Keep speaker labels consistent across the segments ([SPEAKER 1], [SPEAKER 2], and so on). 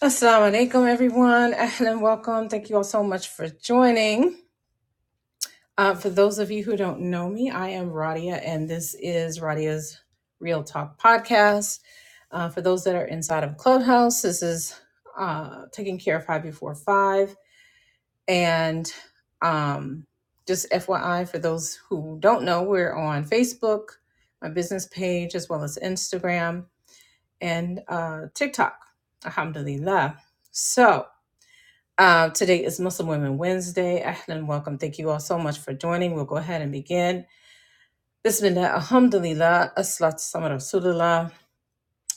[SPEAKER 1] Assalamu alaikum, everyone, and welcome. Thank you all so much for joining. Uh, for those of you who don't know me, I am Radia, and this is Radia's Real Talk podcast. Uh, for those that are inside of Clubhouse, this is uh, taking care of five before five. And um, just FYI, for those who don't know, we're on Facebook, my business page, as well as Instagram and uh, TikTok. Alhamdulillah. So, Uh, today is Muslim Women Wednesday. Ahlan, welcome. Thank you all so much for joining. We'll go ahead and begin. Bismillah, alhamdulillah, aslat samar rasulullah.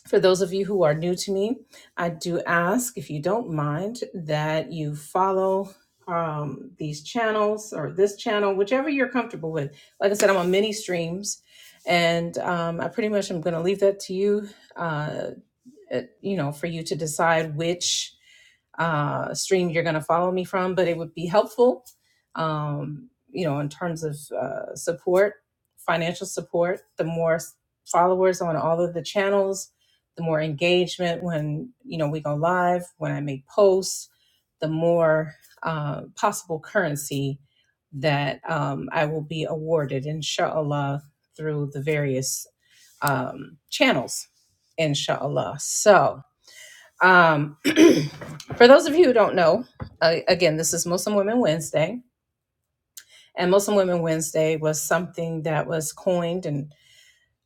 [SPEAKER 1] For those of you who are new to me, I do ask, if you don't mind, that you follow um, these channels or this channel, whichever you're comfortable with. Like I said, I'm on many streams, and um, I pretty much am going to leave that to you. Uh, uh, you know, for you to decide which uh, stream you're going to follow me from, but it would be helpful, um, you know, in terms of uh, support, financial support. The more s- followers on all of the channels, the more engagement when, you know, we go live, when I make posts, the more uh, possible currency that um, I will be awarded, inshallah, through the various um, channels, inshallah. So, um, for those of you who don't know, uh, again, this is Muslim Women Wednesday, and Muslim Women Wednesday was something that was coined and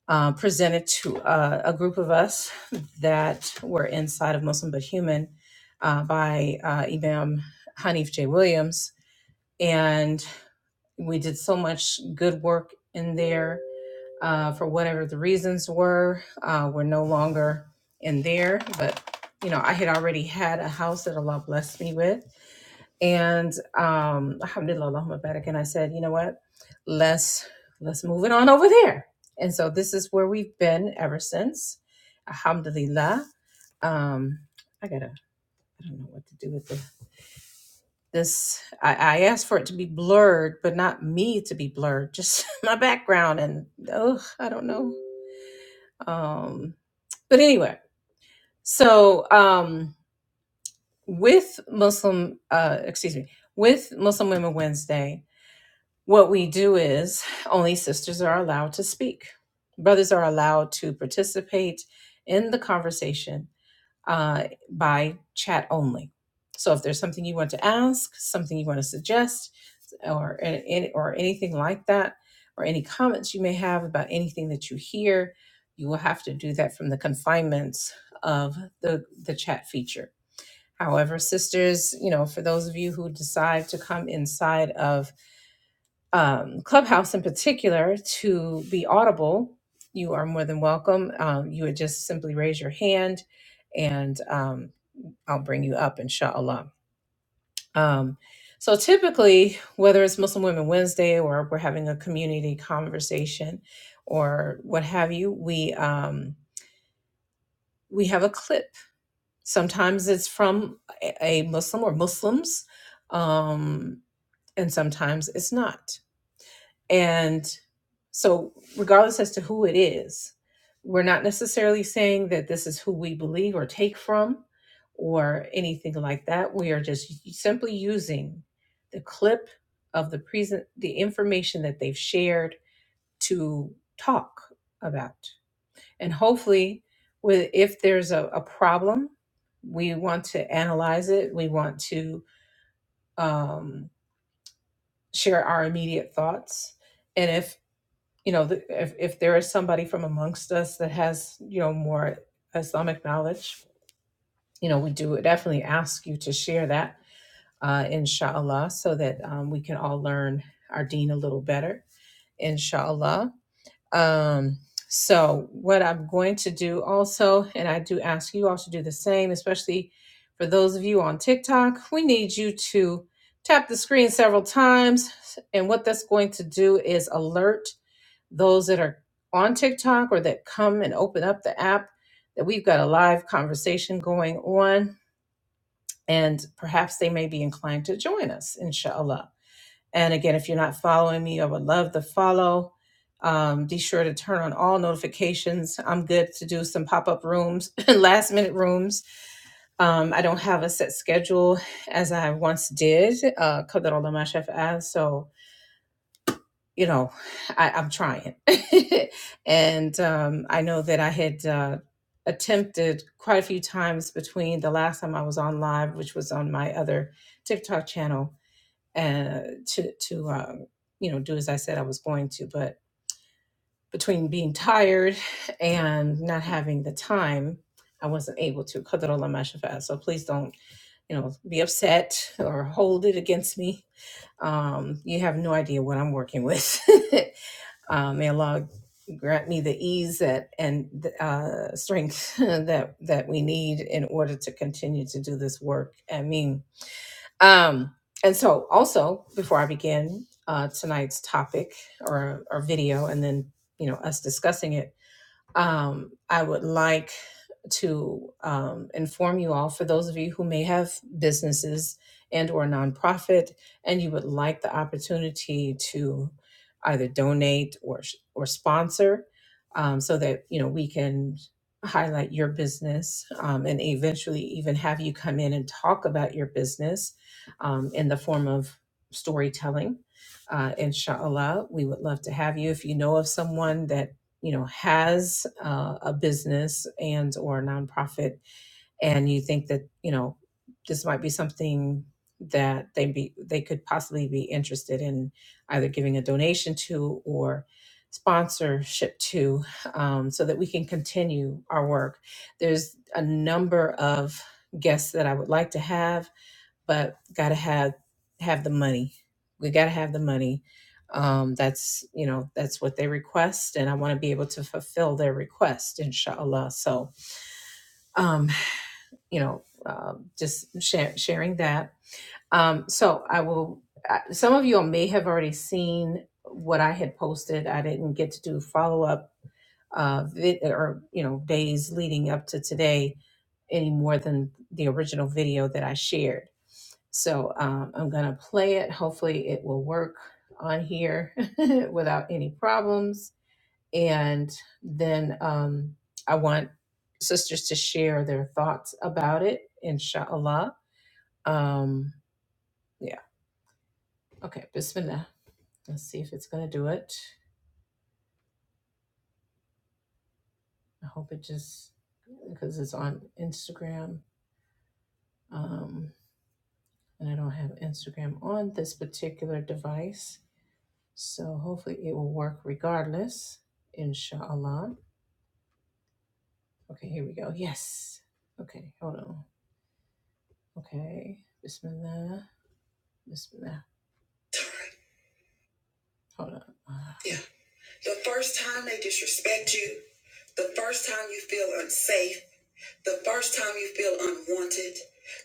[SPEAKER 1] uh, presented to uh, a group of us that were inside of Muslim but Human uh, by uh, Imam Hanif J. Williams. And we did so much good work in there uh, for whatever the reasons were. Uh, we're no longer in there, but you know, I had already had a house that Allah blessed me with, and um, Alhamdulillah, Allahumma barak. And I said, you know what? Let's let's move it on over there. And so this is where we've been ever since. Alhamdulillah. Um, I gotta. I don't know what to do with this. This I, I asked for it to be blurred, but not me to be blurred. Just my background and oh, I don't know. Um, but anyway so um with muslim uh excuse me with muslim women wednesday what we do is only sisters are allowed to speak brothers are allowed to participate in the conversation uh, by chat only. So if there's something you want to ask, something you want to suggest, or any, or anything like that, or any comments you may have about anything that you hear, you will have to do that from the confinements of the the chat feature. However, sisters, you know, for those of you who decide to come inside of um, Clubhouse in particular to be audible, you are more than welcome. Um, you would just simply raise your hand and um, I'll bring you up, inshallah. Um, so typically, whether it's Muslim Women Wednesday or we're having a community conversation or what have you, we um, we have a clip. Sometimes it's from a a Muslim or Muslims, um, and sometimes it's not. And so, regardless as to who it is, we're not necessarily saying that this is who we believe or take from or anything like that. We are just simply using the clip of the present, the information that they've shared to talk about. And hopefully, with if there's a, a problem, we want to analyze it. We want to um, share our immediate thoughts and if you know, the, if, if there is somebody from amongst us that has, you know, more Islamic knowledge, you know, we do definitely ask you to share that, uh, inshallah, so that um, we can all learn our deen a little better, inshallah. Um, so, what I'm going to do also, and I do ask you all to do the same, especially for those of you on TikTok, we need you to tap the screen several times. And what that's going to do is alert those that are on TikTok or that come and open up the app that we've got a live conversation going on and perhaps they may be inclined to join us inshallah and again if you're not following me i would love to follow um, be sure to turn on all notifications i'm good to do some pop-up rooms last minute rooms um, i don't have a set schedule as i once did uh, قدر الله ما شاء فعل. so you know, I, I'm trying. and um, I know that I had uh, attempted quite a few times between the last time I was on live, which was on my other TikTok channel, uh, to to um, you know do as I said I was going to, but between being tired and not having the time, I wasn't able to. قدر الله ما شفاء. So please don't you know be upset or hold it against me um, you have no idea what I'm working with. Uh, may Allah grant me the ease that and uh, strength that that we need in order to continue to do this work. I mean, um, and so also before I begin uh, tonight's topic or or video, and then you know us discussing it. Um, I would like to um, inform you all for those of you who may have businesses and or nonprofit and you would like the opportunity to either donate or or sponsor um, so that you know we can highlight your business um, and eventually even have you come in and talk about your business um, in the form of storytelling uh, inshallah we would love to have you if you know of someone that you know has uh, a business and or a nonprofit and you think that you know this might be something that they be they could possibly be interested in either giving a donation to or sponsorship to um, so that we can continue our work there's a number of guests that i would like to have but gotta have have the money. We gotta have the money. Um, that's you know that's what they request, and I want to be able to fulfill their request, inshallah. So um, you know, um just share, sharing that. Um, so I will. I- Some of you all may have already seen what I had posted. I didn't get to do follow up uh, vid- or you know days leading up to today any more than the original video that I shared. So um, I'm gonna play it. Hopefully, it will work on here without any problems. And then um, I want sisters to share their thoughts about it, inshallah. Um, yeah. Okay. Bismillah. Let's see if it's gonna do it. I hope it just because it's on Instagram. Um, and I don't have Instagram on this particular device. So hopefully it will work regardless, inshallah. Okay, here we go. Yes. Okay, hold on. Okay, Bismillah. Bismillah. Hold on. Ah. Yeah, the first time they disrespect you, the first time you feel unsafe. The first time you feel unwanted,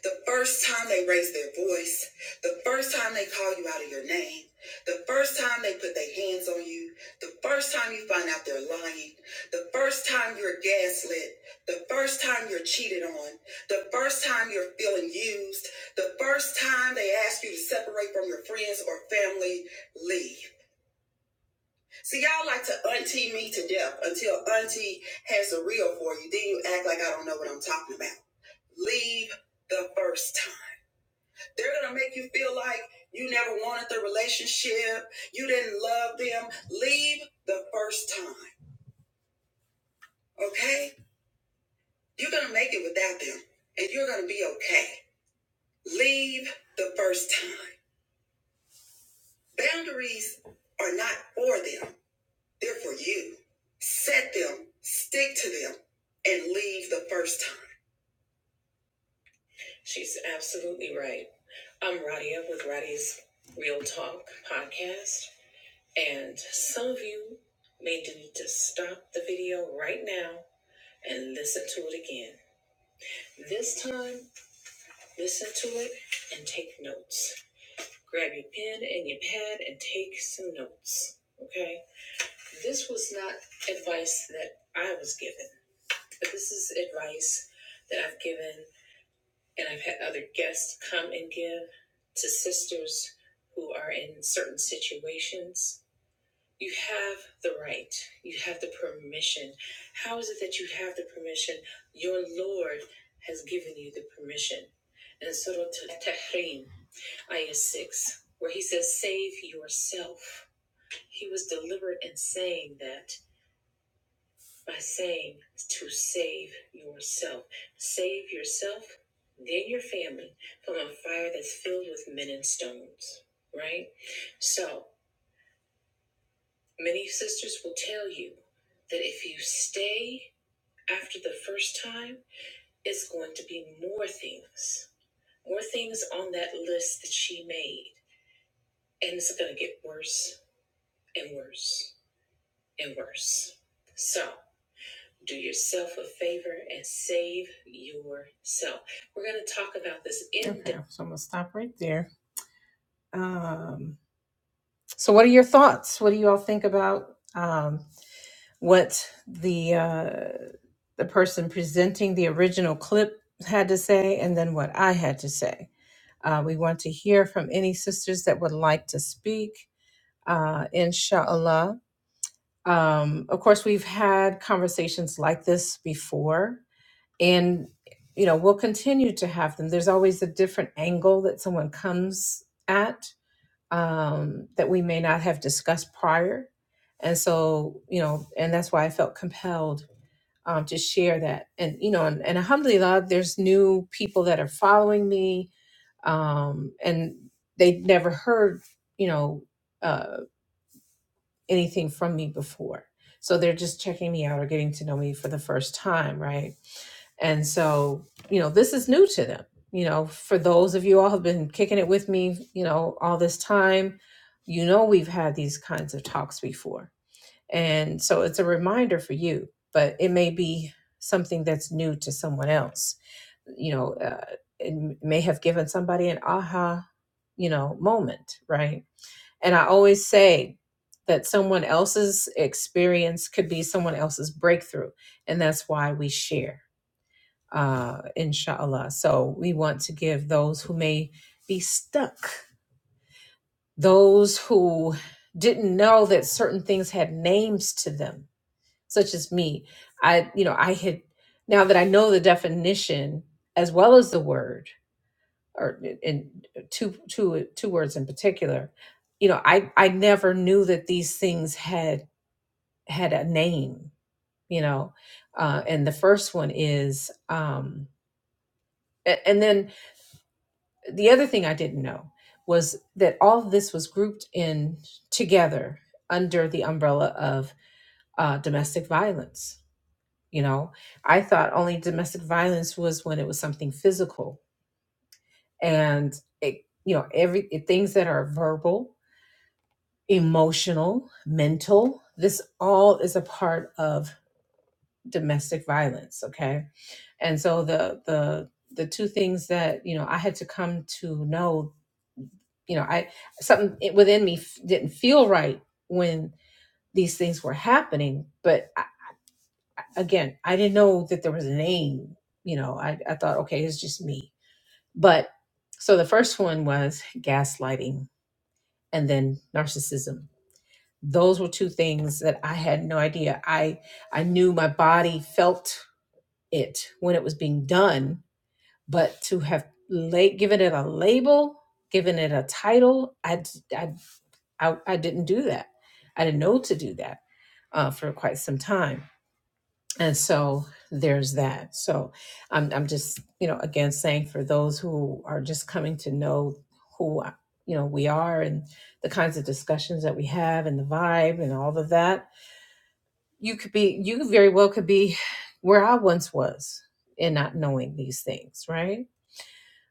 [SPEAKER 1] the first time they raise their voice, the first time they call you out of your name, the first time they put their hands on you, the first time you find out they're lying, the first time you're gaslit, the first time you're cheated on, the first time you're feeling used, the first time they ask you to separate from your friends or family, leave. See, y'all like to auntie me to death until auntie has a reel for you. Then you act like I don't know what I'm talking about leave the first time. They're gonna make you feel like you never wanted the relationship, you didn't love them. Leave the first time, okay? You're gonna make it without them and you're gonna be okay. Leave the first time. Boundaries are not for them, they're for you. Set them, stick to them, and leave the first time. She's absolutely right. I'm Radia with Radia's Real Talk podcast. And some of you may need to stop the video right now and listen to it again. This time, listen to it and take notes. Grab your pen and your pad and take some notes. Okay? This was not advice that I was given, but this is advice that I've given and I've had other guests come and give to sisters who are in certain situations You have the right. You have the permission. How is it that you have the permission? Your Lord has given you the permission. In Surah Tahrim, Ayah 6, where he says, Save yourself. He was deliberate in saying that by saying to save yourself. Save yourself, then your family from a fire that's filled with men and stones. Right? So, Many sisters will tell you that if you stay after the first time, it's going to be more things, more things on that list that she made. And it's going to get worse and worse and worse. So do yourself a favor and save yourself. We're going to talk about this in Okay, depth. so I'm going to stop right there. Um, so, what are your thoughts? What do you all think about? um, what the uh, the person presenting the original clip had to say and then what I had to say. Uh, we want to hear from any sisters that would like to speak, uh, inshallah. Um, of course, we've had conversations like this before, and you know we'll continue to have them. There's always a different angle that someone comes at um, that we may not have discussed prior, and so you know, and that's why I felt compelled um, to share that. And you know, and, and alhamdulillah, there's new people that are following me, um, and they never heard you know uh, anything from me before. So they're just checking me out or getting to know me for the first time, right? And so you know, this is new to them. You know, for those of you all who've been kicking it with me, you know, all this time, you know, we've had these kinds of talks before and so it's a reminder for you, but it may be something that's new to someone else. You know, uh, it m- may have given somebody an aha, you know, moment, right? And I always say that someone else's experience could be someone else's breakthrough. And that's why we share, uh, inshallah. So we want to give those who may be stuck, those who didn't know that certain things had names to them such as me i you know i had now that i know the definition as well as the word or in two two two words in particular you know i i never knew that these things had had a name you know uh and the first one is um a- and then the other thing i didn't know was that all of this was grouped in together under the umbrella of uh, domestic violence You know, I thought only domestic violence was when it was something physical, and it, you know, every it, things that are verbal, emotional, mental. This all is a part of domestic violence. Okay, and so the the the two things that you know I had to come to know you know i something it- within me f- didn't feel right when these things were happening but again, I didn't know that there was a name. You know, I, I thought, okay, it's just me. But so the first one was gaslighting and then narcissism. Those were two things that I had no idea. I I knew my body felt it when it was being done, but to have la- given it a label, given it a title, I, d- I I, I didn't do that. I didn't know to do that uh, for quite some time And so there's that. So I'm I'm just, you know, again saying for those who are just coming to know who uh, you know we are and the kinds of discussions that we have and the vibe and all of that, you could be you very well could be where I once was in not knowing these things, right?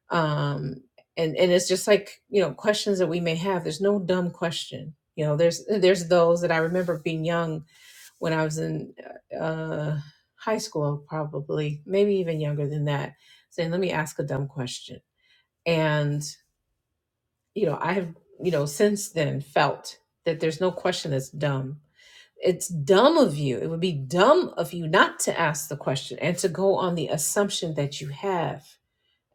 [SPEAKER 1] Um and and it's just like, you know, questions that we may have. There's no dumb question. You know, there's there's those that I remember being young when I was in uh, high school, probably, maybe even younger than that, saying, let me ask a dumb question. And, you know, I have, you know, since then felt that there's no question that's dumb. It's dumb of you. It would be dumb of you not to ask the question and to go on the assumption that you have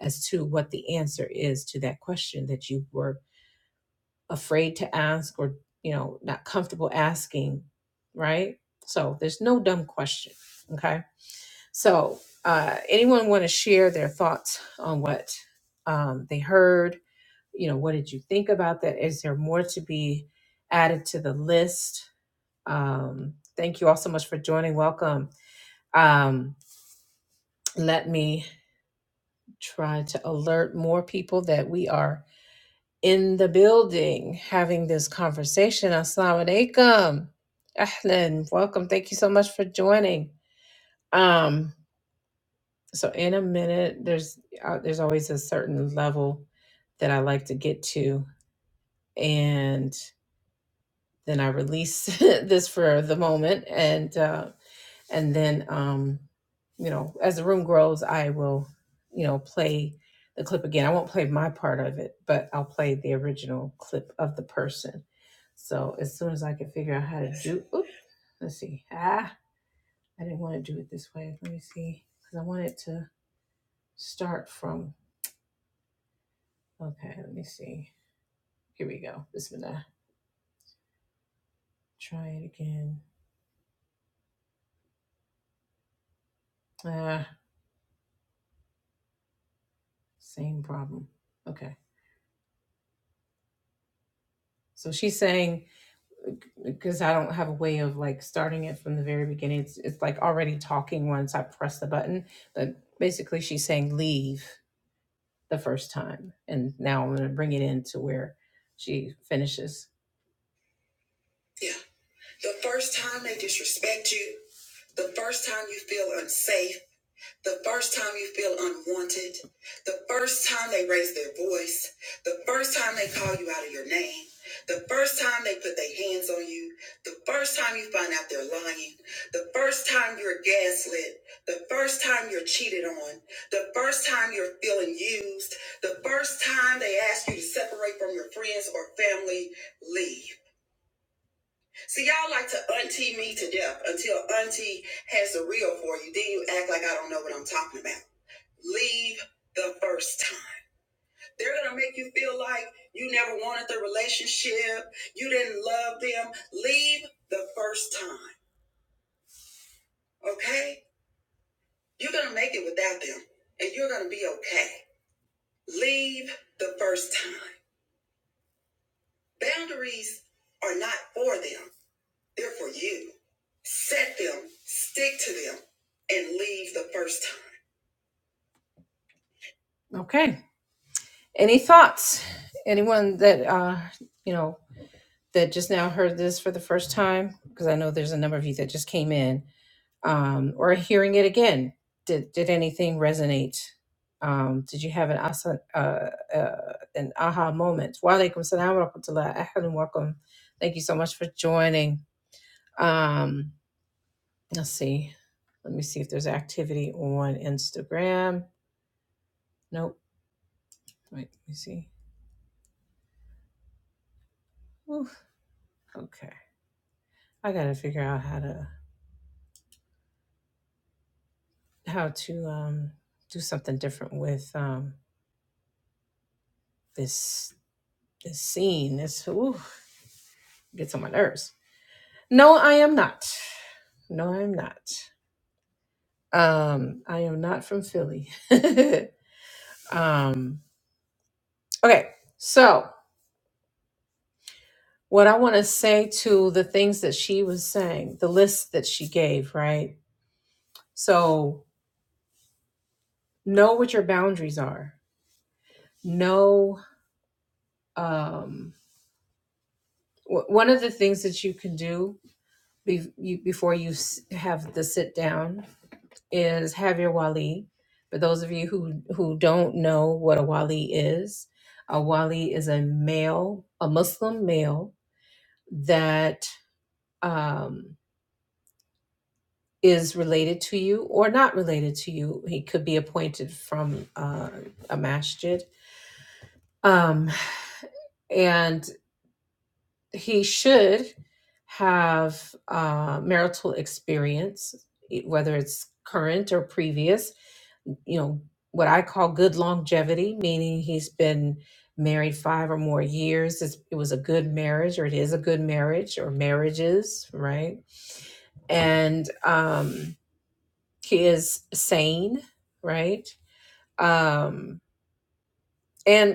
[SPEAKER 1] as to what the answer is to that question that you were afraid to ask or, you know, not comfortable asking, right? So there's no dumb question. Okay So, uh, anyone want to share their thoughts on what um, they heard? You know, what did you think about that? Is there more to be added to the list? Um, thank you all so much for joining. Welcome. Um, let me try to alert more people that we are in the building having this conversation. Assalamu alaikum. Ahlan. Welcome. Thank you so much for joining. Um, so in a minute there's uh, there's always a certain level that i like to get to and then i release this for the moment and uh and then um you know as the room grows i will you know play the clip again i won't play my part of it but i'll play the original clip of the person so as soon as i can figure out how to do oop, let's see ah i didn't want to do it this way let me see because i wanted to start from Okay, let me see. Here we go. Bismillah. Try it again. Ah, same problem. Okay. So she's saying, because I don't have a way of like starting it from the very beginning, it's, it's like already talking once I press the button. But basically, she's saying leave the first time. And now I'm going to bring it in to where she finishes. Yeah. The first time they disrespect you, the first time you feel unsafe The first time you feel unwanted, the first time they raise their voice, the first time they call you out of your name, the first time they put their hands on you, the first time you find out they're lying, the first time you're gaslit, the first time you're cheated on, the first time you're feeling used, the first time they ask you to separate from your friends or family, leave. See, y'all like to auntie me to death until auntie has the real for you. Then you act like I don't know what I'm talking about leave the first time. They're going to make you feel like you never wanted the relationship, you didn't love them. Leave the first time, okay? You're going to make it without them and you're going to be okay. Leave the first time. Boundaries are not for them, they're for you. Set them, stick to them, and leave the first time. Okay. Any thoughts? Anyone that uh, you know that just now heard this for the first time, because I know there's a number of you that just came in, um, or are hearing it again, did, did anything resonate? Um, did you have an asa, uh, uh, an aha moment? Wa alaikum salam wa rahmatullah. Ahlan wa welcome. Thank you so much for joining. Um, let's see. Let me see if there's activity on Instagram. Nope. Wait, let me see. Oof. Okay. I gotta figure out how to how to um do something different with um This this scene, this ooh, gets on my nerves. No, I am not. No, I'm not. Um, I am not from Philly. um, okay, so what I want to say to the things that she was saying, the list that she gave, right? So know what your boundaries are. Know um, w- one of the things that you can do be- you, before you s- have the sit down is have your wali. For those of you who who don't know what a wali is, a wali is a male, a Muslim male that um, is related to you or not related to you. He could be appointed from uh, a masjid. Um, and he should have uh, marital experience, e- whether it's current or previous. You know, what I call good longevity, meaning he's been married five or more years. It's, it was a good marriage, or it is a good marriage, or marriages, right? And um, he is sane, right? Um, and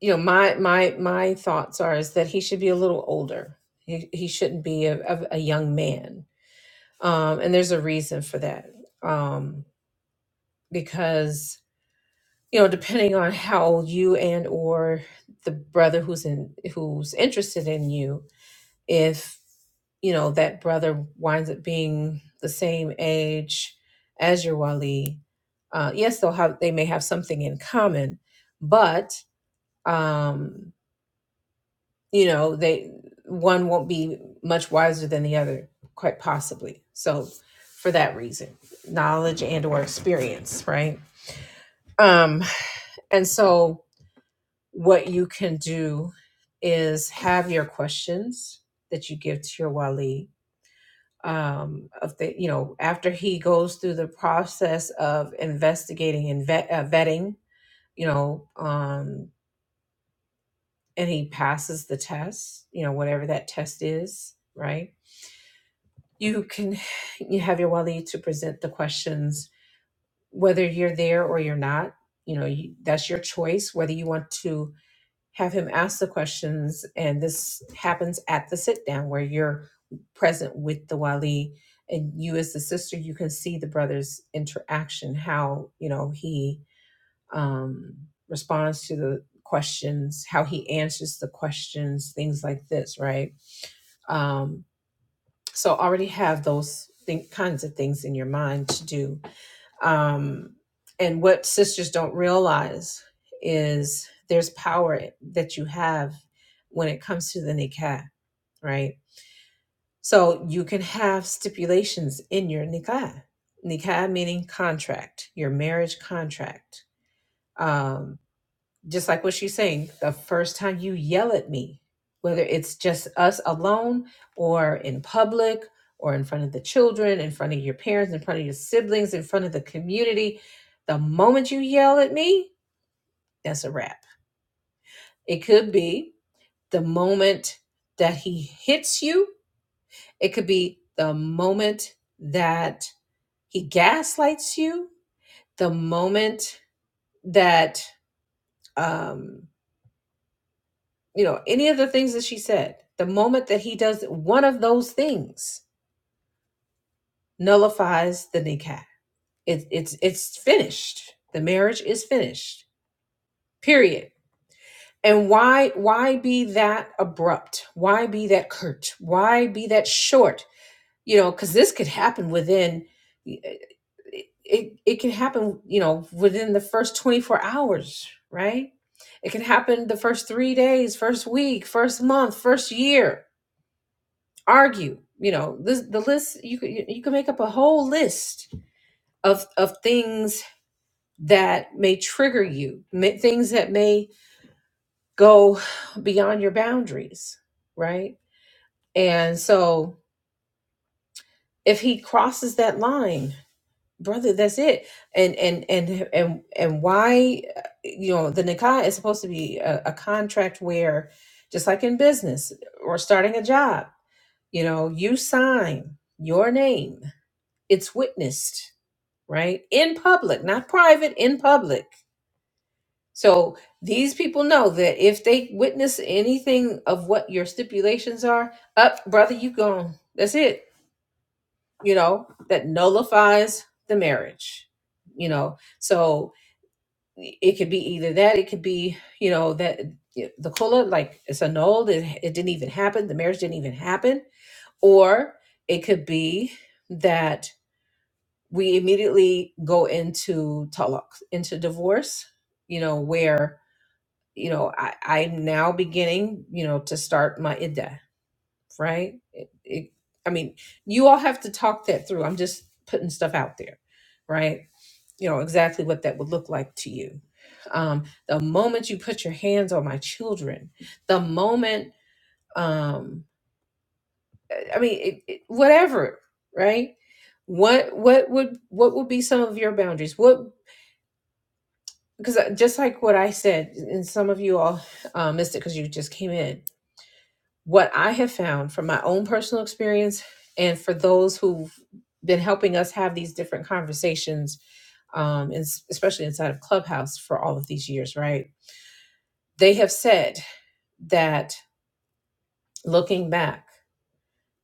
[SPEAKER 1] you know my my my thoughts are is that he should be a little older he, he shouldn't be a, a, a young man um and there's a reason for that um because you know depending on how old you and or the brother who's in who's interested in you if you know that brother winds up being the same age as your wali uh yes they'll have they may have something in common but um. you know they one won't be much wiser than the other quite possibly so for that reason knowledge and or experience right um and so what you can do is have your questions that you give to your wali um of the you know after he goes through the process of investigating and vet, uh, vetting you know um and he passes the test you know whatever that test is right you can you have your wali to present the questions whether you're there or you're not you know you, that's your choice whether you want to have him ask the questions and this happens at the sit down where you're present with the wali and you as the sister you can see the brother's interaction how you know he um responds to the questions how he answers the questions things like this right Um, So already have those think, kinds of things in your mind to do. Um, and what sisters don't realize is there's power that you have when it comes to nikah, right? So you can have stipulations in your nikah. Nikah meaning contract, your marriage contract. Um, just like what she's saying, the time you yell at me, whether it's phone or in public or in front of the children, in front of your parents, in front of your siblings, in front of the community, the moment you yell at me, that's a wrap. It could be the moment that he hits you, it could be the moment that he gaslights you, the moment that, um, you know, any of the things that she said, the moment that he does one of those things nullifies the niqab It, it's it's finished. The marriage is finished. Period. And why why be that abrupt? Why be that curt? Why be that short? You know, because this could happen within. It, it it can happen. You know, within the first twenty four hours, right? It can happen the first three days, first week, first month, first year. Argue. You know, this the list. You could you you can make up a whole list of of things that may trigger you, ma- things that may go beyond your boundaries, right? And so if he crosses that line, brother, that's it. And and and and and why uh, you know, the nikah is supposed to be a, a contract where just like in business or starting a job, you know, you sign your name. It's witnessed, right? In public, not private, in public So these people know that if they witness anything of what your stipulations are, up, brother, you gone. That's it. You know, that nullifies the marriage. You know, so it could be either that, it could be, you know, that yeah, the kula, like it's annulled, it, it didn't even happen, the marriage didn't even happen, or it could be that we immediately go into talak, into divorce, you know, where you know, I, I'm now beginning, you know, to start my IDDA, right? It, it, I mean, you all have to talk that through. I'm just putting stuff out there, right? You know, exactly what that would look like to you. Um, the moment you put your hands on my children, the moment, um, I mean, it, it, whatever, right? What, what would, what would be some of your boundaries? What, because just like what I said, and some of you all uh, missed it because you just came in what I have found from my own personal experience and for those who've been helping us have these different conversations, um, and s- especially inside of Clubhouse for all of these years, right? They have said that looking back,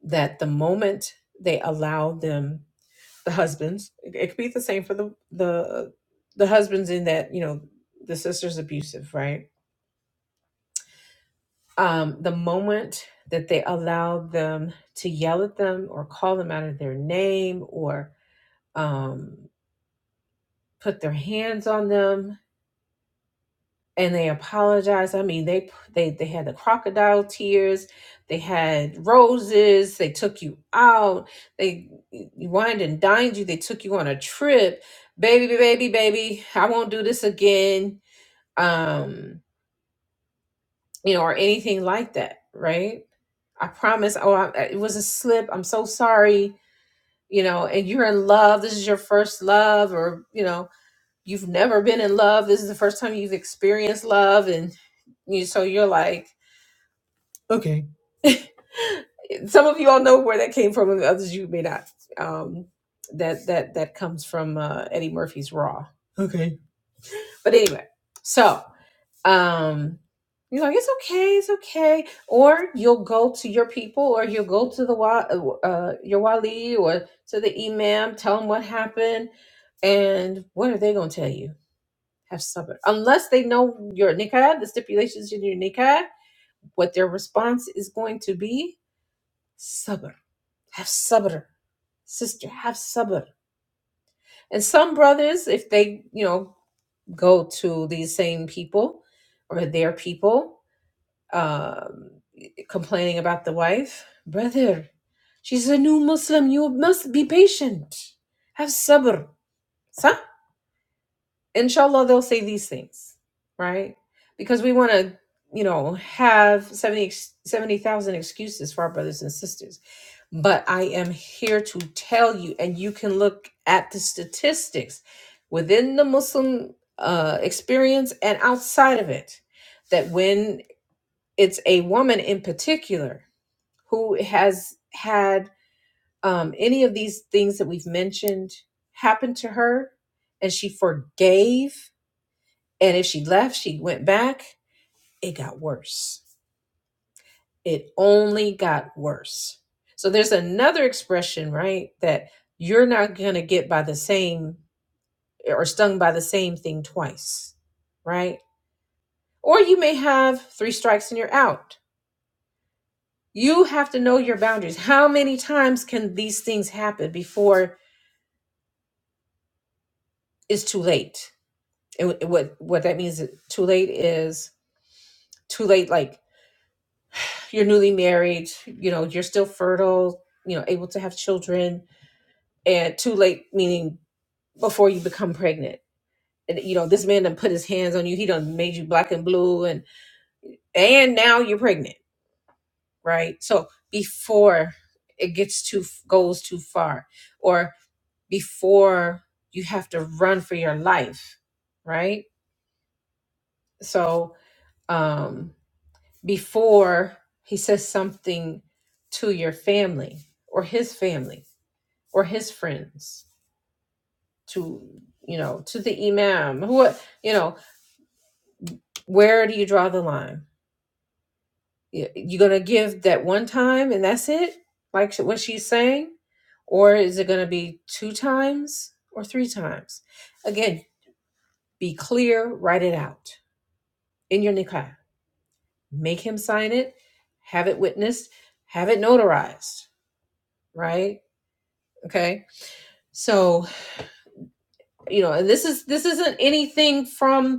[SPEAKER 1] that the moment they allowed them, the husbands, it it could be the same for the the the husbands in that you know the sister's abusive, right? Um, the moment that they allow them to yell at them or call them out of their name or um, put their hands on them and they apologize. I mean, they they they had the crocodile tears, they had roses, they took you out, they wined and dined you, they took you on a trip. Baby, baby, baby, I won't do this again. Um, you know, or anything like that, right? I promise. Oh, I, it was a slip. I'm so sorry. You know, and you're in love. This is your first love, or you know, you've never been in love. This is the first time you've experienced love, and you. So you're like, okay. Some of you all know where that came from, and others you may not. Um, that that that comes from uh, Eddie Murphy's Raw. Okay. But anyway, so um you know it's okay it's okay or you'll go to your people or you'll go to the wa- uh your wali or to the imam tell them what happened and what are they going to tell you have sabr unless they know your nikah the stipulations in your nikah what their response is going to be sabr have sabr sister have sabr and some brothers if they you know go to these same people or their people um, complaining about the wife. Brother, she's a new Muslim. You must be patient. Have sabr. Sa? Inshallah, they'll say these things, right? Because we want to, you know, have 70 70,000 excuses for our brothers and sisters. But I am here to tell you, and you can look at the statistics within the Muslim uh, experience and outside of it, that when it's a woman in particular who has had um, any of these things that we've mentioned happen to her and she forgave. And if she left, she went back, it got worse. It only got worse. So there's another expression, right? That you're not going to get by the same or stung by the same thing twice, right? Or you may have three strikes and you're out. You have to know your boundaries. How many times can these things happen before it's too late? it, w- what what that means is too late is too late like you're newly married you know you're still fertile you know able to have children and too late meaning before you become pregnant and you know this man done put his hands on you he done made you black and blue and and now you're pregnant right so before it gets too goes too far or before you have to run for your life right so um before he says something to your family or his family or his friends to you know to the imam who you know where do you draw the line You you gonna give that one time and that's it like what she's saying or is it gonna be two times or three times again be clear write it out in your nikah make him sign it have it witnessed have it notarized right okay so you know and this is this isn't anything from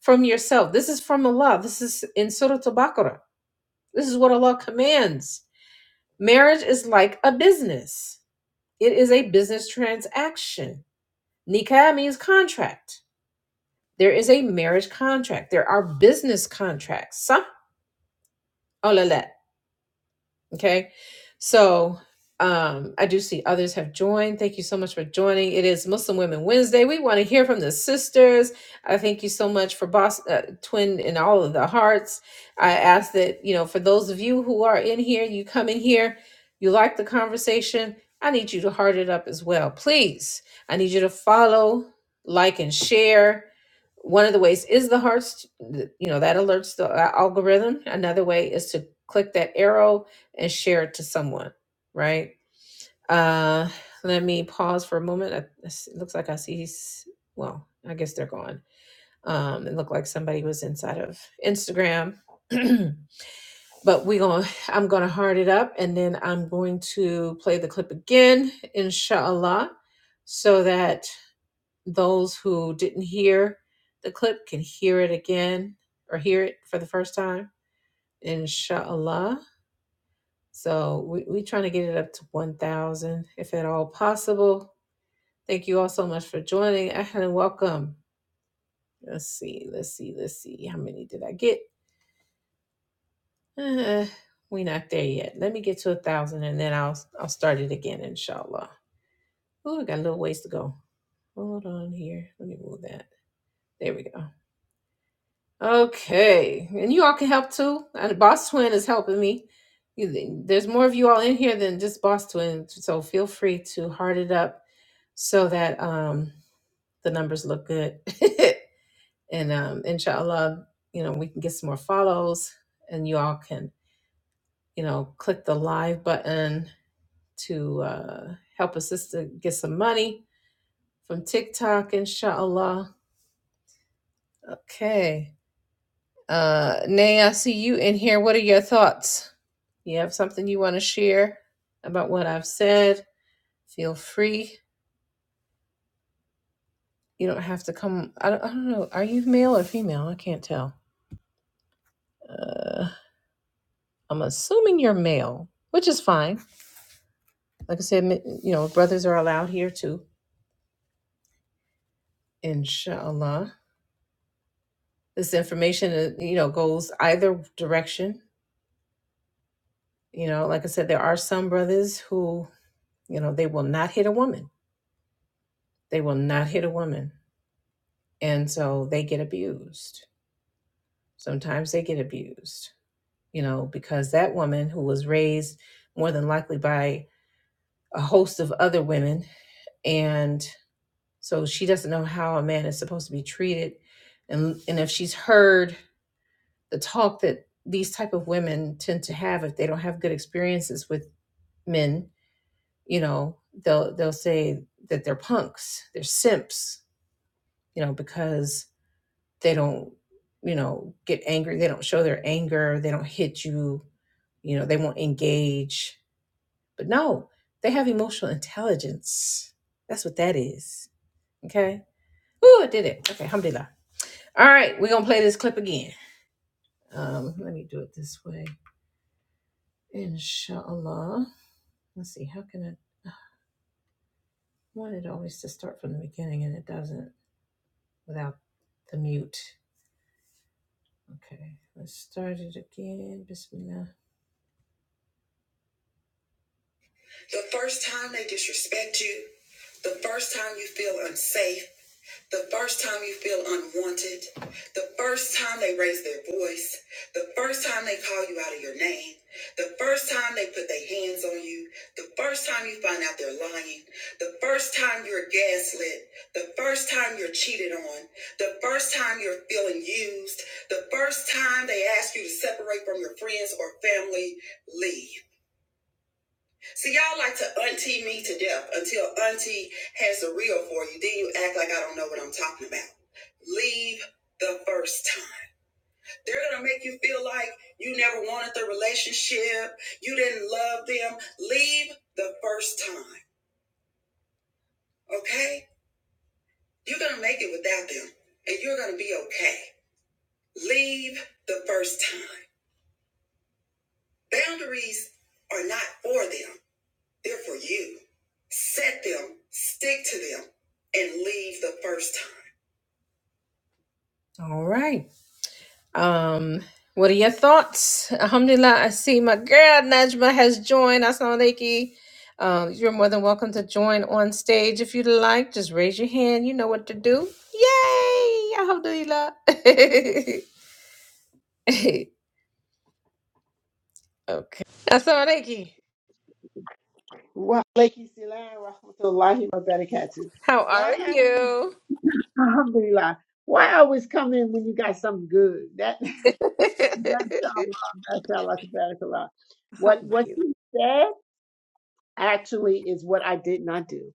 [SPEAKER 1] from yourself. This is from Allah. This is in Surah Al-Baqarah. This is what Allah commands. Marriage is like a business. It is a business transaction. Nikah means contract. There is a marriage contract. There are business contracts. Sah Okay. So um, I do see others have joined. Thank you so much for joining. It is Muslim Women Wednesday. We want to hear from the sisters. I thank you so much for Boss uh, Twin and all of the hearts. I ask that, you know, for those of you who are in here, you come in here, you like the conversation. I need you to heart it up as well. Please, I need you to follow, like, and share one of the ways is the hearts you know that alerts the uh, algorithm another way is to click that arrow and share it to someone, right? Uh, let me pause for a moment. I- It looks like I see he's, well, I guess they're gone. Um, it looked like somebody was inside of Instagram. but we going to I'm gonna hard it up and then I'm going to play the clip again, inshallah, so that those who didn't hear the clip can hear it again or hear it for the first time, inshallah. So we, we're trying to get it up to 1,000 if at all possible. Thank you all so much for joining and welcome. Let's see, let's see, let's see. How many did I get? Uh, we're not there yet. Let me get to a thousand and then I'll I'll start it again, inshallah. Oh, I got a little ways to go. Hold on here. Let me move that. There we go. Okay. And you all can help too. And Boss Twin is helping me. You, there's more of you all in here than just Boss Twin. So feel free to heart it up so that um, the numbers look good. and um, inshallah, you know, we can get some more follows and you all can, you know, click the live button to uh, help us just to get some money from TikTok, inshallah. Okay. Uh, Nay, I see you in here. What are your thoughts? You have something you want to share about what I've said? Feel free. You don't have to come. I don't, I don't know. Are you male or female? I can't tell. Uh, I'm assuming you're male, which is fine. Like I said, you know, brothers are allowed here too, inshallah. This information, uh, you know, goes either direction. You know, like I said, there are some brothers who, you know, they will not hit a woman. They will not hit a woman. And so they get abused. Sometimes they get abused, you know, because that woman who was raised more than likely by a host of other women and So she doesn't know how a man is supposed to be treated. And and if she's heard the talk that these type of women tend to have if they don't have good experiences with men, you know, they'll they'll say that they're punks, they're simps, you know, because they don't, you know, get angry, they don't show their anger, they don't hit you, you know, they won't engage. But no, they have emotional intelligence. That's what that is. Okay. Ooh, I did it. Okay, alhamdulillah. All right, we're gonna play this clip again. Um, let me do it this way. Inshallah. Let's see, how can I I want it always to start from the beginning and it doesn't without the mute. Okay, let's start it again. Bismillah. The first time they disrespect you, the first time you feel unsafe. The first time you feel unwanted, the first time they raise their voice, the first time they call you out of your name, the first time they put their hands on you, the first time you find out they're lying, the first time you're gaslit, the first time you're cheated on, the first time you're feeling used, the first time they ask you to separate from your friends or family, leave. See, y'all like to auntie me to death until auntie has a reel for you. Then you act like I don't know what I'm talking about. Leave the first time. They're going to make you feel like you never wanted the relationship, you didn't love them. Leave the first time, okay? You're going to make it without them, and you're going to be okay. Leave the first time. Boundaries are not for them. They're for you. Set them, stick to them, and leave the first time. All right. Um, what are your thoughts? Alhamdulillah, I see my girl Najma has joined. Assalamu alaikum. Um, you're more than welcome to join on stage if you'd like. Just raise your hand. You know what to do. Yay! Alhamdulillah. okay. Assalamu alaikum.
[SPEAKER 2] Wa alayhi salam wa rahmatullahi wa barakatuh.
[SPEAKER 1] How are
[SPEAKER 2] Why I always-
[SPEAKER 1] you?
[SPEAKER 2] alhamdulillah. Why I always come in when you got something good? That mashallah, mashallah, tabarakallah. What what
[SPEAKER 1] Alhamdulillah.
[SPEAKER 2] you said actually is what I did not do.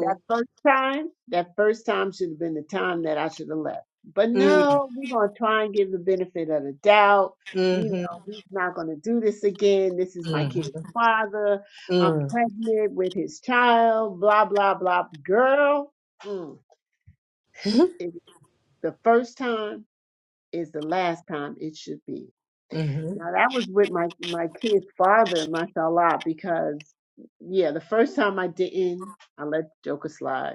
[SPEAKER 2] That first time, that first time should have been the time that I should have left. But no, we're going to try and give the benefit of the doubt. You
[SPEAKER 1] Hmm.
[SPEAKER 2] know, he's not going to do this again. This is my kid's
[SPEAKER 1] Mm-hmm.
[SPEAKER 2] father. I'm pregnant with his child, blah, blah, blah. Girl, mm, it, the first time is the last time it should be.
[SPEAKER 1] Mm-hmm.
[SPEAKER 2] Now, that was with my, my kid's father, mashallah, because, yeah, the first time I didn't, I let the Joker slide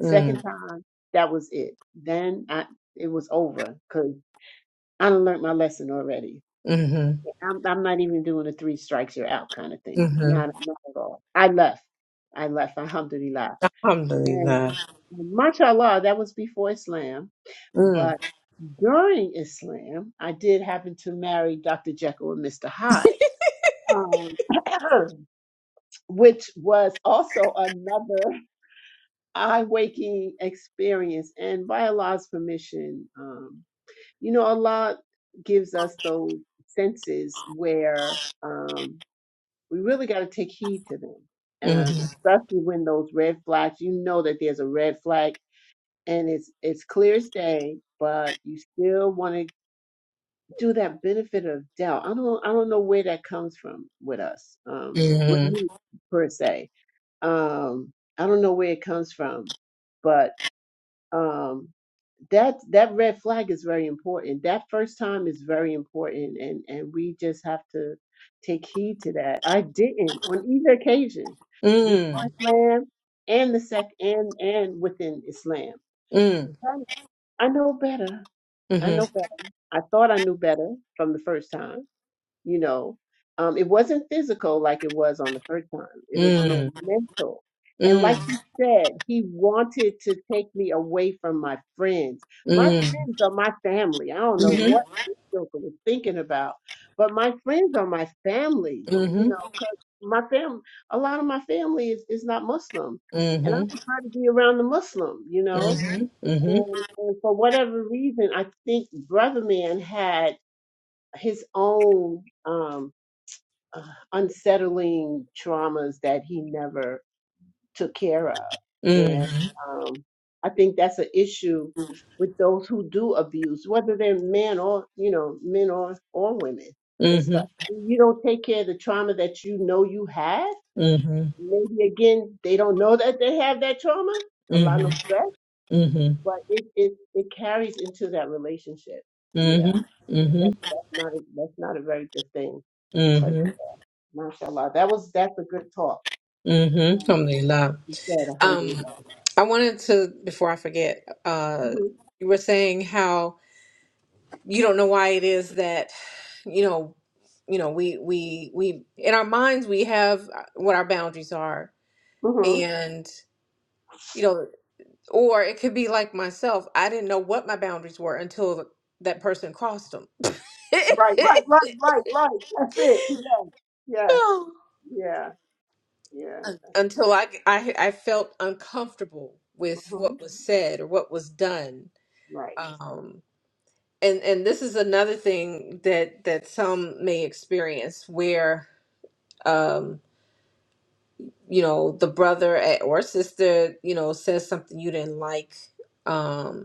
[SPEAKER 2] Second
[SPEAKER 1] Mm-hmm.
[SPEAKER 2] time, that was it. Then I, it was over because I done learned my lesson already. I'm, I'm not even doing a three strikes you're out kind of thing.
[SPEAKER 1] Mm-hmm.
[SPEAKER 2] Not, not at all. I left. I left. Alhamdulillah. And
[SPEAKER 1] Alhamdulillah.
[SPEAKER 2] mashallah, that was before Islam.
[SPEAKER 1] Mm.
[SPEAKER 2] But during Islam, I did happen to marry Dr. Jekyll and Mr. Hyde, um, which was also another. eye waking experience and by Allah's permission, um, you know, Allah gives us those senses where um, we really got to take heed to them, um,
[SPEAKER 1] Mm-hmm.
[SPEAKER 2] especially when those red flags, you know that there's a red flag and it's, it's clear as day, but you still want to do that benefit of doubt. I don't, I don't know where that comes from with us, um, with
[SPEAKER 1] Mm-hmm.
[SPEAKER 2] me per se. Um, I don't know where it comes from, but. Um, that that red flag is very important. That first time is very important, and and we just have to take heed to that. I didn't on either occasion before
[SPEAKER 1] Mm.
[SPEAKER 2] Islam and the sec and and within Islam.
[SPEAKER 1] Mm.
[SPEAKER 2] I know better. I know
[SPEAKER 1] Mm-hmm.
[SPEAKER 2] better. I thought I knew better from the first time you know um, it wasn't physical like it was on the first time it was more
[SPEAKER 1] Mm.
[SPEAKER 2] mental and like you said he wanted to take me away from my friends my
[SPEAKER 1] Mm.
[SPEAKER 2] friends are my family i don't know
[SPEAKER 1] Mm.
[SPEAKER 2] what this joker was thinking about but my friends are my family you
[SPEAKER 1] Mhm.
[SPEAKER 2] know my fam a lot of my family is, is not muslim and i
[SPEAKER 1] Mhm.
[SPEAKER 2] prefer to be around the muslim you know
[SPEAKER 1] Mhm. Mhm.
[SPEAKER 2] and, and for whatever reason i think brother man had his own um uh, unsettling traumas that he never took care of. And um, I think that's an issue with those who do abuse, whether they're men or, you know, men or, or women
[SPEAKER 1] Mhm. Mhm. Mhm. Mhm.
[SPEAKER 2] and stuff. You don't take care of the trauma that you know you had. Maybe again, they don't know that they have that trauma. A lot of stress,
[SPEAKER 1] Mhm. Mhm. Mhm. Mhm.
[SPEAKER 2] but it, it, it carries into that relationship. Yeah. That's, that's not, that's not a very good thing. But
[SPEAKER 1] Mhm.
[SPEAKER 2] mashallah, that was, that's a good talk.
[SPEAKER 1] Mhm.
[SPEAKER 2] um, what
[SPEAKER 1] Alhamdulillah.
[SPEAKER 2] you said,
[SPEAKER 1] Um,
[SPEAKER 2] alhamdulillah.
[SPEAKER 1] I wanted to before I forget. Uh,
[SPEAKER 2] hmm
[SPEAKER 1] you were saying how you don't know why it is that you know you know we we we in our minds we have uh, what our boundaries are
[SPEAKER 2] hmm
[SPEAKER 1] and you know or it could be like myself i didn't know what my boundaries were until that person crossed them
[SPEAKER 2] Right, right, right, right, right. That's it. Yes, yes.
[SPEAKER 1] Oh.
[SPEAKER 2] Yeah, yeah,
[SPEAKER 1] Un-
[SPEAKER 2] that's
[SPEAKER 1] until
[SPEAKER 2] true.
[SPEAKER 1] I, I i felt uncomfortable with
[SPEAKER 2] hmm
[SPEAKER 1] what was said or what was done
[SPEAKER 2] Right.
[SPEAKER 1] um and and this is another thing that that some may experience um you know the brother at- or sister you know says something you didn't like um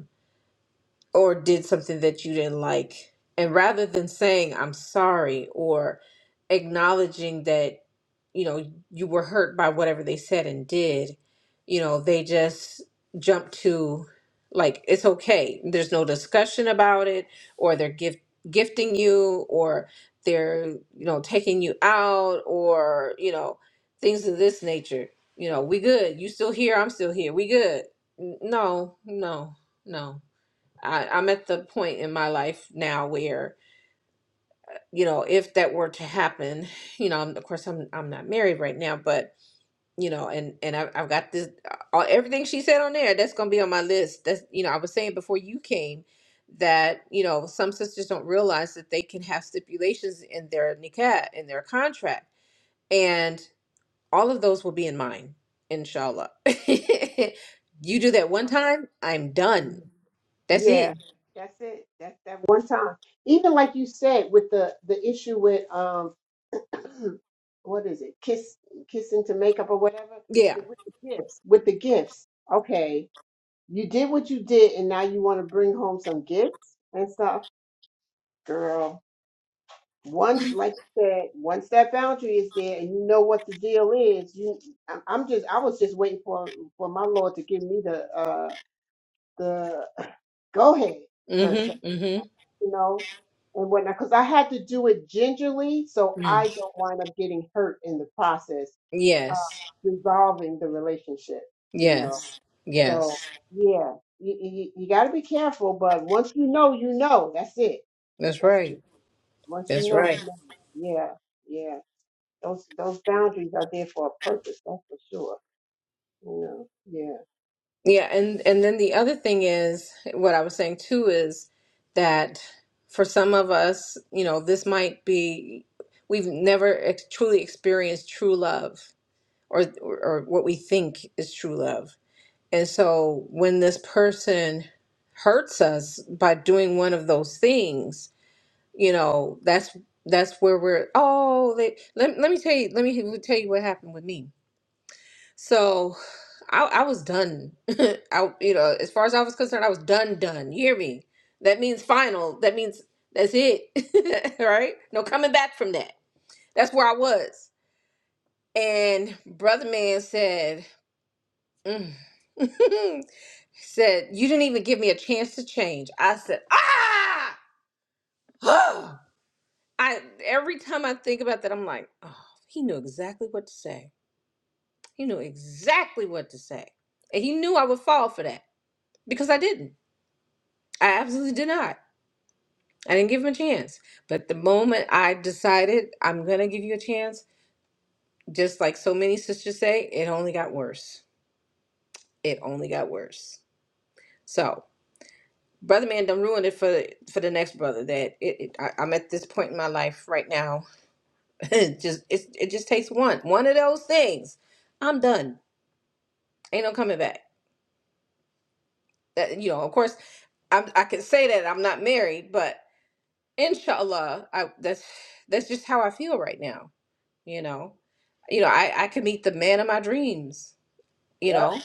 [SPEAKER 1] or did something that you didn't like. And rather than saying, I'm sorry, or acknowledging that, you know, you were hurt by whatever they said and did, you know, they just jump to, like, it's okay. There's no discussion about it, or they're gift gifting you, or they're, you know, taking you out, or, you know, things of this nature. You know, we good. You still here. I'm still here. We good. N- No, no, no. I, I'm at the point in my life now where, you know, if that were to happen, you know, of course I'm I'm not married right now, but you know, and and I've, I've got this all, everything she said on there. That's gonna be on my list. That's you know, I was saying before you came that you know some sisters don't realize that they can have stipulations in their nikah in their contract, and all of those will be in mine, inshallah. you do that one
[SPEAKER 2] So,
[SPEAKER 1] time, I'm done.
[SPEAKER 2] uh,
[SPEAKER 1] That's
[SPEAKER 2] yeah,
[SPEAKER 1] it.
[SPEAKER 2] that's it. That's that one time. Even like you said with the the issue with um, what is it? Kiss, kissing to makeup or whatever.
[SPEAKER 1] Yeah.
[SPEAKER 2] The- With the gifts, with the gifts. Okay, you did what you did, and now you want to bring home some gifts and stuff, girl. once like I said once that boundary is there and you know what the deal is you I- i'm just i was just waiting for for my lord to give me the uh the go ahead per se
[SPEAKER 1] Mm-hmm. Mm-hmm.
[SPEAKER 2] you know and whatnot because i had to do it gingerly so
[SPEAKER 1] Mm.
[SPEAKER 2] i don't wind up getting hurt in the process of
[SPEAKER 1] Yes.
[SPEAKER 2] resolving the relationship you know
[SPEAKER 1] Yes.
[SPEAKER 2] so
[SPEAKER 1] Yes.
[SPEAKER 2] yeah you, you, you got to be careful but once you know you know that's it
[SPEAKER 1] That's
[SPEAKER 2] that's
[SPEAKER 1] right.
[SPEAKER 2] it once you
[SPEAKER 1] That's
[SPEAKER 2] know you
[SPEAKER 1] right.
[SPEAKER 2] know yeah yeah Those those boundaries are there for a purpose, that's for sure. You know.
[SPEAKER 1] Yeah, and and then the other thing is what I was saying too is that for some of us, you know, this might be we've never ex- truly experienced true love or or what we think is true love. And so when this person hurts us by doing one of those things, you know that's that's where we're oh they let, let me tell you let me tell you what happened with me so i i was done i you know as far as i was concerned i was done done you hear me that means final that means that's it right no coming back from that that's where i was and brother man said mm, said you didn't even give me a chance to change i said ah I every time I think about that, I'm like, oh, he knew exactly what to say. He knew exactly what to say. And he knew I would fall for that because I didn't. I absolutely did not. I didn't give him a chance. But the moment I decided I'm gonna give you a chance, just like so many sisters say, it only got worse. It only got worse. So brother man don't ruin it for for the next brother that it, it I, i'm at this point in my life right now it just it's, it just takes one one of those things I'm done. Ain't no coming back. That, you know, of course, I'm, I can say that I'm not married, but inshallah, I, that's that's just how I feel right now. You know, you know, I I can meet the man of my dreams. You
[SPEAKER 2] Yeah.
[SPEAKER 1] know,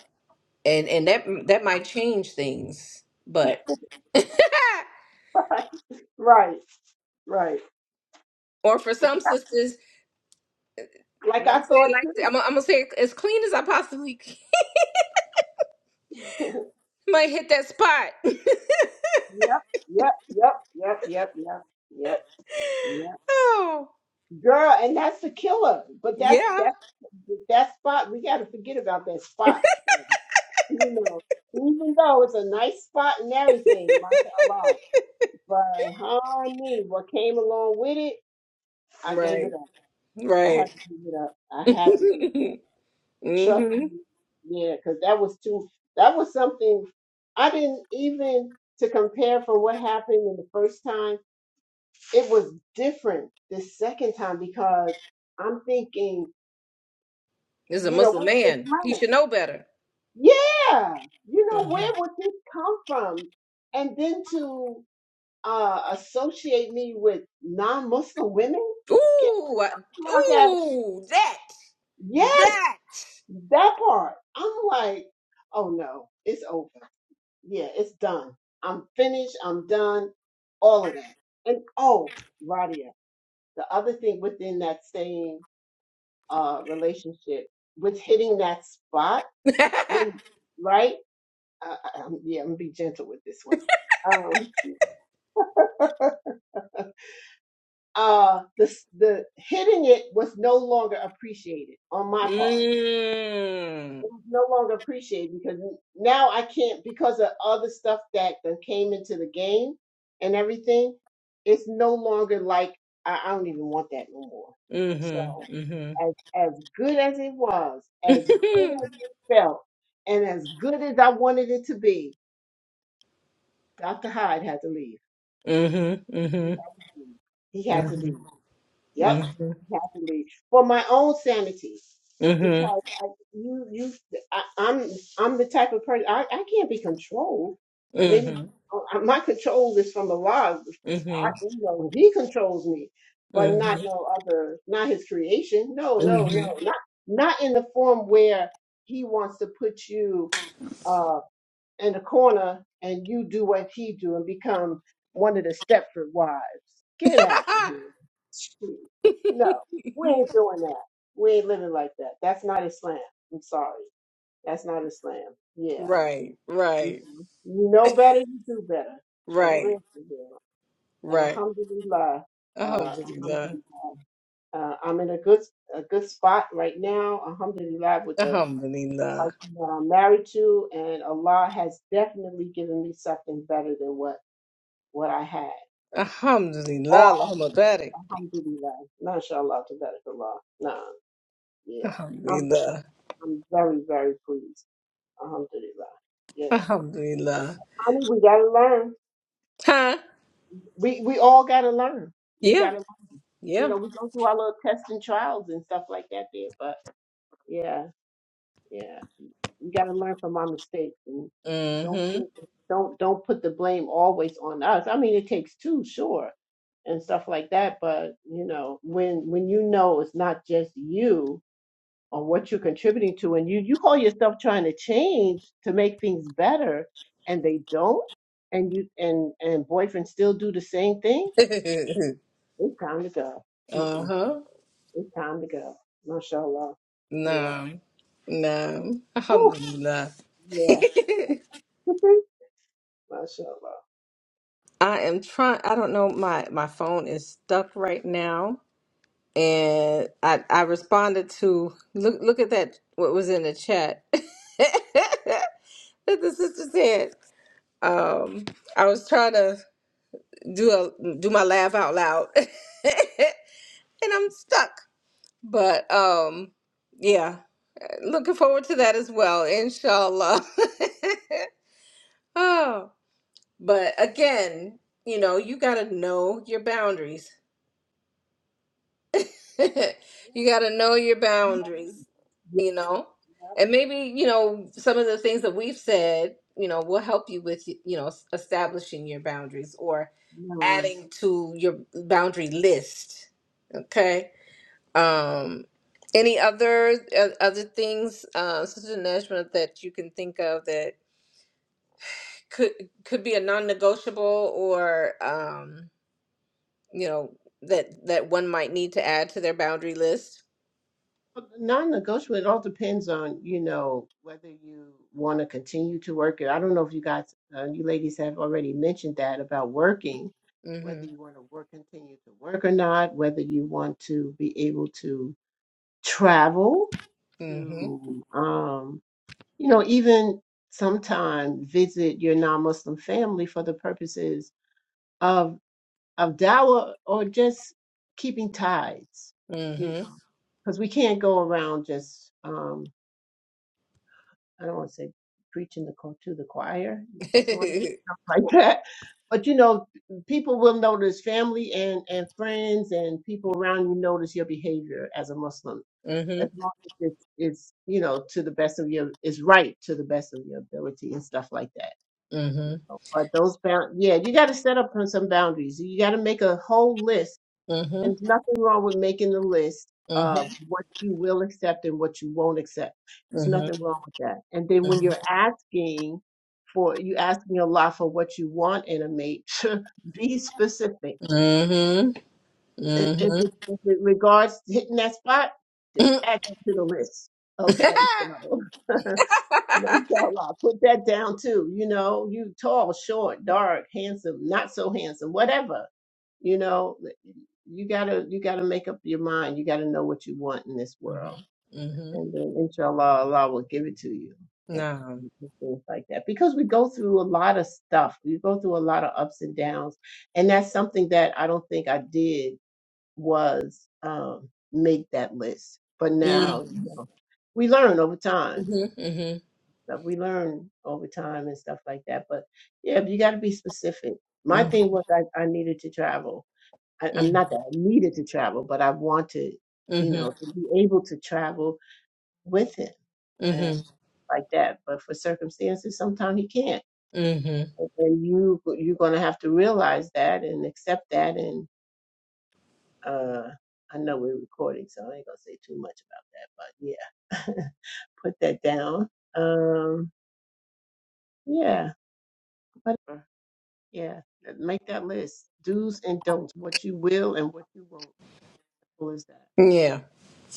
[SPEAKER 1] and and that that might change things, but
[SPEAKER 2] Yep. Right. Right.
[SPEAKER 1] or for some sisters,
[SPEAKER 2] Like I
[SPEAKER 1] let me say it
[SPEAKER 2] thought
[SPEAKER 1] like th- I'm,
[SPEAKER 2] too.
[SPEAKER 1] gonna- I'm gonna say it as clean as I possibly can. might hit that spot.
[SPEAKER 2] yep. Yep. Yep. Yep. Yep. Yep. Yep. Yep.
[SPEAKER 1] oh
[SPEAKER 2] Girl, and that's the killer. But that's
[SPEAKER 1] yeah,
[SPEAKER 2] that's that spot. We got to forget about that spot. You know, even though it's a nice spot and everything, mashallah. But honey, what came along with it, I gave
[SPEAKER 1] right,
[SPEAKER 2] it up. I had
[SPEAKER 1] right.
[SPEAKER 2] to give it up. I had to give Trust
[SPEAKER 1] hmm
[SPEAKER 2] me. Yeah, because that was too, that was something I didn't even to compare from what happened in the first time. It was different the second time because I'm thinking,
[SPEAKER 1] This is a
[SPEAKER 2] you know,
[SPEAKER 1] Muslim
[SPEAKER 2] where did this
[SPEAKER 1] man. He
[SPEAKER 2] come
[SPEAKER 1] should know better.
[SPEAKER 2] Yeah, you know, where
[SPEAKER 1] Mhm.
[SPEAKER 2] would this come from? And then to uh, associate me with non-Muslim women? Get
[SPEAKER 1] Ooh, I-
[SPEAKER 2] the fuck out of-
[SPEAKER 1] ooh, that,
[SPEAKER 2] Yes,
[SPEAKER 1] that.
[SPEAKER 2] that part. I'm like, oh no, it's over. yeah, it's done. I'm finished. I'm done. All of that. And oh, Radia, the other thing within that same uh, relationship with hitting that spot, when, right? Uh, I, I'm, yeah, I'm gonna be gentle with this one. Um, uh, the the hitting it was no longer appreciated on my part
[SPEAKER 1] mm.
[SPEAKER 2] it was no longer appreciated because now I can't because of other stuff that then came into the game and everything. It's no longer like I, I don't even want that no more.
[SPEAKER 1] Mhm.
[SPEAKER 2] So
[SPEAKER 1] Mhm.
[SPEAKER 2] as as good as it was, as good as it felt, and as good as I wanted it to be, Dr. Hyde had to leave.
[SPEAKER 1] Mhm.
[SPEAKER 2] He
[SPEAKER 1] Mhm.
[SPEAKER 2] had to leave. He had to
[SPEAKER 1] Mhm.
[SPEAKER 2] leave. Yep,
[SPEAKER 1] Mhm.
[SPEAKER 2] he had to leave for my own sanity.
[SPEAKER 1] Mhm.
[SPEAKER 2] because I, you you I, I'm I'm the type of person I, I can't be controlled. Maybe uh, uh, my control is from Allah.
[SPEAKER 1] Mhm.
[SPEAKER 2] I,
[SPEAKER 1] Mhm. Mhm.
[SPEAKER 2] you know, He controls me, but not
[SPEAKER 1] Mhm.
[SPEAKER 2] no other, not His creation. No, no, no,
[SPEAKER 1] Mhm.
[SPEAKER 2] not not in the form where He wants to put you. uh, in the corner and you do what he do and become one of the Stepford wives. Get out of here. Shoot. No, we ain't doing that. We ain't living like that. That's not Islam. I'm sorry. That's not Islam. Yeah.
[SPEAKER 1] Right.
[SPEAKER 2] You
[SPEAKER 1] Right.
[SPEAKER 2] you know better, you do better. For
[SPEAKER 1] Right.
[SPEAKER 2] real, for real. And
[SPEAKER 1] Right.
[SPEAKER 2] alhamdulillah, uh,
[SPEAKER 1] Alhamdulillah.
[SPEAKER 2] alhamdulillah. Uh, I'm in a good a good spot right now, alhamdulillah, with the
[SPEAKER 1] Alhamdulillah.
[SPEAKER 2] person that I'm married to, and Allah has definitely given me something better than what what I had.
[SPEAKER 1] Alhamdulillah.
[SPEAKER 2] All
[SPEAKER 1] Allahumma barik.
[SPEAKER 2] alhamdulillah, mashallah, to better Allah. Nah, yeah, I'm
[SPEAKER 1] Alhamdulillah.
[SPEAKER 2] I'm very very pleased. Alhamdulillah, yeah.
[SPEAKER 1] Alhamdulillah.
[SPEAKER 2] Honey, we gotta learn.
[SPEAKER 1] Huh?
[SPEAKER 2] We we all gotta learn. We
[SPEAKER 1] Yeah.
[SPEAKER 2] gotta, you
[SPEAKER 1] Yeah.
[SPEAKER 2] know, we go through our little tests and trials and stuff like that there, but yeah, yeah. We gotta learn from our mistakes Don't
[SPEAKER 1] Mm-hmm.
[SPEAKER 2] put don't don't put the blame always on us. I mean, it takes two, sure, and stuff like that. But you know, when when you know it's not just you or what you're contributing to, and you you call yourself trying to change to make things better, and they don't, and you and and boyfriends still do the same thing. It's time to go. Mm-mm,
[SPEAKER 1] uh-huh.
[SPEAKER 2] it's time to go. Mashallah. Yeah.
[SPEAKER 1] No. No.
[SPEAKER 2] Whew,
[SPEAKER 1] Alhamdulillah.
[SPEAKER 2] yeah. Mashallah.
[SPEAKER 1] I am trying I don't know, my my phone is stuck right now. And I I responded to look look at that what was in the chat that the sister said. Um I was trying to do a do my laugh out loud. and I'm stuck. But um, yeah, looking forward to that as well, inshallah. oh, but again, you know, you got to know your boundaries.
[SPEAKER 2] Yeah.
[SPEAKER 1] you got to know your boundaries, you know? And maybe, you know, some of the things that we've said, you know, will help you with, you know, s- establishing your boundaries or
[SPEAKER 2] Yeah.
[SPEAKER 1] adding to your boundary list. Okay? Um, any other uh, other things, uh, Sister Najma, that you can think of that could could be a non-negotiable, or um, you know that that one might need to add to their boundary list?
[SPEAKER 2] Well, Non-negotiable. It all depends on, you know, whether you want to continue to work it. I don't know if you guys, uh, you ladies have already mentioned that about working,
[SPEAKER 1] Mm-hmm.
[SPEAKER 2] whether you want to work, continue to work or not, whether you want to be able to travel
[SPEAKER 1] Mm-hmm.
[SPEAKER 2] to, um, you know, even sometime visit your non-Muslim family for the purposes of of dawah or just keeping tithes, you
[SPEAKER 1] Mm-hmm.
[SPEAKER 2] know, because we can't go around just, um, I don't want to say preaching the co- to the choir, sort of stuff like that. But you know, people will notice family and, and friends and people around you notice your behavior as a Muslim.
[SPEAKER 1] mm-hmm.
[SPEAKER 2] As long as it's, it's, you know, to the best of your, is right to the best of your ability and stuff like that.
[SPEAKER 1] Mm-hmm.
[SPEAKER 2] But those bound, yeah, you got to set up some boundaries. You got to make a whole list
[SPEAKER 1] Mm-hmm.
[SPEAKER 2] and there's nothing wrong with making the list of
[SPEAKER 1] Mm-hmm.
[SPEAKER 2] what you will accept and what you won't accept. There's
[SPEAKER 1] Mm-hmm. Mm-hmm.
[SPEAKER 2] nothing wrong with that. And then when you're asking for, you asking a lot for what you want in a mate, be specific.
[SPEAKER 1] Mm-hmm.
[SPEAKER 2] I- If it, if it regards hitting that spot, add that to the list. Okay, so. Mashallah, put that down too. You know, you tall, short, dark, handsome, not so handsome, whatever. You know, you gotta you gotta make up your mind. You gotta know what you want in this world,
[SPEAKER 1] Mm-hmm.
[SPEAKER 2] and then inshallah, Allah will give it to you. And
[SPEAKER 1] No.
[SPEAKER 2] Things like that because we go through a lot of stuff. We go through a lot of ups and downs, and that's something that I don't think I did was um, make that list. But now,
[SPEAKER 1] Mm-hmm.
[SPEAKER 2] you know, we learn over time
[SPEAKER 1] Mm-hmm.
[SPEAKER 2] stuff. We learn over time and stuff like that. But yeah, you got to be specific. My
[SPEAKER 1] Mm-hmm.
[SPEAKER 2] thing was I, I needed to travel. I, I'm not that I needed to travel, but I wanted, you
[SPEAKER 1] Mm-hmm.
[SPEAKER 2] know, to be able to travel with him and
[SPEAKER 1] Mm-hmm.
[SPEAKER 2] like that. But for circumstances, sometimes he can't,
[SPEAKER 1] Mm-hmm.
[SPEAKER 2] and and you you're gonna have to realize that and accept that. And uh, I know we're recording, so I ain't gonna say too much about that. But yeah, put that down. Um, yeah, whatever. Yeah, make that list. Do's and don'ts, what you will and what you won't. Simple as that.
[SPEAKER 1] Yeah.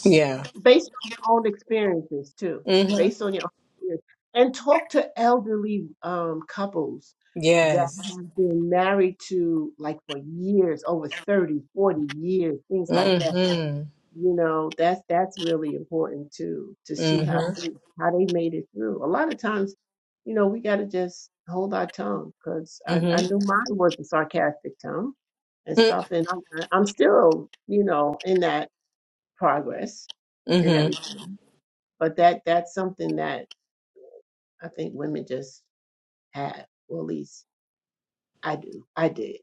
[SPEAKER 1] Yeah.
[SPEAKER 2] Based on your own experiences too.
[SPEAKER 1] Mm-hmm.
[SPEAKER 2] Based on your own experience. And talk to elderly um, couples that
[SPEAKER 1] Yes.
[SPEAKER 2] have been married to like for years, over 30, 40 years, things like that
[SPEAKER 1] Mm-hmm.
[SPEAKER 2] you know that's that's really important too to see how
[SPEAKER 1] Mm-hmm.
[SPEAKER 2] they how they made it through a lot of times you know we got to just hold our tongue because I, I
[SPEAKER 1] Mm-hmm.
[SPEAKER 2] knew mine was a sarcastic tongue and stuff and I'm, I'm still you know in that progress and
[SPEAKER 1] Mm-hmm.
[SPEAKER 2] everything but that that's something that i think women just have or at least i do i did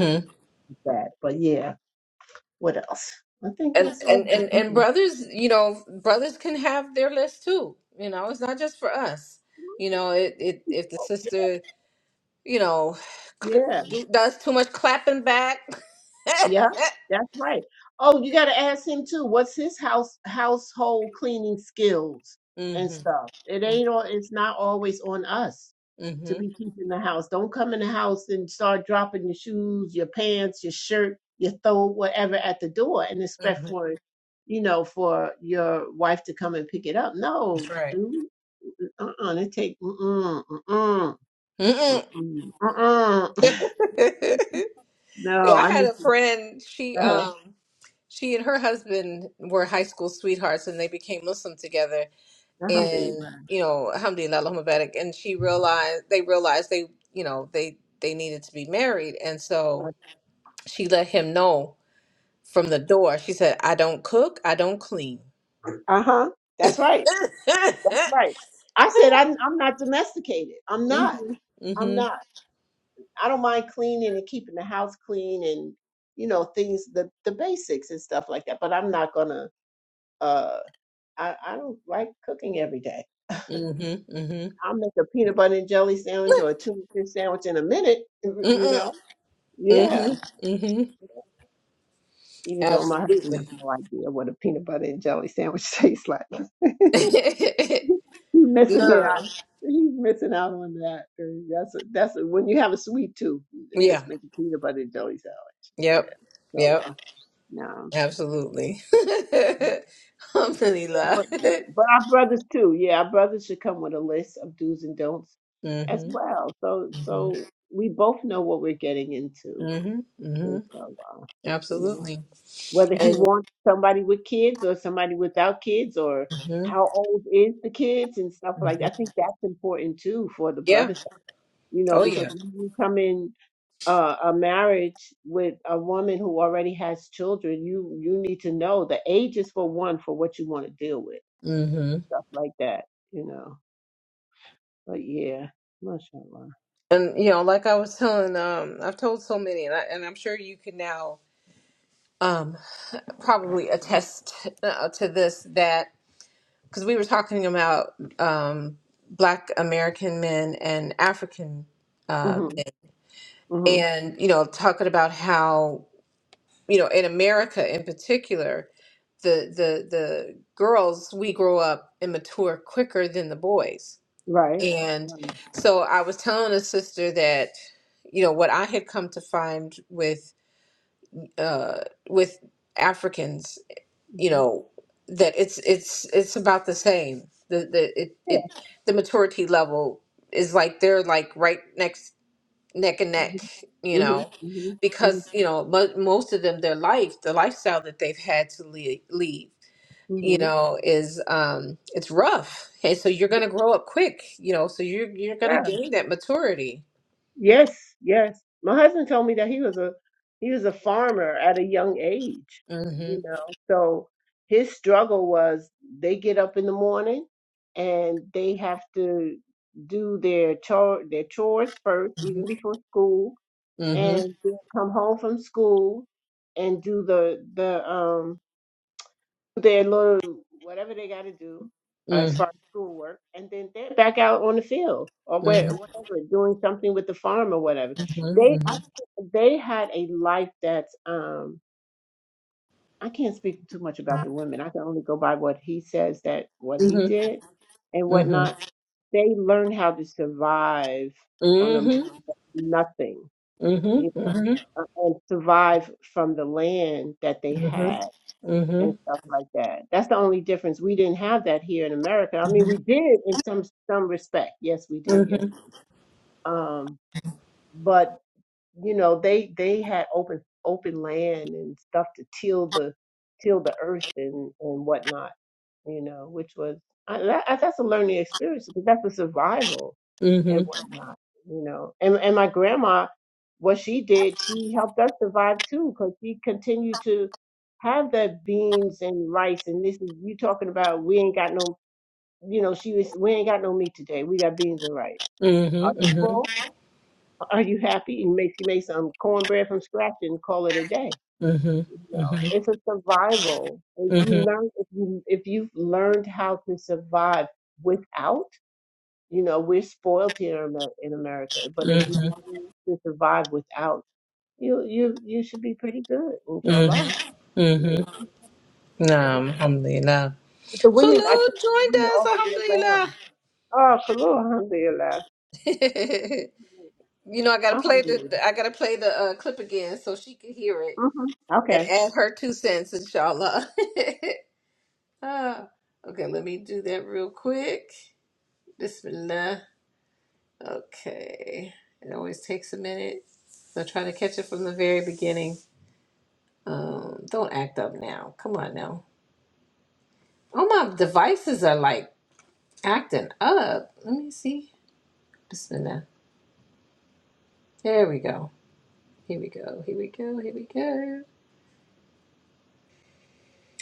[SPEAKER 2] and that but yeah what else i think
[SPEAKER 1] And,
[SPEAKER 2] that's all
[SPEAKER 1] and and and brothers, you know, brothers can have their list too. You know, it's not just for us. You know, it, it if the sister, you know, cl-
[SPEAKER 2] yeah
[SPEAKER 1] do- does too much clapping back.
[SPEAKER 2] Yeah, that's right. Oh, you got to ask him too. What's his house household cleaning skills and
[SPEAKER 1] mm-hmm.
[SPEAKER 2] stuff? It ain't all. It's not always on us to
[SPEAKER 1] Mm-hmm.
[SPEAKER 2] be keeping the house. Don't come in the house and start dropping your shoes, your pants, your shirt, your throw whatever at the door and expect
[SPEAKER 1] Mm-hmm.
[SPEAKER 2] for you know for your wife to come and pick it up. No,
[SPEAKER 1] That's right.
[SPEAKER 2] dude. Uh-uh. It take. Mm-mm. Mm-mm.
[SPEAKER 1] Mm-mm.
[SPEAKER 2] Mm-mm. Mm-mm.
[SPEAKER 1] yeah,
[SPEAKER 2] no,
[SPEAKER 1] I
[SPEAKER 2] I
[SPEAKER 1] had
[SPEAKER 2] need
[SPEAKER 1] a
[SPEAKER 2] to.
[SPEAKER 1] friend. She
[SPEAKER 2] Uh-huh.
[SPEAKER 1] um. She and her husband were high school sweethearts and they became Muslim together and
[SPEAKER 2] Alhamdulillah.
[SPEAKER 1] you know, alhamdulillah Allahumma barik, and she realized they realized they you know, they they needed to be married and so she let him know from the door. She said, I don't cook, I don't clean.
[SPEAKER 2] Uh huh. That's right. That's right. I said I'm I'm not domesticated. I'm not.
[SPEAKER 1] Mhm.
[SPEAKER 2] I'm
[SPEAKER 1] Mhm.
[SPEAKER 2] not. I don't mind cleaning and keeping the house clean and you know things the the basics and stuff like that. But I'm not gonna. Uh, I I don't like cooking every day.
[SPEAKER 1] Mhm.
[SPEAKER 2] I'll make a peanut butter and jelly sandwich or a tuna fish sandwich in a minute. You
[SPEAKER 1] Mhm.
[SPEAKER 2] know.
[SPEAKER 1] Mm-mm.
[SPEAKER 2] Yeah.
[SPEAKER 1] Mhm. Mhm.
[SPEAKER 2] Even though my husband has
[SPEAKER 1] Absolutely.
[SPEAKER 2] no idea what a peanut butter and jelly sandwich tastes like. He's missing it. out.
[SPEAKER 1] No.
[SPEAKER 2] He's missing out on that. Uh, That's a, that's a, when you have a sweet tooth, just
[SPEAKER 1] Yeah.
[SPEAKER 2] make a peanut butter and jelly sandwich. Yeah,
[SPEAKER 1] Yep.
[SPEAKER 2] so
[SPEAKER 1] Yep.
[SPEAKER 2] uh, no,
[SPEAKER 1] Absolutely. Alhamdulillah.
[SPEAKER 2] but but our brothers too. Yeah, our brothers should come with a list of do's and don'ts as
[SPEAKER 1] Mm-hmm.
[SPEAKER 2] well. So
[SPEAKER 1] Mm-hmm.
[SPEAKER 2] so we both know what we're getting into.
[SPEAKER 1] Mm-hmm. Mm-hmm.
[SPEAKER 2] And so uh, you know
[SPEAKER 1] Absolutely.
[SPEAKER 2] whether he
[SPEAKER 1] And
[SPEAKER 2] wants somebody with kids or somebody without kids or
[SPEAKER 1] mm-hmm.
[SPEAKER 2] how old is the kids and stuff like.
[SPEAKER 1] Mm-hmm.
[SPEAKER 2] that. I think that's important too for the
[SPEAKER 1] yeah.
[SPEAKER 2] brothers you know,
[SPEAKER 1] Oh
[SPEAKER 2] because
[SPEAKER 1] yeah.
[SPEAKER 2] when you come in uh, a marriage with a woman who already has children, you you need to know the age is for one for what you want to deal with,
[SPEAKER 1] Mm-hmm.
[SPEAKER 2] stuff like that, you know. But yeah, mashallah.
[SPEAKER 1] And you know, like I was telling, um, I've told so many, and, I, and I'm sure you can now um, probably attest uh, to this that because we were talking about um, Black American men and African uh,
[SPEAKER 2] Mhm,
[SPEAKER 1] men,
[SPEAKER 2] mhm,
[SPEAKER 1] and you know talking about how you know, in America in particular, the the the girls we grow up and mature quicker than the boys.
[SPEAKER 2] right.
[SPEAKER 1] And
[SPEAKER 2] Right.
[SPEAKER 1] so I was telling a sister that, you know, what I had come to find with uh with Africans, you
[SPEAKER 2] Mhm.
[SPEAKER 1] know, that it's it's it's about the same. The the it,
[SPEAKER 2] Yeah.
[SPEAKER 1] it the maturity level is like they're like right next neck and neck, you
[SPEAKER 2] Mhm,
[SPEAKER 1] know,
[SPEAKER 2] mhm, mhm,
[SPEAKER 1] because you know mo- most of them their life, the lifestyle that they've had to leave, leave you
[SPEAKER 2] mhm.
[SPEAKER 1] know, is um it's rough, and so you're gonna grow up quick, you know, so you're you're gonna gain that maturity.
[SPEAKER 2] Yes, yes. My husband told me that he was a he was a farmer at a young age,
[SPEAKER 1] Mm-hmm.
[SPEAKER 2] you know. So his struggle was they get up in the morning and they have to do their chore their chores first, even before school,
[SPEAKER 1] Mm-hmm.
[SPEAKER 2] and then come home from school and do the the um their little whatever they got to do uh, as
[SPEAKER 1] Mm-hmm.
[SPEAKER 2] far as schoolwork, and then they're back out on the field or
[SPEAKER 1] Mm-hmm.
[SPEAKER 2] where, whatever, doing something with the farm or whatever. They I, they had a life that's um I can't speak too much about the women. I can only go by what he says that what he
[SPEAKER 1] Mm-hmm.
[SPEAKER 2] did and
[SPEAKER 1] Mm-hmm. Mm-hmm.
[SPEAKER 2] whatnot. They learned how to survive on a nothing,
[SPEAKER 1] Mm-hmm.
[SPEAKER 2] you
[SPEAKER 1] Mm-hmm.
[SPEAKER 2] know, uh, and survive from the land that they had
[SPEAKER 1] Mm-hmm.
[SPEAKER 2] and stuff like that. That's the only difference. We didn't have that here in America. I mean,
[SPEAKER 1] Mm-hmm.
[SPEAKER 2] we did in some some respect. Yes, we did. Yes, we did. Um, but you know, they they had open open land and stuff to till the till the earth and and whatnot. You know, which was I, that, that's a learning experience because that's a survival and whatnot, you know. And and my grandma, what she did, she helped us survive too, because she continued to have the beans and rice. And this is you talking about we ain't got no, you know, she was we ain't got no meat today. We got beans and rice.
[SPEAKER 1] Mm-hmm.
[SPEAKER 2] Are you
[SPEAKER 1] Mm-hmm.
[SPEAKER 2] full? Are you happy? And make she make some cornbread from scratch and call it a day. You know, it's a survival. If you learn, if you if you've learned how to survive without you know, we're spoiled here in Amer- in America, but if you
[SPEAKER 1] Mm-hmm.
[SPEAKER 2] learn to survive without, you you you should be pretty good, inshallah.
[SPEAKER 1] Mm-hmm.
[SPEAKER 2] Mm, inshallah.
[SPEAKER 1] Naam, alhamdulillah.
[SPEAKER 2] But the women, I think
[SPEAKER 1] Khulud
[SPEAKER 2] the
[SPEAKER 1] joined
[SPEAKER 2] women
[SPEAKER 1] us,
[SPEAKER 2] all the way
[SPEAKER 1] alhamdulillah.
[SPEAKER 2] around. Oh, Khalil, alhamdulillah.
[SPEAKER 1] you know, I gotta play
[SPEAKER 2] Alhamdulillah.
[SPEAKER 1] the I gotta play the uh, clip again so she can hear it
[SPEAKER 2] Mm-hmm.
[SPEAKER 1] and
[SPEAKER 2] Okay.
[SPEAKER 1] add her two cents, inshallah. Ah, okay, let me do that real quick. Bismillah. Okay, it always takes a minute. So try to catch it from the very beginning. Um, don't act up now. Come on now. All my devices are like acting up. Let me see. Bismillah. There we go. Here we go. Here we go. Here we go.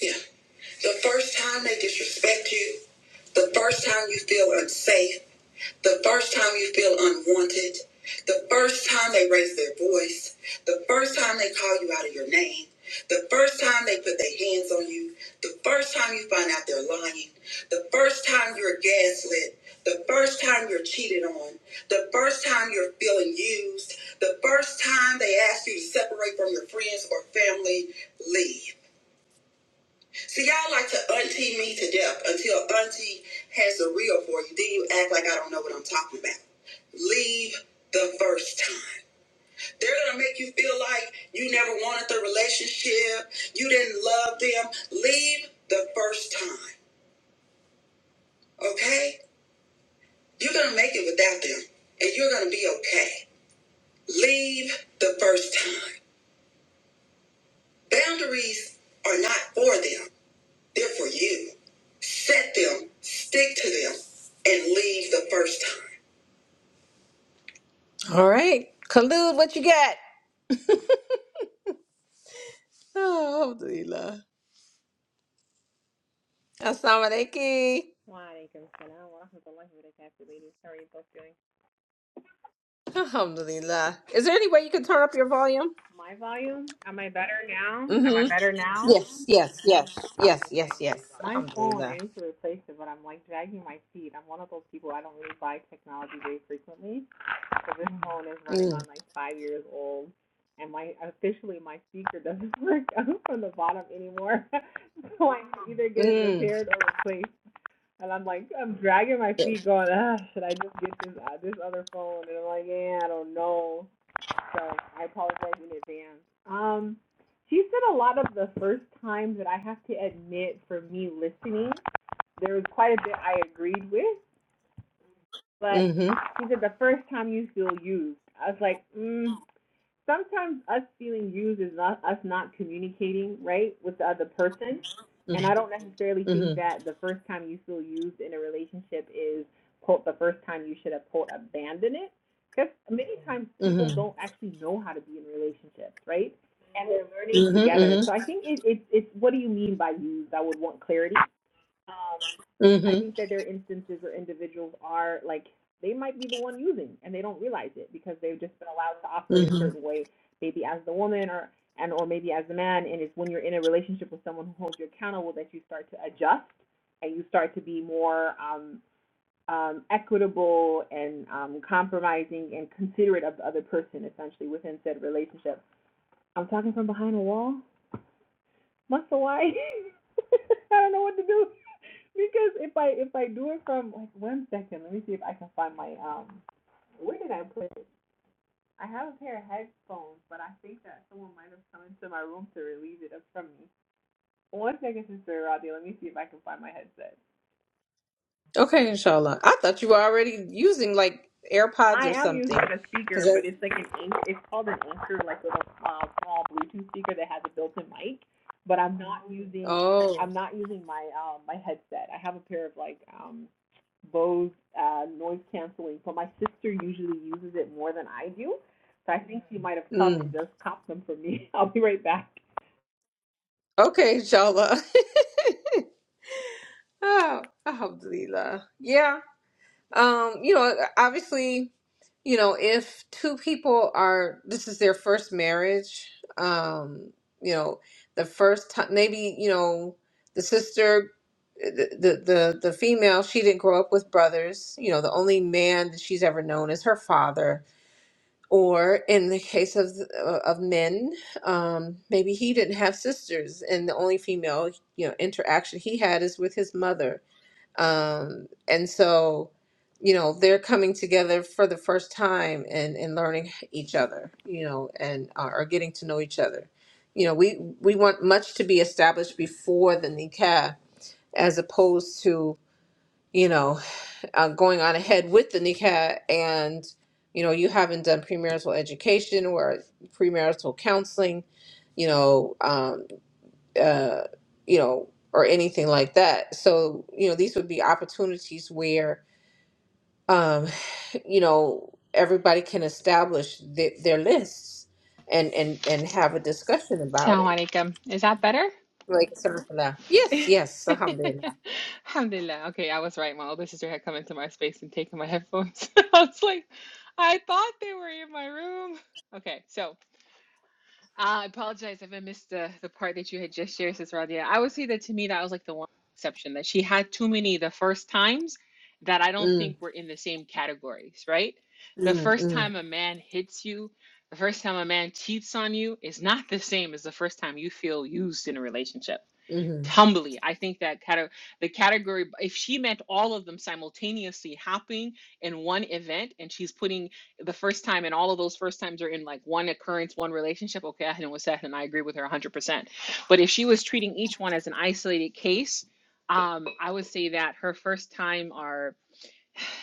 [SPEAKER 1] Yeah. The first time they disrespect you, the first time you feel unsafe, the first time you feel unwanted, the first time they raise their voice, the first time they call you out of your name, the first time they put their hands on you, the first time you find out they're lying, the first time you're gaslit, the first time you're cheated on, the first time you're feeling used, the first time they ask you to separate from your friends or family, leave. See, y'all like to auntie me to death until auntie has a reel for you. Then you act like I don't know what I'm talking about. Leave the first time. They're gonna make you feel like you never wanted the relationship, you didn't love them. Leave the first time, okay? You're gonna make it without them, and you're gonna be okay. Leave the first time. Boundaries are not for them. They're for you. Set them, stick to them, and leave the first time. All right. Khalid, what you got? Oh, Alhamdulillah. Assalamu alaikum.
[SPEAKER 3] Walaikum salam wa rahmatullahi wa barakatuh, ladies. How are you both doing?
[SPEAKER 1] Alhamdulillah. Is there any way you can turn up your volume?
[SPEAKER 3] My volume? Am I better now? Am I
[SPEAKER 1] Mm-hmm.
[SPEAKER 3] better now?
[SPEAKER 1] Yes, yes, yes, yes,
[SPEAKER 3] Okay.
[SPEAKER 1] yes, yes.
[SPEAKER 3] My phone, I
[SPEAKER 1] Alhamdulillah.
[SPEAKER 3] need to replace it, but I'm like dragging my feet. I'm one of those people I don't really buy technology very frequently. So this phone is running
[SPEAKER 1] Mm,
[SPEAKER 3] on like five years old, and my officially my speaker doesn't work out from the bottom anymore. so I can either get it
[SPEAKER 1] mm,
[SPEAKER 3] repaired or replaced. And I'm like, I'm dragging my feet,
[SPEAKER 1] yes.
[SPEAKER 3] going, ah, should I just get this uh, this other phone? And I'm like, yeah, I don't know. so I apologize in advance. Um, she said a lot of the first times that I have to admit for me listening, there was quite a bit I agreed with, but
[SPEAKER 1] mm-hmm,
[SPEAKER 3] she said the first time you feel used. I was like, mm, sometimes us feeling used is not us not communicating right with the other person. And I don't necessarily
[SPEAKER 1] mm-hmm,
[SPEAKER 3] think that the first time you feel used in a relationship is quote the first time you should have quote abandoned it. Because many times
[SPEAKER 1] mm-hmm,
[SPEAKER 3] people
[SPEAKER 1] mm-hmm,
[SPEAKER 3] don't actually know how to be in relationships, right? And they're learning together.
[SPEAKER 1] mm-hmm,
[SPEAKER 3] So I think it, it it's what do you mean by used? I would want clarity. Um,
[SPEAKER 1] mm-hmm,
[SPEAKER 3] I
[SPEAKER 1] mm-hmm.
[SPEAKER 3] think that there are instances where individuals are like they might be the one using and they don't realize it because they've just been allowed to operate a
[SPEAKER 1] mm-hmm.
[SPEAKER 3] certain way, maybe as the woman or and or maybe as the man. And it's when you're in a relationship with someone who holds you accountable that you start to adjust and you start to be more um, um, equitable and um, compromising and considerate of the other person, essentially within said relationship. I'm talking from behind a wall. Muscle why? I don't know what to do because if I if I do it from like one second, let me see if I can find my um. Where did I put it? I have a pair of headphones, but I think that someone might have come into my room to relieve it from me. One second, Sister Roddy. Let me see if I can find my headset.
[SPEAKER 1] Okay, inshallah. I thought you were already using like AirPods
[SPEAKER 3] I
[SPEAKER 1] or
[SPEAKER 3] am using
[SPEAKER 1] something.
[SPEAKER 3] a speaker,
[SPEAKER 1] because.
[SPEAKER 3] but it's like an anch It's called an anchor, like little uh, small Bluetooth speaker that has a built-in mic. But I'm not using
[SPEAKER 1] Oh,
[SPEAKER 3] I'm not using my um my headset. I have a pair of like um Bose uh, noise canceling, but my sister usually uses it more than I do. So I think she might have come and
[SPEAKER 1] mm.
[SPEAKER 3] just copped them for me. I'll be right back.
[SPEAKER 1] Okay, inshallah. oh, alhamdulillah. Yeah. Um, you know, uh, obviously, you know, if two people are, this is their first marriage, um, you know, the first time, maybe, you know, the sister, uh, the, the, the, the female, she didn't grow up with brothers. You know, the only man that she's ever known is her father Or in the case of uh, of men, um, maybe he didn't have sisters, and the only female you know interaction he had is with his mother. Um, and so, you know, they're coming together for the first time and and learning each other, you know, and uh, or getting to know each other. You know, we we want much to be established before the nikah, as opposed to you know uh, going on ahead with the nikah, and you know you haven't done premarital education or premarital counseling you know um, uh, you know or anything like that so you know these would be opportunities where um, you know everybody can establish th- their lists and and and have a discussion about it
[SPEAKER 3] Assalamu alaikum. Is that better?
[SPEAKER 1] like alhamdulillah. yes yes alhamdulillah
[SPEAKER 3] Alhamdulillah. Okay, I was right. My older sister had come into my space and taken my headphones. I was like, I thought they were in my room. Okay, so uh, I apologize if I missed the, the part that you had just shared, Sis Radia. I would say that to me, that was like the one exception that she had too many the first times that I don't
[SPEAKER 1] mm,
[SPEAKER 3] think were in the same categories, right?
[SPEAKER 1] mm,
[SPEAKER 3] The
[SPEAKER 1] mm,
[SPEAKER 3] first
[SPEAKER 1] mm, mm,
[SPEAKER 3] time a man hits you, the first time a man cheats on you is not the same as the first time you feel used in a relationship
[SPEAKER 1] mm. mm-hmm,
[SPEAKER 3] Humbly, I think that cate- the category, if she meant all of them simultaneously happening in one event, and she's putting the first time, and all of those first times are in like one occurrence, one relationship, okay, I know what's that, and I agree with her 100%. But if she was treating each one as an isolated case, um, I would say that her first time are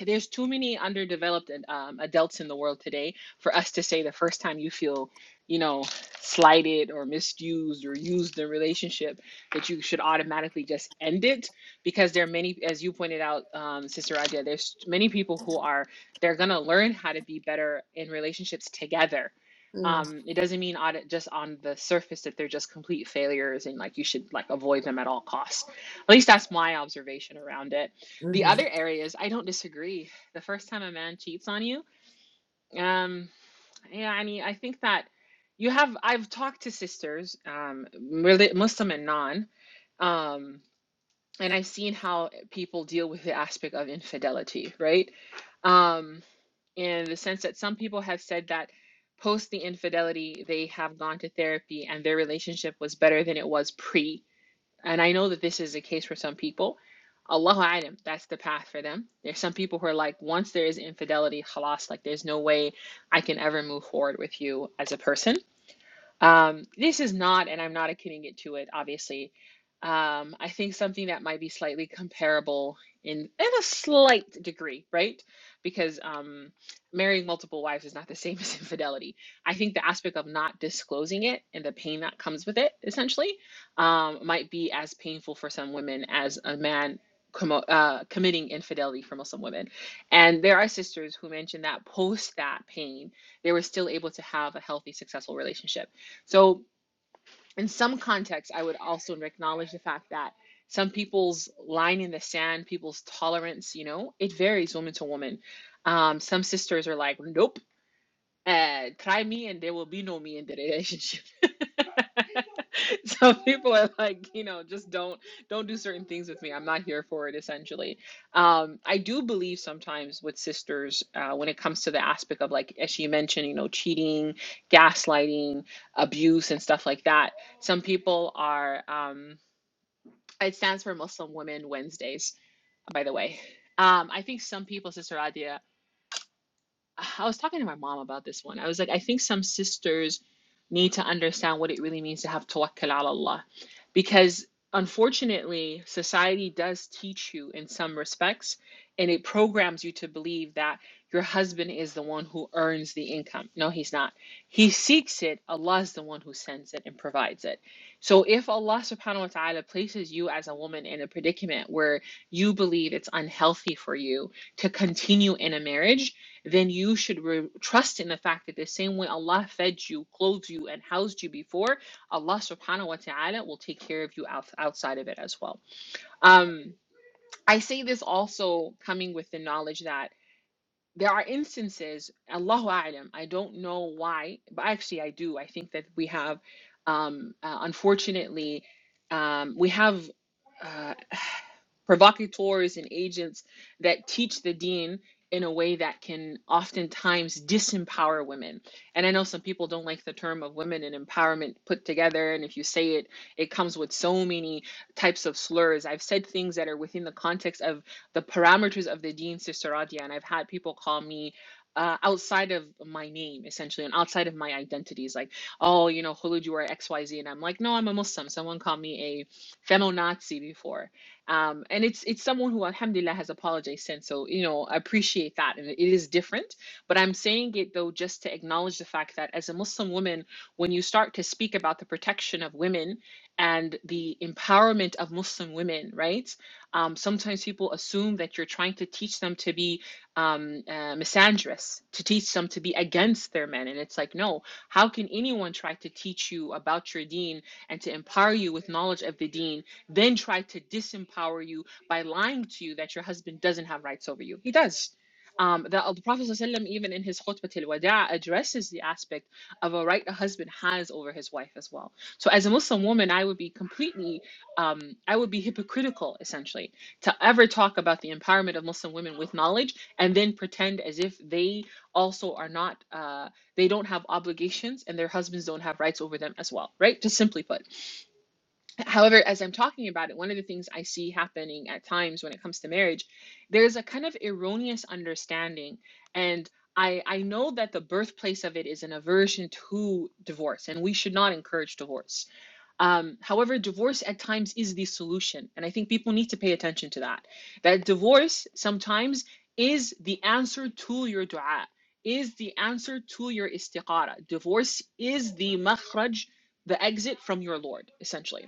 [SPEAKER 3] there's too many underdeveloped um, adults in the world today for us to say the first time you feel, you know, slighted or misused or used in a relationship that you should automatically just end it because there are many, as you pointed out, um, Sister Raja, there's many people who are they're gonna learn how to be better in relationships together.
[SPEAKER 1] mm-hmm,
[SPEAKER 3] Um, it doesn't mean on, just on the surface that they're just complete failures and like you should like avoid them at all costs. At least that's my observation around it the
[SPEAKER 1] mm-hmm.
[SPEAKER 3] other areas i don't disagree the first time a man cheats on you um yeah i mean i think that you have i've talked to sisters um really muslim and non um and i've seen how people deal with the aspect of infidelity right um in the sense that some people have said that post the infidelity they have gone to therapy and their relationship was better than it was pre and I know that this is the case for some people. Allahu alam, that's the path for them. There's some people who are like, once there is infidelity, halas, like there's no way I can ever move forward with you as a person. Um, this is not, and I'm not equating it to it, obviously. Um, I think something that might be slightly comparable in, in a slight degree, right? Because um, marrying multiple wives is not the same as infidelity. I think the aspect of not disclosing it and the pain that comes with it, essentially, um, might be as painful for some women as a man commo- uh, committing infidelity for Muslim women. And there are sisters who mentioned that post that pain, they were still able to have a healthy, successful relationship so, in some contexts, I would also acknowledge the fact that some people's line in the sand, people's tolerance, you know, it varies woman to woman. Um, some sisters are like, nope uh, try me and there will be no me in the relationship. so people are like, you know, just don't don't do certain things with me. I'm not here for it essentially. Um, I do believe sometimes with sisters, uh, when it comes to the aspect of like as she mentioned, you know, cheating, gaslighting, abuse and stuff like that, some people are um it stands for Muslim Women Wednesdays, by the way. Um, I think some people, Sister Adia, I was talking to my mom about this one. I was like, I think some sisters need to understand what it really means to have tawakkul ala Allah. Because unfortunately, society does teach you in some respects, and it programs you to believe that your husband is the one who earns the income. No, he's not. He seeks it, Allah is the one who sends it and provides it. So if Allah subhanahu wa ta'ala places you as a woman in a predicament where you believe it's unhealthy for you to continue in a marriage, then you should re- trust in the fact that the same way Allah fed you, clothed you, and housed you before, Allah subhanahu wa ta'ala will take care of you out- outside of it as well. Um, I say this also coming with the knowledge that there are instances, Allahu A'lam, I don't know why, but actually I do. I think that we have, um, uh, unfortunately, um, we have. Uh, provocateurs and agents that teach the dean in a way that can oftentimes disempower women. And I know some people don't like the term of women and empowerment put together. And if you say it, it comes with so many types of slurs. I've said things that are within the context of the parameters of the dean, Sister Radia, and I've had people call me. Uh, outside of my name, essentially, and outside of my identities, like, oh, you know, Khulud, you are XYZ. And I'm like, no, I'm a Muslim. Someone called me a feminazi before um, and it's it's someone who alhamdulillah has apologized since so you know i appreciate that and it is different but i'm saying it though just to acknowledge the fact that as a muslim woman when you start to speak about the protection of women and the empowerment of muslim women right um, sometimes people assume that you're trying to teach them to be um, uh, misandrous to teach them to be against their men and it's like no how can anyone try to teach you about your deen and to empower you with knowledge of the deen then try to disempower you by lying to you that your husband doesn't have rights over you. He does. Um, the, the Prophet ﷺ even in his khutbah al-wada' addresses the aspect of a right a husband has over his wife as well. So as a Muslim woman, I would be completely, um, I would be hypocritical essentially to ever talk about the empowerment of Muslim women with knowledge and then pretend as if they also are not, uh, they don't have obligations and their husbands don't have rights over them as well, right? Just simply put. However, as I'm talking about it, one of the things I see happening at times when it comes to marriage, there's a kind of erroneous understanding. And I, I know that the birthplace of it is an aversion to divorce, and we should not encourage divorce. Um, however, divorce at times is the solution. And I think people need to pay attention to that. That divorce sometimes is the answer to your dua, is the answer to your istiqara. Divorce is the makhraj, the exit from your Lord, essentially.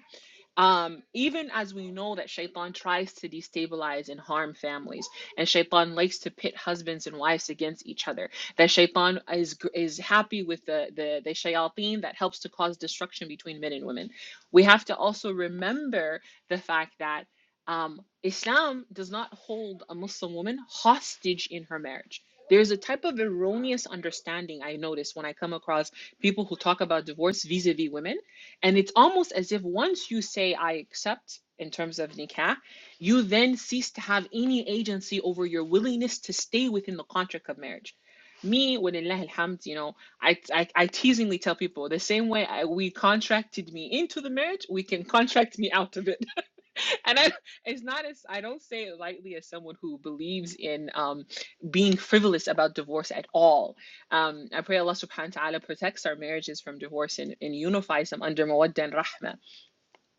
[SPEAKER 3] Um, even as we know that Shaitan tries to destabilize and harm families, and Shaitan likes to pit husbands and wives against each other, that Shaitan is is happy with the the the shayateen that helps to cause destruction between men and women. We have to also remember the fact that um, Islam does not hold a Muslim woman hostage in her marriage. There's a type of erroneous understanding I notice when I come across people who talk about divorce vis-a-vis women and it's almost as if once you say, I accept in terms of nikah, you then cease to have any agency over your willingness to stay within the contract of marriage. Me, walillah alhamd, you know, I, I, I teasingly tell people the same way I, we contracted me into the marriage, we can contract me out of it and I, it's not as I don't say it lightly as someone who believes in um, being frivolous about divorce at all. Um, I pray Allah Subhanahu wa Taala protects our marriages from divorce and, and unifies them under mawaddah and rahmah.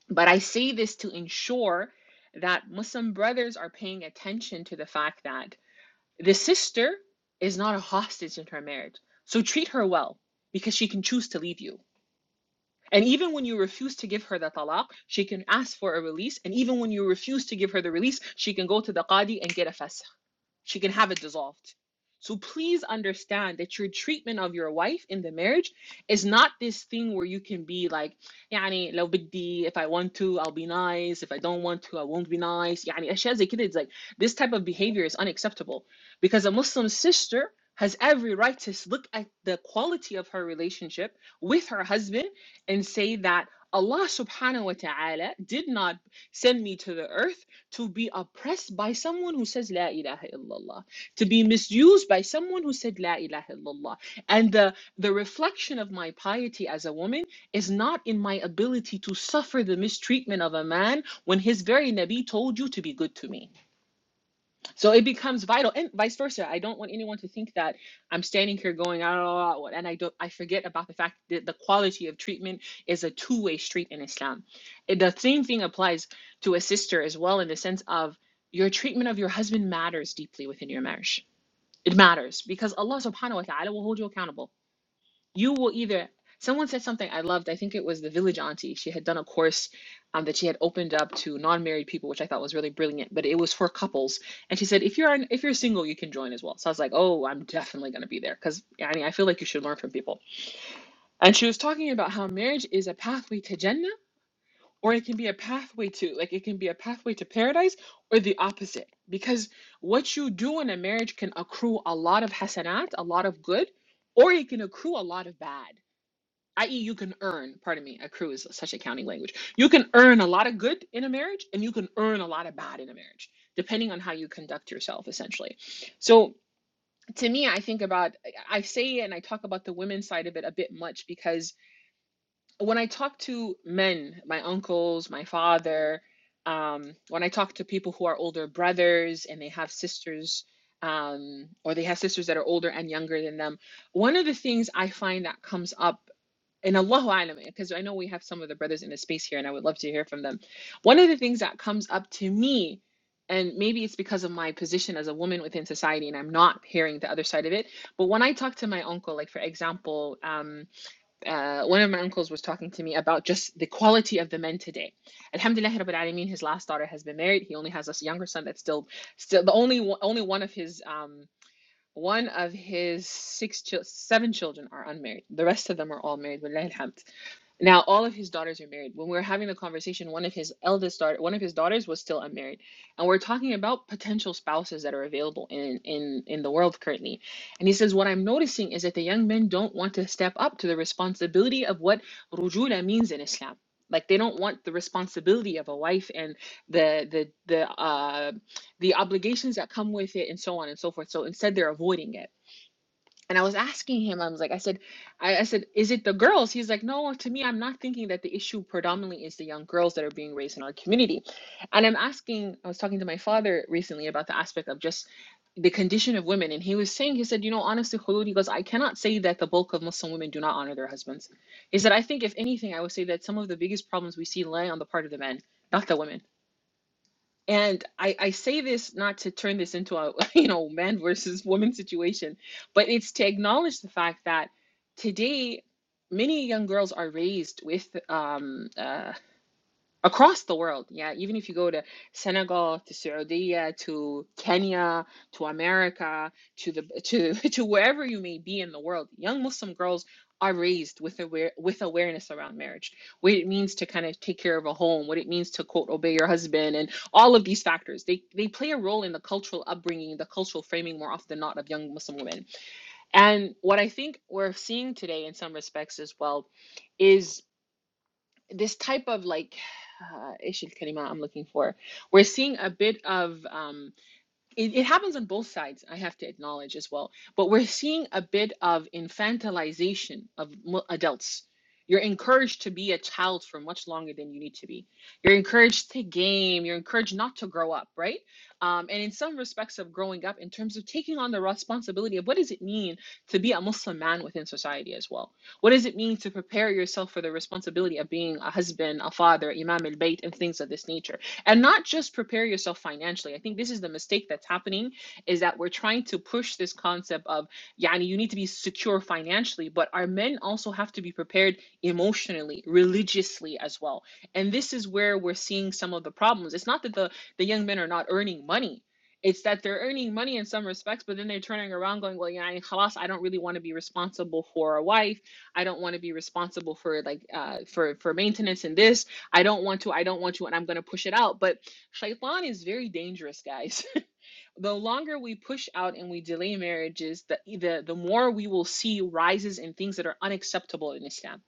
[SPEAKER 3] But I say this to ensure that Muslim brothers are paying attention to the fact that the sister is not a hostage in her marriage. So treat her well because she can choose to leave you and even when you refuse to give her the talaq, she can ask for a release. And even when you refuse to give her the release, she can go to the qadi and get a fasakh she can have it dissolved. So please understand that your treatment of your wife in the marriage is not this thing where you can be like, يعني لو بدي, if I want to, I'll be nice. If I don't want to, I won't be nice. يعني أشياء زي كده. It's like this type of behavior is unacceptable because a Muslim sister has every right to look at the quality of her relationship with her husband and say that Allah subhanahu wa ta'ala did not send me to the earth to be oppressed by someone who says La ilaha illallah, to be misused by someone who said La ilaha illallah. And the, the reflection of my piety as a woman is not in my ability to suffer the mistreatment of a man when his very Nabi told you to be good to me. So it becomes vital, and vice versa. I don't want anyone to think that I'm standing here going, I don't know, and I don't. I forget about the fact that the quality of treatment is a two-way street in Islam. It- the same thing applies to a sister as well, in the sense of your treatment of your husband matters deeply within your marriage. It matters because Allah Subhanahu wa Taala will hold you accountable you will either someone said something I loved. I think it was the village auntie. She had done a course um, that she had opened up to non-married people, which I thought was really brilliant. But it was for couples, and she said, "If you're an, if you're single, you can join as well." So I was like, "Oh, I'm definitely going to be there because I mean I feel like you should learn from people." And she was talking about how marriage is a pathway to Jannah, or it can be a pathway to like it can be a pathway to paradise, or the opposite. Because what you do in a marriage can accrue a lot of hasanat, a lot of good, or it can accrue a lot of bad i.e., you can earn, pardon me, accrue is such a counting language. You can earn a lot of good in a marriage and you can earn a lot of bad in a marriage, depending on how you conduct yourself, essentially. So to me, I think about, I I say and I talk about the women's side of it a bit much because when I talk to men, my uncles, my father, um, when I talk to people who are older brothers and they have sisters, um, or they have sisters that are older and younger than them, one of the things I find that comes up and Allahu Alam, because I know we have some of the brothers in the space here, and I would love to hear from them. One of the things that comes up to me, and maybe it's because of my position as a woman within society, and I'm not hearing the other side of it, but when I talk to my uncle, like for example, um, uh, one of my uncles was talking to me about just the quality of the men today. Alhamdulillah, Rabbil Alameen, his last daughter has been married. He only has a younger son that's still, still the only one- only one of his. Um, one of his six, chil- seven children are unmarried. The rest of them are all married. Wallahi alhamd. Now, all of his daughters are married. When we were having the conversation, one of his eldest daughter, one of his daughters was still unmarried, and we're talking about potential spouses that are available in in in the world currently. And he says, what I'm noticing is that the young men don't want to step up to the responsibility of what rujula means in Islam. Like they don't want the responsibility of a wife and the the the uh, the obligations that come with it, and so on and so forth. So instead, they're avoiding it. And I was asking him, I was like, I said, I, I said, is it the girls? He's like, no, to me, I'm not thinking that the issue predominantly is the young girls that are being raised in our community. And I'm asking, I was talking to my father recently about the aspect of just the condition of women. And he was saying, he said, you know, honestly, Khulud, he goes, I cannot say that the bulk of Muslim women do not honor their husbands. He said, I think if anything, I would say that some of the biggest problems we see lie on the part of the men, not the women. And I, I say this not to turn this into a you know man versus woman situation, but it's to acknowledge the fact that today many young girls are raised with um, uh, across the world. Yeah, even if you go to Senegal, to Saudi, to Kenya, to America, to the to to wherever you may be in the world, young Muslim girls are raised with aware with awareness around marriage, what it means to kind of take care of a home, what it means to quote obey your husband, and all of these factors. They they play a role in the cultural upbringing, the cultural framing more often than not of young Muslim women. And what I think we're seeing today in some respects as well is this type of like uh, ايش الكلمة I'm looking for we're seeing a bit of um it, it happens on both sides, I have to acknowledge as well. But we're seeing a bit of infantilization of mu- adults. You're encouraged to be a child for much longer than you need to be. You're encouraged to game. You're encouraged not to grow up, right? Um, and in some respects of growing up, in terms of taking on the responsibility of what does it mean to be a Muslim man within society as well? What does it mean to prepare yourself for the responsibility of being a husband, a father, Imam al Bayt, and things of this nature? and not just prepare yourself financially i think this is the mistake that's happening is that we're trying to push this concept of yani you need to be secure financially but our men also have to be prepared emotionally religiously as well and this is where we're seeing some of the problems it's not that the the young men are not earning money it's that they're earning money in some respects, but then they're turning around going, well, yeah, khalas, I don't really want to be responsible for a wife. I don't want to be responsible for like uh, for for maintenance and this. I don't want to, I don't want to, and I'm going to push it out. But shaitan is very dangerous, guys. the longer we push out and we delay marriages, the, e, the, the more we will see rises in things that are unacceptable in Islam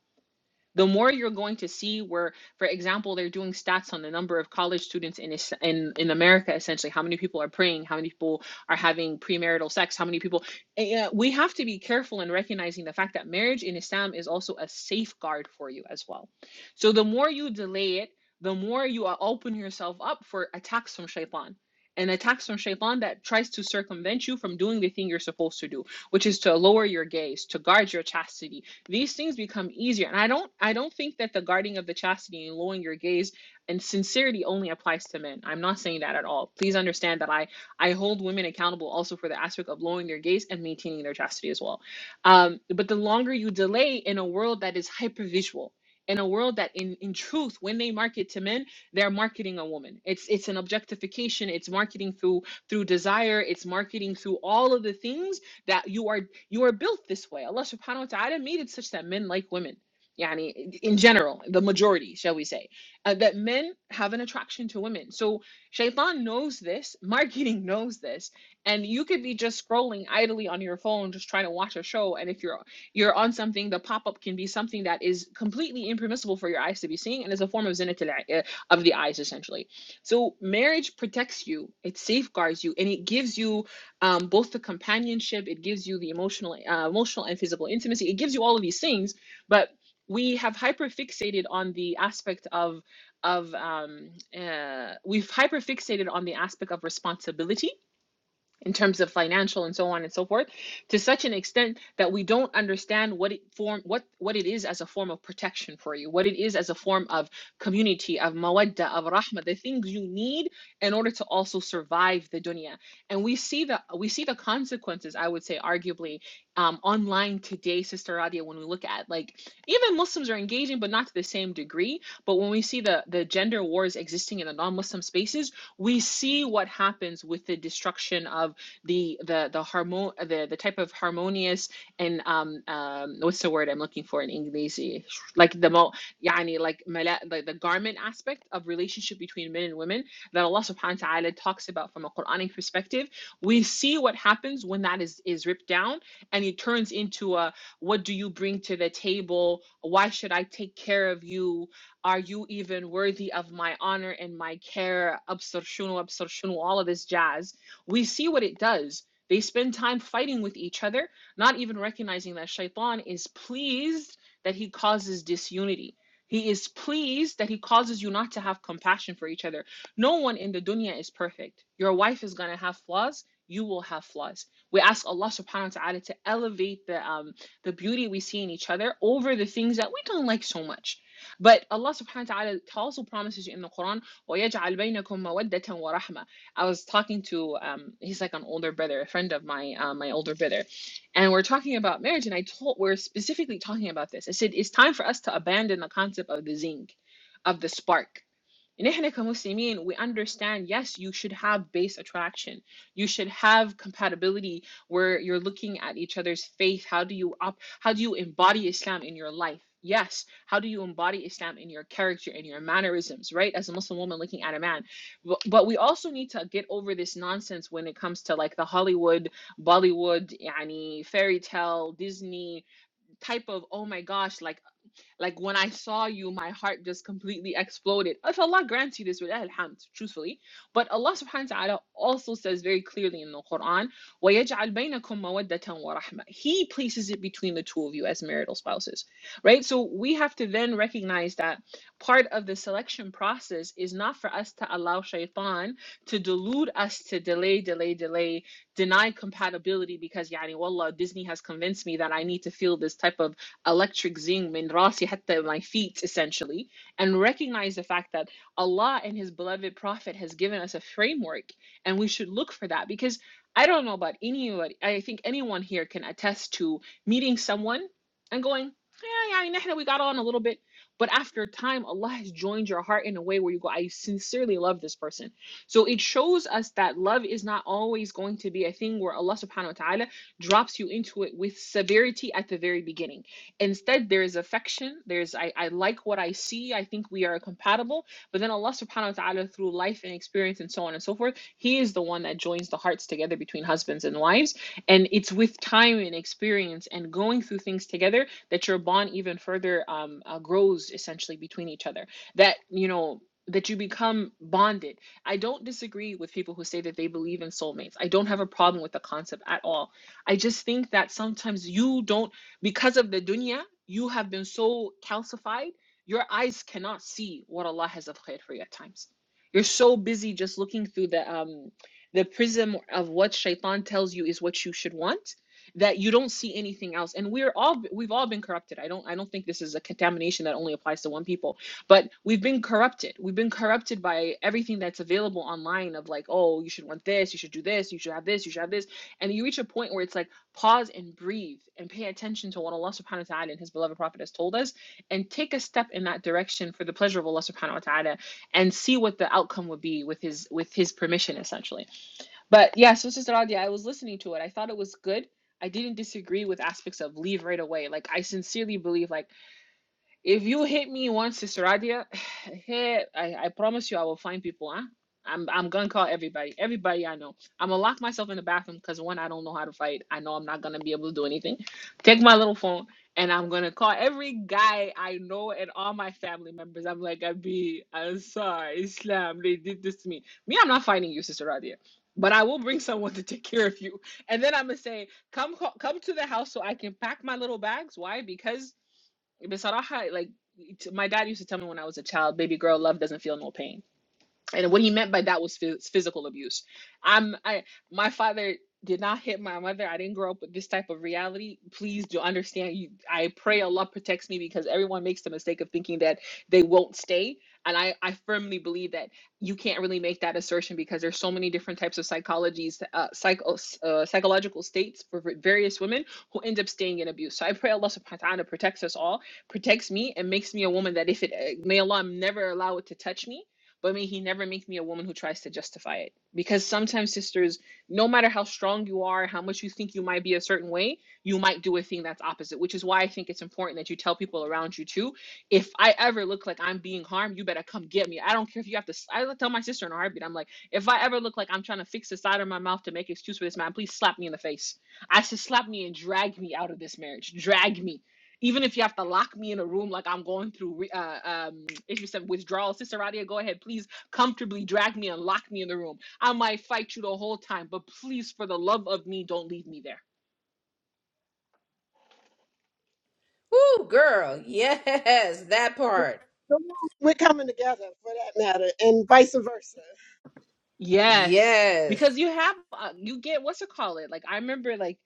[SPEAKER 3] the more you're going to see where for example they're doing stats on the number of college students in es- in in America essentially how many people are praying how many people are having premarital sex how many people and, uh, we have to be careful in recognizing the fact that marriage in Islam is also a safeguard for you as well so the more you delay it the more you are- open yourself up for attacks from shaitan and attacks from shaitan that tries to circumvent you from doing the thing you're supposed to do which is to lower your gaze to guard your chastity these things become easier and i don't i don't think that the guarding of the chastity and lowering your gaze and sincerity only applies to men i'm not saying that at all please understand that i i hold women accountable also for the aspect of lowering their gaze and maintaining their chastity as well um but the longer you delay in a world that is hypervisual in a world that in, in truth when they market to men they're marketing a woman it's it's an objectification it's marketing through through desire it's marketing through all of the things that you are you are built this way. Allah subhanahu wa ta'ala made it such that men like women. Yani, in general, the majority, shall we say, uh, that men have an attraction to women. So shaitan knows this, marketing knows this, and you could be just scrolling idly on your phone, just trying to watch a show. And if you're you're on something, the pop up can be something that is completely impermissible for your eyes to be seeing, and is a form of zina til- uh, of the eyes, essentially. So marriage protects you, it safeguards you, and it gives you um, both the companionship it gives you the emotional uh, emotional and physical intimacy it gives you all of these things but we have hyperfixated on the aspect of of um, uh, we've hyperfixated on the aspect of responsibility in terms of financial and so on and so forth to such an extent that we don't understand what it form what what it is as a form of protection for you what it is as a form of community of mawadda of rahma the things you need in order to also survive the dunya and we see the we see the consequences i would say arguably um, online today sister radia when we look at like even muslims are engaging but not to the same degree but when we see the the gender wars existing in the non-muslim spaces we see what happens with the destruction of the the the harmon the the type of harmonious and um um what's the word I'm looking for in English like the mo يعني like ملا- the, the garment aspect of relationship between men and women that Allah subhanahu wa ta'ala talks about from a Quranic perspective we see what happens when that is is ripped down and it turns into a what do you bring to the table why should I take care of you are you even worthy of my honor and my care? Absar shunu, absar shunu, all of this jazz we see what it does. They spend time fighting with each other, not even recognizing that Shaitan is pleased that he causes disunity. He is pleased that he causes you not to have compassion for each other. No one in the dunya is perfect. Your wife is going to have flaws. You will have flaws. We ask Allah subhanahu wa ta'ala to elevate the, um, the beauty we see in each other over the things that we don't like so much. But Allah subhanahu wa ta'ala also promises in the Quran, وَيَجْعَلْ بَيْنَكُمْ مَوَدَّةً وَرَحْمَةً I was talking to um he's like an older brother, a friend of my uh, my older brother, and we're talking about marriage. And I told we're specifically talking about this. I said it's time for us to abandon the concept of the zing, of the spark. And إحنا كمسلمين, we understand, yes, you should have base attraction. You should have compatibility where you're looking at each other's faith. How do you op- how do you embody Islam in your life? Yes. How do you embody Islam in your character, in your mannerisms, right? As a Muslim woman looking at a man. But, but we also need to get over this nonsense when it comes to like the Hollywood, Bollywood, yani fairy tale, Disney type of, oh my gosh, like like when I saw you, my heart just completely exploded. If Allah grants you this with alhamd, truthfully. But Allah subhanahu wa ta'ala also says very clearly in the Quran, وَيَجْعَلْ بَيْنَكُمْ مَوَدَّةً وَرَحْمَةً He places it between the two of you as marital spouses. Right? So we have to then recognize that part of the selection process is not for us to allow shaitan to delude us to delay, delay, delay, deny compatibility because yani wallah Disney has convinced me that I need to feel this type of electric من راسي حتى my feet essentially and recognize the fact that Allah and his beloved prophet has given us a framework and we should look for that because I don't know about anybody I think anyone here can attest to meeting someone and going yeah yeah نحن we got on a little bit but after time Allah has joined your heart in a way where you go I sincerely love this person so it shows us that love is not always going to be a thing where Allah subhanahu wa ta'ala drops you into it with severity at the very beginning Instead, there is affection. There's I, I like what I see. I think we are compatible. But then Allah subhanahu wa ta'ala through life and experience and so on and so forth, He is the one that joins the hearts together between husbands and wives. And it's with time and experience and going through things together that your bond even further um, uh, grows essentially between each other. That, you know, that you become bonded. I don't disagree with people who say that they believe in soulmates. I don't have a problem with the concept at all. I just think that sometimes you don't because of the dunya, you have been so calcified, your eyes cannot see what Allah has of khair for you at times. You're so busy just looking through the um the prism of what shaitan tells you is what you should want that you don't see anything else and we're all we've all been corrupted i don't i don't think this is a contamination that only applies to one people but we've been corrupted we've been corrupted by everything that's available online of like oh you should want this you should do this you should have this you should have this and you reach a point where it's like pause and breathe and pay attention to what Allah subhanahu wa ta'ala and His beloved Prophet has told us and take a step in that direction for the pleasure of Allah subhanahu wa ta'ala and see what the outcome would be with his with his permission essentially. But yeah, so Sister Radia, I was listening to it. I thought it was good. I didn't disagree with aspects of leave right away. Like I sincerely believe like if you hit me once, Sister Radia, hey, I, I promise you I will find people, huh? I'm I'm gonna call everybody, everybody I know. I'm gonna lock myself in the bathroom because one, I don't know how to fight. I know I'm not gonna be able to do anything. Take my little phone and I'm gonna call every guy I know and all my family members. I'm like, I be Ansar, Islam, they did this to me. Me, I'm not fighting you, Sister Radia. But I will bring someone to take care of you. And then I'm gonna say, come co- come to the house so I can pack my little bags. Why? Because بصراحة like my dad used to tell me when I was a child, baby girl, love doesn't feel no pain and what he meant by that was phys- physical abuse i'm i my father did not hit my mother i didn't grow up with this type of reality please do understand you i pray allah protects me because everyone makes the mistake of thinking that they won't stay and i i firmly believe that you can't really make that assertion because there's so many different types of psychologies uh, psycho, uh, psychological states for various women who end up staying in abuse so i pray allah subhanahu wa ta'ala protects us all protects me and makes me a woman that if it uh, may allah never allow it to touch me but may he never make me a woman who tries to justify it. Because sometimes, sisters, no matter how strong you are, how much you think you might be a certain way, you might do a thing that's opposite, which is why I think it's important that you tell people around you too. If I ever look like I'm being harmed, you better come get me. I don't care if you have to, I tell my sister in a heartbeat, I'm like, if I ever look like I'm trying to fix the side of my mouth to make excuse for this man, please slap me in the face. I said, slap me and drag me out of this marriage. Drag me even if you have to lock me in a room like I'm going through, re- uh, um, if you said withdrawal, Sister Radia, go ahead, please comfortably drag me and lock me in the room. I might fight you the whole time, but please, for the love of me, don't leave me there
[SPEAKER 1] Ooh, girl. Yes, that part.
[SPEAKER 2] So we're coming together for that matter, and vice versa.
[SPEAKER 3] Yes,
[SPEAKER 1] Yes.
[SPEAKER 3] because you have uh, you get what's it call it? Like I remember like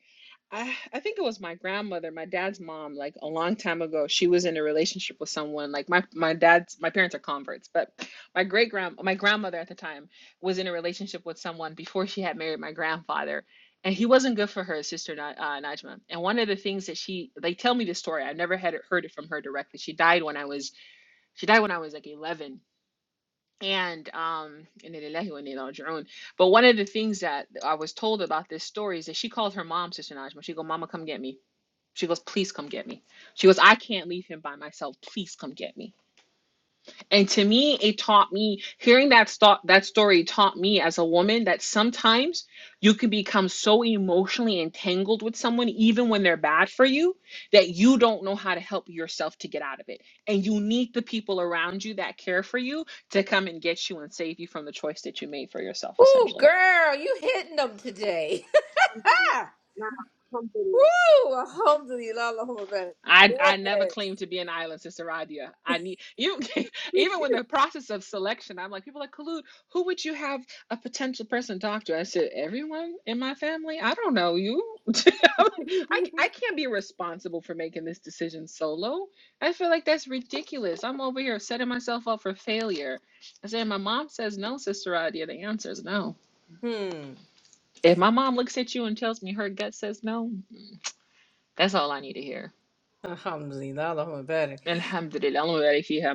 [SPEAKER 3] I I think it was my grandmother, my dad's mom, like a long time ago, she was in a relationship with someone. Like my my dad's my parents are converts, but my great grand my grandmother at the time was in a relationship with someone before she had married my grandfather. And he wasn't good for her sister, Ni- uh, Najma. And one of the things that she, they tell me this story. I never had it, heard it from her directly. She died when I was, she died when I was like 11 and um inna lillahi wa inna ilaihi raji'un. but one of the things that i was told about this story is that she called her mom sister najma she go mama come get me she goes please come get me she goes i can't leave him by myself please come get me and to me, it taught me hearing that sto- that story taught me as a woman that sometimes you can become so emotionally entangled with someone, even when they're bad for you, that you don't know how to help yourself to get out of it. And you need the people around you that care for you to come and get you and save you from the choice that you made for yourself,
[SPEAKER 1] Ooh,
[SPEAKER 3] essentially.
[SPEAKER 1] girl, you hitting them today.
[SPEAKER 2] Alhamdulillah. Nah, alhamdulillah.
[SPEAKER 1] Woo! Alhamdulillah, Allahumma barik.
[SPEAKER 3] I I never
[SPEAKER 1] Yes.
[SPEAKER 3] claimed to be an island, Sister Radia. I need you. Even with the process of selection, I'm like people are like Kalud. Who would you have a potential person talk to? I said everyone in my family. I don't know you. I'm like, I I can't be responsible for making this decision solo. I feel like that's ridiculous. I'm over here setting myself up for failure. I said my mom says no, Sister Radia. The answer is no.
[SPEAKER 1] hmm.
[SPEAKER 3] If my mom looks at you and tells me her gut says no, that's all I need to hear.
[SPEAKER 1] Alhamdulillah, Allahumma barik.
[SPEAKER 3] Alhamdulillah.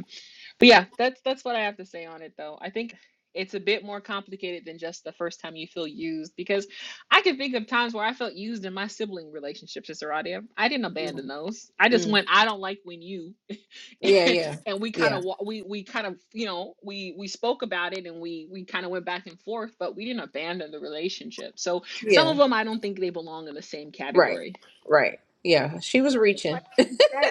[SPEAKER 3] But yeah, that's that's what I have to say on it though. I think it's a bit more complicated than just the first time you feel used because I can think of times where I felt used in my sibling relationships, Sister Audia. I didn't
[SPEAKER 1] Mm.
[SPEAKER 3] abandon those. I just
[SPEAKER 1] Mm.
[SPEAKER 3] went, I don't like when you
[SPEAKER 1] Yeah, yeah,
[SPEAKER 3] and we kind
[SPEAKER 1] yeah,
[SPEAKER 3] of wa- we we kind of, you know, we we spoke about it and we we kind of went back and forth, but we didn't abandon the relationship. So some of
[SPEAKER 1] yeah.
[SPEAKER 3] them I don't think they belong in the same
[SPEAKER 1] Right,
[SPEAKER 3] category.
[SPEAKER 1] right. Yeah, she
[SPEAKER 2] It
[SPEAKER 1] was
[SPEAKER 2] sounds
[SPEAKER 1] reaching.
[SPEAKER 2] like you said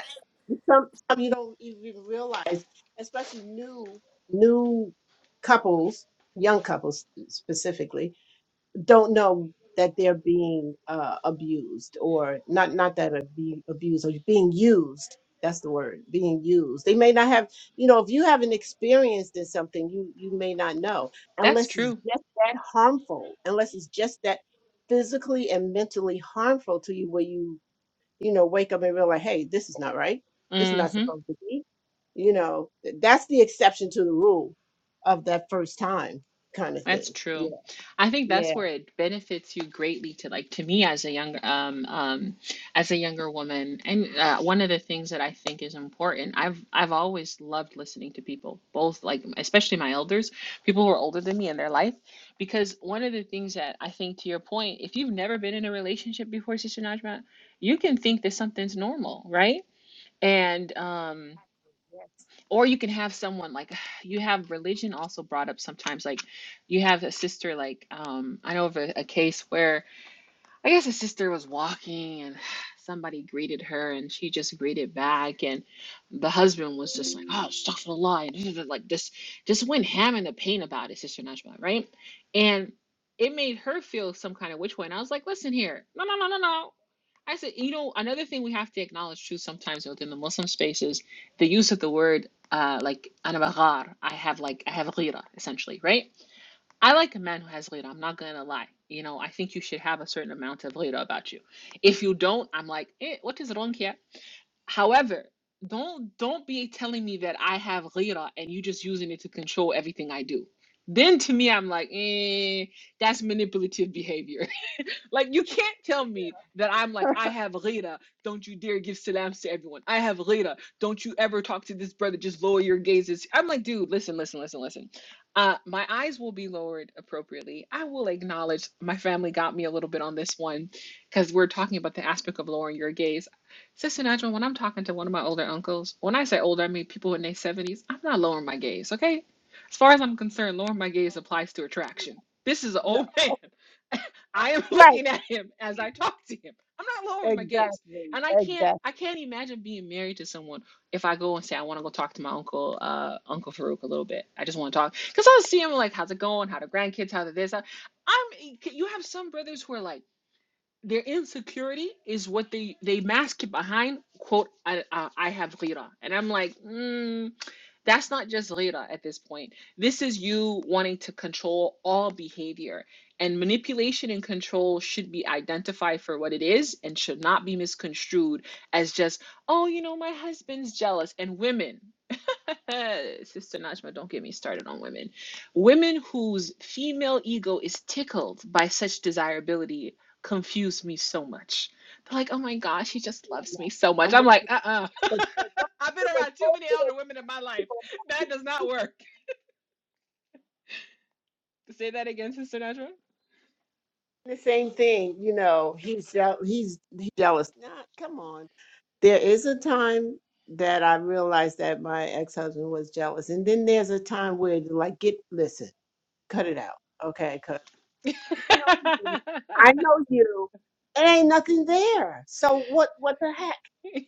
[SPEAKER 2] sometimes you don't even realize, especially new new couples, young couples specifically, don't know that they're being uh, abused or not not that abu- abused or being used. That's the word, being used. They may not have, you know, if you haven't experienced in something, you you may not know
[SPEAKER 3] That's
[SPEAKER 2] unless it's
[SPEAKER 3] true.
[SPEAKER 2] just that harmful, unless it's just that physically and mentally harmful to you where you you know, wake up and realize, hey, this is not right. This is not
[SPEAKER 3] hmm
[SPEAKER 2] supposed to be. You know, th- that's the exception to the rule of that first time kind of
[SPEAKER 3] That's
[SPEAKER 2] thing. Yeah,
[SPEAKER 3] true. I think
[SPEAKER 2] yeah,
[SPEAKER 3] that's where it benefits you greatly to like to me as a younger um um as a younger woman. And uh, one of the things that I think is important, I've I've always loved listening to people, both like especially my elders, people who are older than me in their life, because one of the things that I think to your point, if you've never been in a relationship before, Sister Najma, you can think that something's normal, right? And um
[SPEAKER 2] yes,
[SPEAKER 3] or you can have someone like you have religion also brought up sometimes like you have a sister like um i know of a, a case where I guess his sister was walking and somebody greeted her and she just greeted back and the husband was just like, Oh, astaghfirullah and like just just went ham in the pain about it, Sister Najma, right? And it made her feel some kind of which way. And I was like, listen here, no no no no no. I said, you know, another thing we have to acknowledge too sometimes within the Muslim space is the use of the word uh like anabahar. I have like I have ghira, essentially, right? I like a man who has Leda. I'm not gonna lie. You know, I think you should have a certain amount of Leda about you. If you don't, I'm like, eh, what is wrong here? However, don't don't be telling me that I have Leda and you just using it to control everything I do. Then to me, I'm like, eh, that's manipulative behavior. Like you can't tell me that I'm like I have rida. Don't you dare give salams to everyone. I have rida. Don't you ever talk to this brother. Just lower your gazes. I'm like, dude, listen, listen, listen, listen. Uh, my eyes will be lowered appropriately. I will acknowledge my family got me a little bit on this one because we're talking about the aspect of lowering your gaze. Sister Nigel, when I'm talking to one of my older uncles, when I say older, I mean people in their 70s. I'm not lowering my gaze, okay? As far as I'm concerned, lowering my gaze applies to
[SPEAKER 2] yeah.
[SPEAKER 3] attraction. This is an
[SPEAKER 2] no,
[SPEAKER 3] old man. I am
[SPEAKER 2] right,
[SPEAKER 3] looking at him as I talk to him. I'm not lowering my gaze.
[SPEAKER 2] exactly,
[SPEAKER 3] And I can't I
[SPEAKER 2] exactly.
[SPEAKER 3] can't imagine being married to someone if I go and say I want to go talk to my uncle, uh, Uncle Farouk a little bit. I just want to talk. Because I'll see him like, how's it going? How the grandkids, how the this? How... I'm you have some brothers who are like their insecurity is what they they mask it behind quote I, uh, I have ghira and i'm like mm, that's not just ghira at this point this is you wanting to control all behavior and manipulation and control should be identified for what it is and should not be misconstrued as just oh you know my husband's jealous and women uh, Sister Najma, don't get me started on women. Women whose female ego is tickled by such desirability confuse me so much. They're like, oh my gosh,
[SPEAKER 2] I'm
[SPEAKER 3] he
[SPEAKER 2] with
[SPEAKER 3] just
[SPEAKER 2] you on
[SPEAKER 3] loves me
[SPEAKER 2] that.
[SPEAKER 3] so much.
[SPEAKER 2] I'm
[SPEAKER 3] I'm
[SPEAKER 2] with
[SPEAKER 3] like,
[SPEAKER 2] you.
[SPEAKER 3] uh-uh.
[SPEAKER 2] But hey, don't
[SPEAKER 3] I've been
[SPEAKER 2] you feel like,
[SPEAKER 3] around too
[SPEAKER 2] oh,
[SPEAKER 3] many
[SPEAKER 2] you know,
[SPEAKER 3] elder women in my life.
[SPEAKER 2] people
[SPEAKER 3] That does not work. Say that again, Sister Najma.
[SPEAKER 2] doing The same thing, you know. He's jeal- he's he's jealous. Nah, come on. There is a time that I realized that my ex husband was jealous, and then there's a time where like get listen. cut it out, okay? Cause you know me, I know you. It ain't nothing there. So what? What the heck?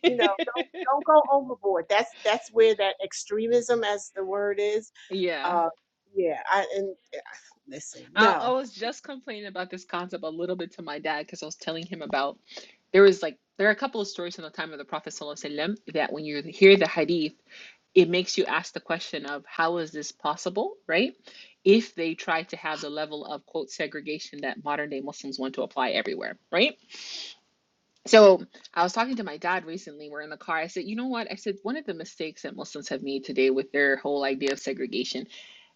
[SPEAKER 2] You know, don't don't go overboard. That's that's where that extremism, as the word is.
[SPEAKER 3] yeah.
[SPEAKER 2] Uh, yeah. I and listen,
[SPEAKER 3] I, I
[SPEAKER 2] no,
[SPEAKER 3] was just complaining about this concept a little bit to my dad because I was telling him about there was like there are a couple of stories in the time of the Prophet Sallallahu Alaihi Wasallam that when you hear the hadith, it makes you ask the question of how is this possible, right? If they try to have the level of quote segregation that modern day Muslims want to apply everywhere, right? So I was talking to my dad recently. We're in the car. I said, you know what? I said one of the mistakes that Muslims have made today with their whole idea of segregation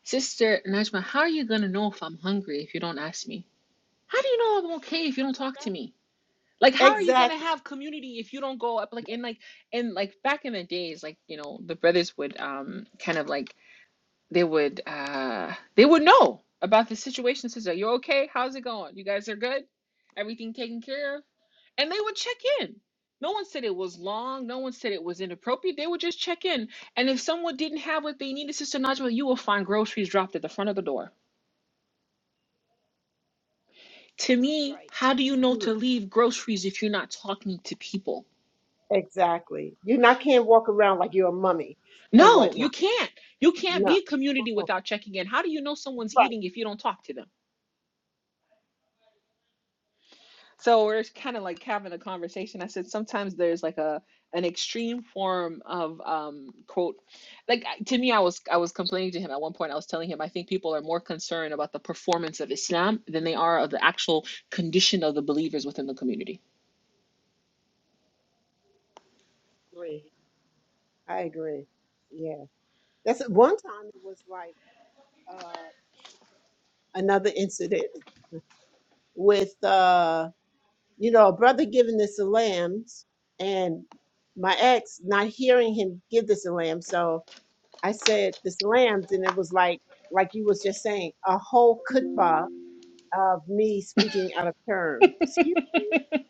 [SPEAKER 3] Sister Najma, how are you going to know if I'm hungry if you don't ask me? how do you know I'm okay if you don't talk to me? Like, how are you gonna
[SPEAKER 2] exactly
[SPEAKER 3] have community if you don't go up? Like, and like, and like back in the days, like you know, the brothers would um kind of like they would uh they would know about the situation. Says, are you okay? How's it going? You guys are good? Everything taken care of? And they would check in. No one said it was long. No one said it was inappropriate. They would just check in. And if someone didn't have what they needed, Sister Najwa, you will find groceries dropped at the front of the door to me,
[SPEAKER 2] right.
[SPEAKER 3] how do you know to
[SPEAKER 2] True.
[SPEAKER 3] leave groceries if you're not talking to people?
[SPEAKER 2] Exactly. You not can't walk around like you're a mummy and
[SPEAKER 3] No, you
[SPEAKER 2] whatnot.
[SPEAKER 3] can't. You can't
[SPEAKER 2] No.
[SPEAKER 3] be a community
[SPEAKER 2] Uh-uh.
[SPEAKER 3] without checking in. How do you know someone's
[SPEAKER 2] Right.
[SPEAKER 3] eating if you don't talk to them? So we're kind of like having a conversation. I said sometimes there's like a an extreme form of um quote like to me I was I was complaining to him at one point I was telling him I think people are more concerned about the performance of Islam than they are of the actual condition of the believers within the community
[SPEAKER 2] Agree. I agree. Yeah. That's one time it was like uh another incident. with uh you know a brother giving this a lambs and my ex not hearing him give this a lamb so i said this lambs and it was like like you was just saying a whole kutba of me speaking out of turn excuse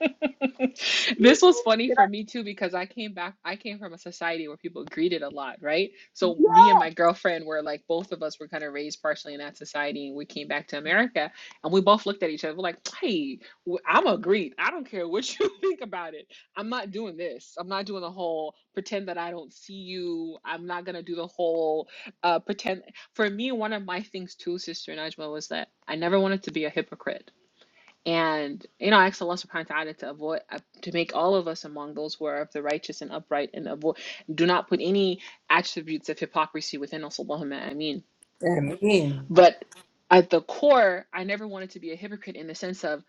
[SPEAKER 2] me
[SPEAKER 3] This was funny
[SPEAKER 2] did
[SPEAKER 3] for
[SPEAKER 2] i
[SPEAKER 3] me too because I came back, I came from a society where people greeted a lot, right? So
[SPEAKER 2] yeah
[SPEAKER 3] me and my girlfriend were like, both of us were kind of raised partially in that society, and we came back to America, and we both looked at each other we're like, "Hey, i I'm a greet. I don't care what you think about it. I'm not doing this. I'm not doing the whole pretend that I don't see you. I'm not gonna do the whole uh, pretend." For me, one of my things too, Sister Najma, was that I never wanted to be a hypocrite. And you know, I ask Allah subhanahu wa ta'ala to avoid uh, to make all of us among those who are of the righteous and upright and avoid do not put any attributes of hypocrisy within us, Allahumma ameen.
[SPEAKER 1] I mean,
[SPEAKER 3] But at the core, I never wanted to be a hypocrite in the sense of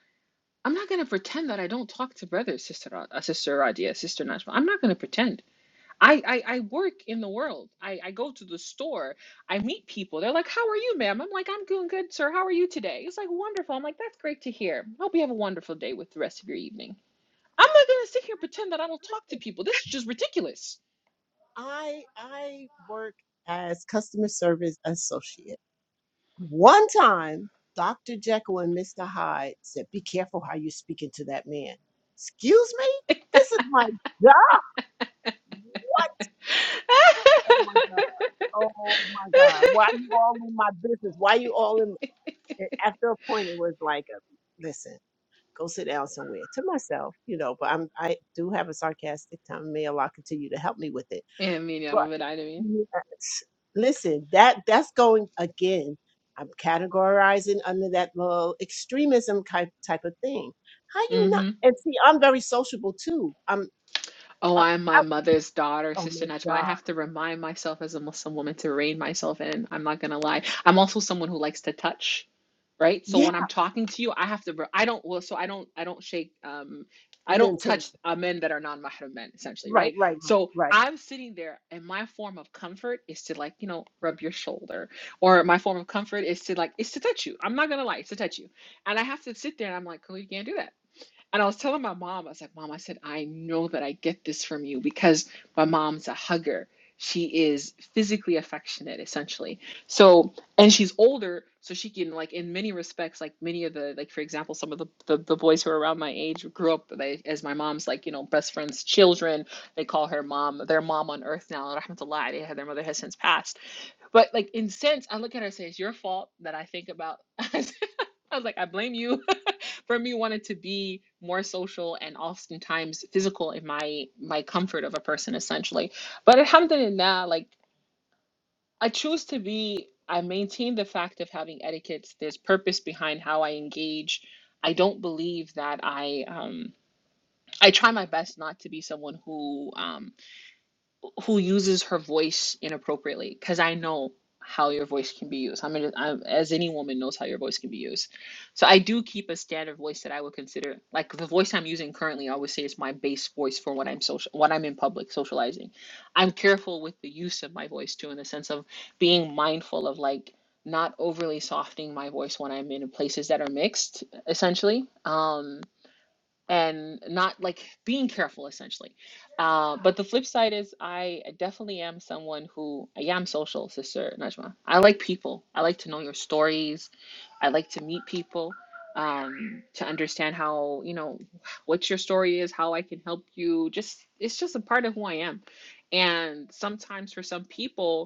[SPEAKER 3] I'm not going to pretend that I don't talk to brothers, sister, Ra- uh, sister Radia, sister Najma. I'm not going to pretend. I, I I work in the world. I, I go to the store. I meet people. They're like, "How are you, ma'am?" I'm like, "I'm doing good, sir. How are you today?" It's like wonderful. I'm like, "That's great to hear. Hope you have a wonderful day with the rest of your evening." I'm not gonna sit here and pretend that I don't talk to people. This is just ridiculous.
[SPEAKER 2] i i work as customer service associate One time, Dr. Jekyll and Mr. Hyde said, Be careful how you're speaking to that man. Excuse me? This is my job? What? Oh my God. Oh my God. Why you all in my business? Why you all in? and After a point, it was like, a, Listen, go sit down somewhere to myself, you know, but I'm, I do have a sarcastic tongue. May Allah continue to help me with it.
[SPEAKER 3] Emin yarabbel alemin.
[SPEAKER 2] Yes. Listen, that that's going again. I'm categorizing under that little extremism type type of thing. How you not?
[SPEAKER 3] Mhm.
[SPEAKER 2] And see, I'm very sociable too. I'm.
[SPEAKER 3] Oh,
[SPEAKER 2] Uh,
[SPEAKER 3] I'm my
[SPEAKER 2] I,
[SPEAKER 3] mother's daughter,
[SPEAKER 2] oh
[SPEAKER 3] Sister
[SPEAKER 2] my
[SPEAKER 3] Najma. I
[SPEAKER 2] God.
[SPEAKER 3] have to remind myself as a Muslim woman to rein myself in. I'm not gonna lie. I'm also someone who likes to touch, right? So
[SPEAKER 2] Yeah.
[SPEAKER 3] when I'm talking to you, I have to. I don't. Well, so I don't. I don't shake. Um, I don't
[SPEAKER 2] Maintain.
[SPEAKER 3] touch uh, men that are non-mahram men, essentially, right?
[SPEAKER 2] Right. Right. Right.
[SPEAKER 3] So
[SPEAKER 2] Right. Right.
[SPEAKER 3] I'm sitting there, and my form of comfort is to like, you know, rub your shoulder, or my form of comfort is to like, is to touch you. I'm not gonna lie, it's to touch you, and I have to sit there, and I'm like, oh, you can't do that. And I was telling my mom, I was like, Mom, I said, I know that I get this from you because my mom's a hugger. She is physically affectionate, essentially. So, and she's older, so she can, like, in many respects, like many of the, like, for example, some of the, the, the boys who are around my age grew up they, as my mom's, like, you know, best friend's children. They call her mom, their mom on earth now. And I have to lie, they, their mother has since passed. But, like, in sense, I look at her and say, It's your fault that I think about. I was like, I blame you. for me wanted to be more social and oftentimes physical in my my comfort of a person essentially but alhamdulillah like i choose to be i maintain the fact of having etiquettes there's purpose behind how i engage i don't believe that i um i try my best not to be someone who um who uses her voice inappropriately because I know how your voice can be used. I mean, I'm, as any woman knows how your voice can be used. So I do keep a standard voice that I would consider like the voice I'm using currently. I always say is my base voice for when I'm social, when I'm in public socializing. I'm careful with the use of my voice too, in the sense of being mindful of like not overly softening my voice when I'm in places that are mixed, essentially. Um, and not like being careful essentially. Uh, but the flip side is I definitely am someone who I am social, sister Najma. I like people. I like to know your stories. I like to meet people um to understand how you know what your story is how i can help you just it's just a part of who i am and sometimes for some people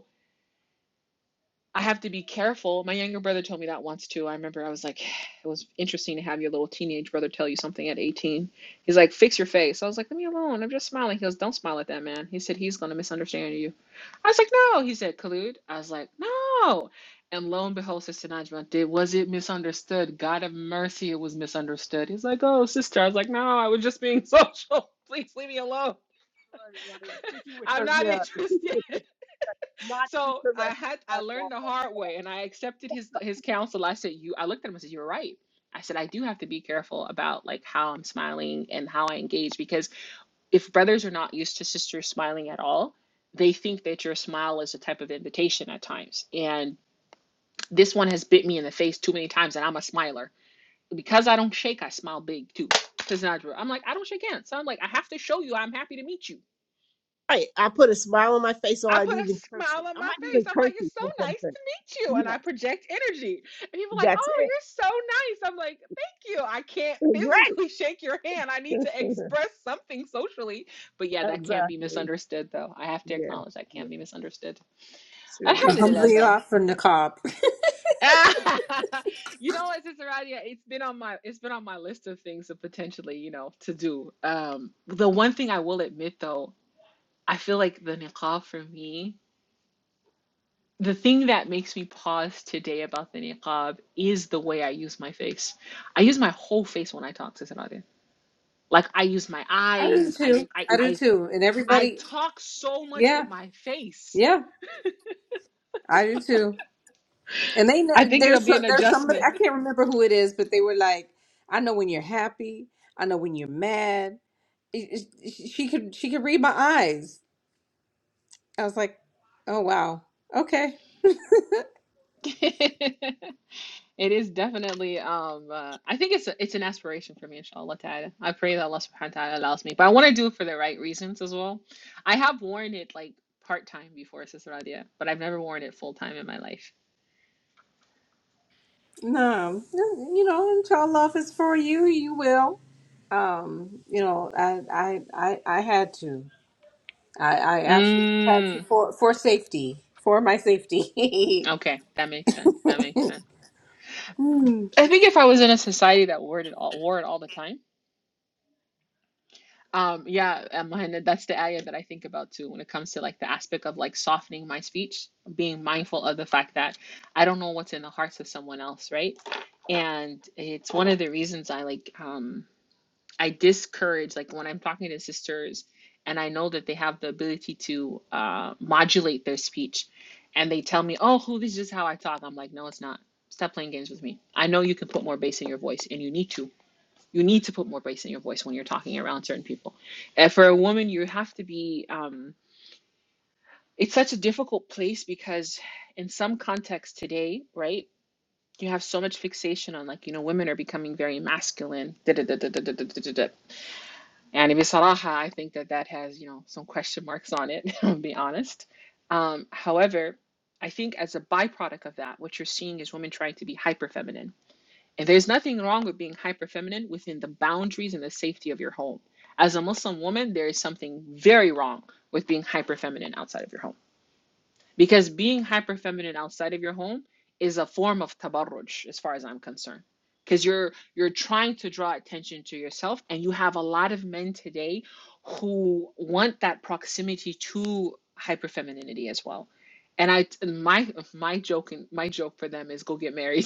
[SPEAKER 3] I have to be careful. My younger brother told me that once too. I remember I was like, it was interesting to have your little teenage brother tell you something at 18. He's like, fix your face. I was like, leave me alone. I'm just smiling. He goes, don't smile at that man. He said, he's going to misunderstand you. I was like, no. He said, collude. I was like, no. And lo and behold, Sister Najma did. Was it misunderstood? God have mercy, it was misunderstood. He's like, oh, sister. I was like, no, I was just being social. Please leave me alone.
[SPEAKER 2] Right. Speaking with
[SPEAKER 3] I'm
[SPEAKER 2] her.
[SPEAKER 3] not
[SPEAKER 2] Yeah. Speaking
[SPEAKER 3] interested.
[SPEAKER 2] with it's not
[SPEAKER 3] So
[SPEAKER 2] interesting
[SPEAKER 3] I had I
[SPEAKER 2] at all.
[SPEAKER 3] learned the hard way and I accepted his his counsel. I said, you I looked at him and said, You're right. I said, I do have to be careful about like how I'm smiling and how I engage because if brothers are not used to sisters smiling at all, they think that your smile is a type of invitation at times. And this one has bit me in the face too many times and I'm a smiler. Because I don't shake, I smile big too. Says Nadra. I'm like, I don't shake hands. So I'm like, I have to show you I'm happy to meet you
[SPEAKER 2] Right. I put a smile on my face, or
[SPEAKER 3] I
[SPEAKER 2] I'd
[SPEAKER 3] put a
[SPEAKER 2] even curse it.
[SPEAKER 3] smile on
[SPEAKER 2] I
[SPEAKER 3] my
[SPEAKER 2] might
[SPEAKER 3] face.
[SPEAKER 2] even
[SPEAKER 3] I'm
[SPEAKER 2] curse
[SPEAKER 3] like,
[SPEAKER 2] it
[SPEAKER 3] it's so
[SPEAKER 2] for
[SPEAKER 3] nice
[SPEAKER 2] something.
[SPEAKER 3] to meet you. And
[SPEAKER 2] Yes.
[SPEAKER 3] I project energy. And people are like,
[SPEAKER 2] That's
[SPEAKER 3] oh,
[SPEAKER 2] it.
[SPEAKER 3] you're so nice. I'm like, thank you. I can't
[SPEAKER 2] Right.
[SPEAKER 3] physically shake your hand. I need to express something socially. But yeah, that can't be
[SPEAKER 2] exactly.
[SPEAKER 3] misunderstood, though. I have to
[SPEAKER 2] Yeah,
[SPEAKER 3] acknowledge that
[SPEAKER 2] yeah,
[SPEAKER 3] can be misunderstood.
[SPEAKER 2] truly, truly.
[SPEAKER 3] Alhamdulillah, though.
[SPEAKER 1] Alhamdulillah for Niqab.
[SPEAKER 3] you know what, Sister Radia, it's been on my it's been on my list of things to potentially, you know, to do. Um, the one thing I will admit though, I feel like the niqab for me the thing that makes me pause today about the niqab is the way I use my face. I use my whole face when I talk to somebody. Like I use my
[SPEAKER 1] I do
[SPEAKER 3] eyes. I
[SPEAKER 1] too.
[SPEAKER 3] I
[SPEAKER 1] I do
[SPEAKER 3] I,
[SPEAKER 1] too. And
[SPEAKER 3] I
[SPEAKER 1] everybody,
[SPEAKER 3] talk so much with
[SPEAKER 1] yeah,
[SPEAKER 3] my face.
[SPEAKER 1] yeah, I do too. And they know
[SPEAKER 3] I think it'll
[SPEAKER 1] there's so,
[SPEAKER 3] be an
[SPEAKER 1] there's somebody
[SPEAKER 3] adjustment.
[SPEAKER 1] I can't remember who it is, but they were like, I know when you're happy, I know when you're mad. It- it- She could she could read my eyes. I was like, oh wow, okay,
[SPEAKER 3] it is definitely um uh, I think it's a, it's an aspiration for me inshallah ta'ala. I pray that Allah subhanahu wa ta'ala allows me. But I want to do it for the right reasons as well. I have worn it like part time before Sister Radia, but I've never worn it full time in my life.
[SPEAKER 1] no, no, you know, until love is for you, you will. Um, you know, I I I, I had to. I, I absolutely had to
[SPEAKER 3] Mm.
[SPEAKER 1] for for safety, for my safety.
[SPEAKER 3] Okay, that makes sense. That makes sense.
[SPEAKER 1] hmm.
[SPEAKER 3] I think if I was in a society that wore it all, wore it all the time, um, yeah, um, and that's the area that I think about too when it comes to like the aspect of like softening my speech, being mindful of the fact that I don't know what's in the hearts of someone else, right? And it's one of the reasons I like. um I discourage, like when I'm talking to sisters and I know that they have the ability to uh, modulate their speech and they tell me, oh, who, this is how I talk. I'm like, no, it's not. Stop playing games with me. I know you can put more bass in your voice and you need to. You need to put more bass in your voice when you're talking around certain people. And for a woman, you have to be, um, it's such a difficult place because in some contexts today, right? You have so much fixation on like, you know, women are becoming very masculine. Da, da, da, da, da, da, da, da, and Annabi Salaha, I think that that has, you know, some question marks on it, to be honest. Um, however, I think as a byproduct of that, what you're seeing is women trying to be hyper feminine. And there's nothing wrong with being hyper feminine within the boundaries and the safety of your home. As a Muslim woman, there is something very wrong with being hyper feminine outside of your home. Because being hyper feminine outside of your home is a form of tabarruj, as far as I'm concerned. Because you're you're trying to draw attention to yourself, and you have a lot of men today who want that proximity to hyper femininity as well. And I my my joke and my joke for them is go get married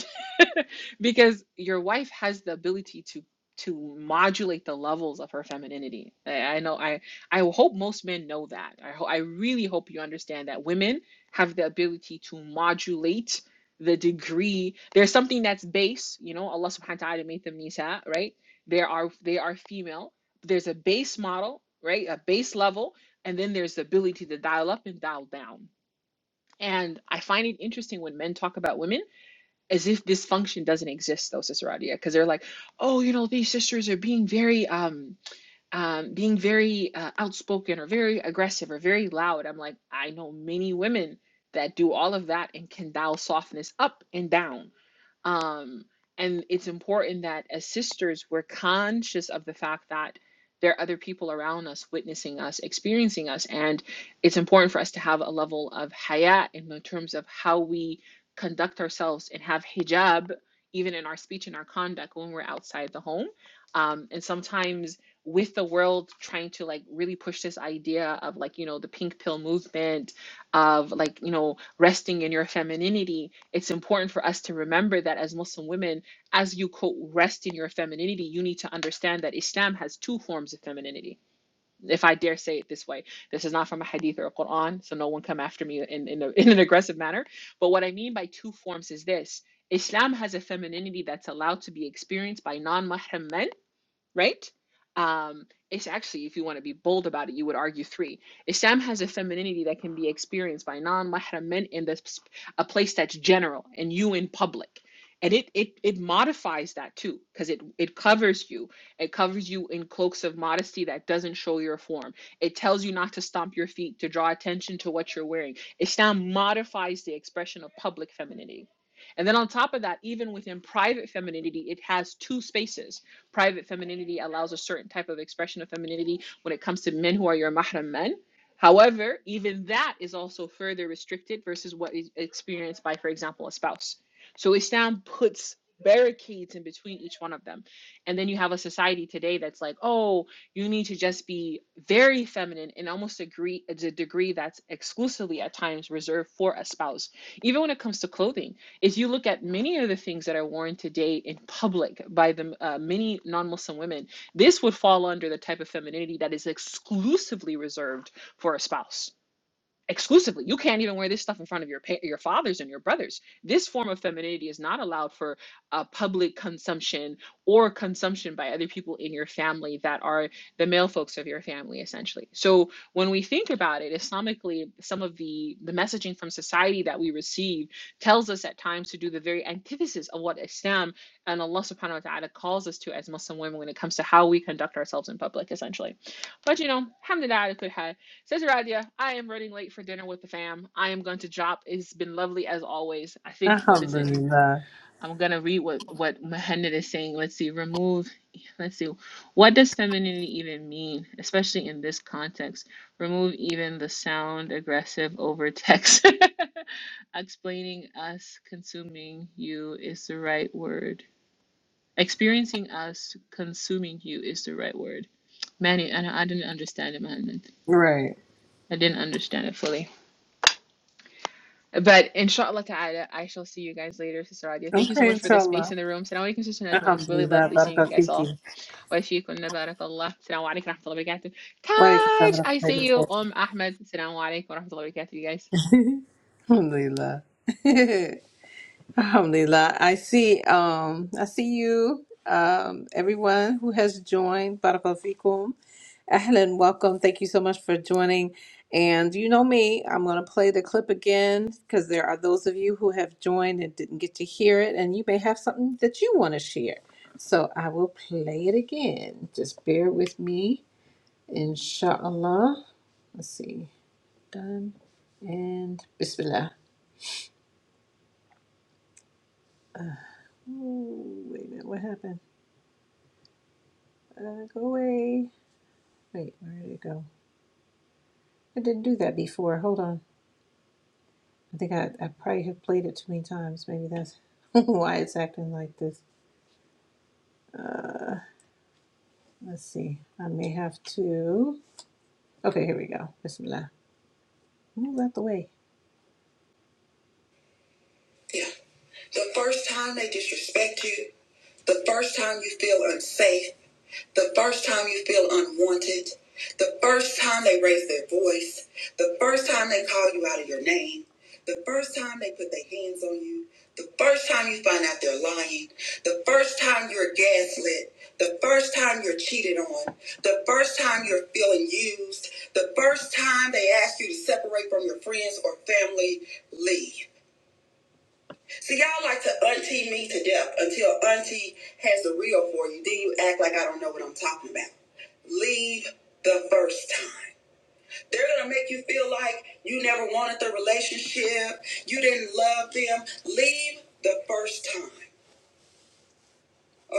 [SPEAKER 3] because your wife has the ability to to modulate the levels of her femininity. I, I know I I hope most men know that. I ho I really hope you understand that women have the ability to modulate the degree. There's something that's base, you know, Allah subhanahu wa ta'ala made them nisa, right? There are they are female. There's a base model, right? A base level, and then there's the ability to dial up and dial down. And I find it interesting when men talk about women as if this function doesn't exist though Cicerania because they're like oh you know these sisters are being very um um being very uh, outspoken or very aggressive or very loud I'm like I know many women that do all of that and can dial softness up and down um, and it's important that as sisters, we're conscious of the fact that there are other people around us witnessing us, experiencing us. And it's important for us to have a level of hayat in terms of how we conduct ourselves and have hijab even in our speech and our conduct when we're outside the home. Um, and sometimes with the world trying to like really push this idea of like, you know, the pink pill movement of like, you know, resting in your femininity, it's important for us to remember that as Muslim women, as you quote, rest in your femininity, you need to understand that Islam has two forms of femininity. If I dare say it this way, this is not from a hadith or a Quran, so no one come after me in, in, a, in an aggressive manner. But what I mean by two forms is this Islam has a femininity that's allowed to be experienced by non mahram men right? Um, it's actually, if you want to be bold about it, you would argue three. Islam has a femininity that can be experienced by non-mahram men in this a place that's general and you in public. And it it it modifies that too, because it it covers you. It covers you in cloaks of modesty that doesn't show your form. It tells you not to stomp your feet, to draw attention to what you're wearing. Islam modifies the expression of public femininity. And then on top of that, even within private femininity, it has two spaces private femininity allows a certain type of expression of femininity when it comes to men who are your mahram men. However, even that is also further restricted versus what is experienced by, for example, a spouse. So Islam puts barricades in between each one of them. And then you have a society today that's like, oh, you need to just be very feminine and almost agree a degree that's exclusively at times reserved for a spouse, even when it comes to clothing is you look at many of the things that are worn today in public by the uh, many non-Muslim women, this would fall under the type of femininity that is exclusively reserved for a spouse exclusively. You can't even wear this stuff in front of your pa- your fathers and your brothers. This form of femininity is not allowed for uh, public consumption or consumption by other people in your family that are the male folks of your family, essentially. So when we think about it, Islamically, some of the the messaging from society that we receive tells us at times to do the very antithesis of what Islam and Allah Subhanahu wa Taala calls us to as Muslim women when it comes to how we conduct ourselves in public, essentially. But you know, alhamdulillah, ala kulli hal, Sister Radia, I am running late for dinner with the fam. I am going to drop. It's been lovely as always. I think what is it?
[SPEAKER 1] Alhamdulillah.
[SPEAKER 3] I'm gonna read what what Mohamed is saying. Let's see. Remove. Let's see. What does femininity even mean, especially in this context? Remove even the sound aggressive over text. Explaining us consuming you is the right word. Experiencing us consuming you is the right word. Manny, I, I didn't understand it, Mohamed.
[SPEAKER 1] Right.
[SPEAKER 3] I didn't understand it fully. But inshallah ta'ala, I shall see you guys later, Sister Radia. Thank you so
[SPEAKER 1] Okay,
[SPEAKER 3] much for the
[SPEAKER 1] inshallah.
[SPEAKER 3] space in the room. Salaam alaikum, Sister Najma. It was really
[SPEAKER 1] Alhamdulillah,
[SPEAKER 3] lovely seeing you
[SPEAKER 1] Barakallahu
[SPEAKER 3] guys all.
[SPEAKER 1] fiki.
[SPEAKER 3] Wa fiikunna barakallah. Salaam alaikum wa rahmatullahi wa barakatuh.
[SPEAKER 1] Wa alaikum salam
[SPEAKER 3] Taj,
[SPEAKER 1] wa
[SPEAKER 3] I
[SPEAKER 1] rahmatullahi
[SPEAKER 3] see
[SPEAKER 1] wa
[SPEAKER 3] you. Um, Ahmed. Salaam alaikum wa rahmatullahi wa barakatuh, you guys.
[SPEAKER 1] barakatuh. Alhamdulillah. Alhamdulillah. I see um I see you, um, everyone who has joined. Barakallahu fikum. Ahlan, welcome. Thank you so much for joining. And you know me, I'm going to play the clip again because there are those of you who have joined and didn't get to hear it, and you may have something that you want to share. So I will play it again. Just bear with me, inshallah. Let's see. Done. And Bismillah. Oh wait a minute. What happened? Uh, go away. Wait, where did it go? I didn't do that before. Hold on. I think I, I probably have played it too many times. Maybe that's why it's acting like this. Let's see. I may have to. Okay, here we go. Bismillah. Move out the way. Yeah. The first time they disrespect you, the first time you feel unsafe. The first time you feel unwanted, the first time they raise their voice, the first time they call you out of your name, the first time they put their hands on you, the first time you find out they're lying, the first time you're gaslit, the first time you're cheated on, the first time you're feeling used, the first time they ask you to separate from your friends or family, leave. See, y'all like to auntie me to death until auntie has the real for you. Then you act like I don't know what I'm talking about. Leave the first time. They're gonna make you feel like you never wanted the relationship, you didn't love them. Leave the first time,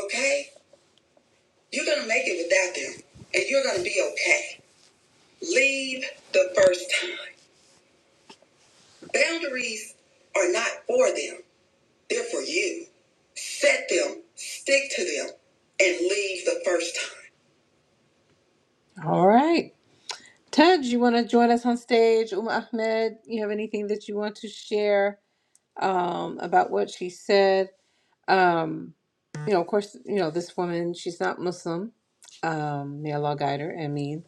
[SPEAKER 1] okay? You're gonna make it without them, and you're gonna be okay. Leave the first time. Boundaries are not for them. They're for you. Set them, stick to them, and leave the first time. All right. Ted, you want to join us on stage? Um Ahmed, you have anything that you want to share um, about what she said? Um, you know, of course, you know, this woman, she's not Muslim. Um, may Allah guide her, I mean.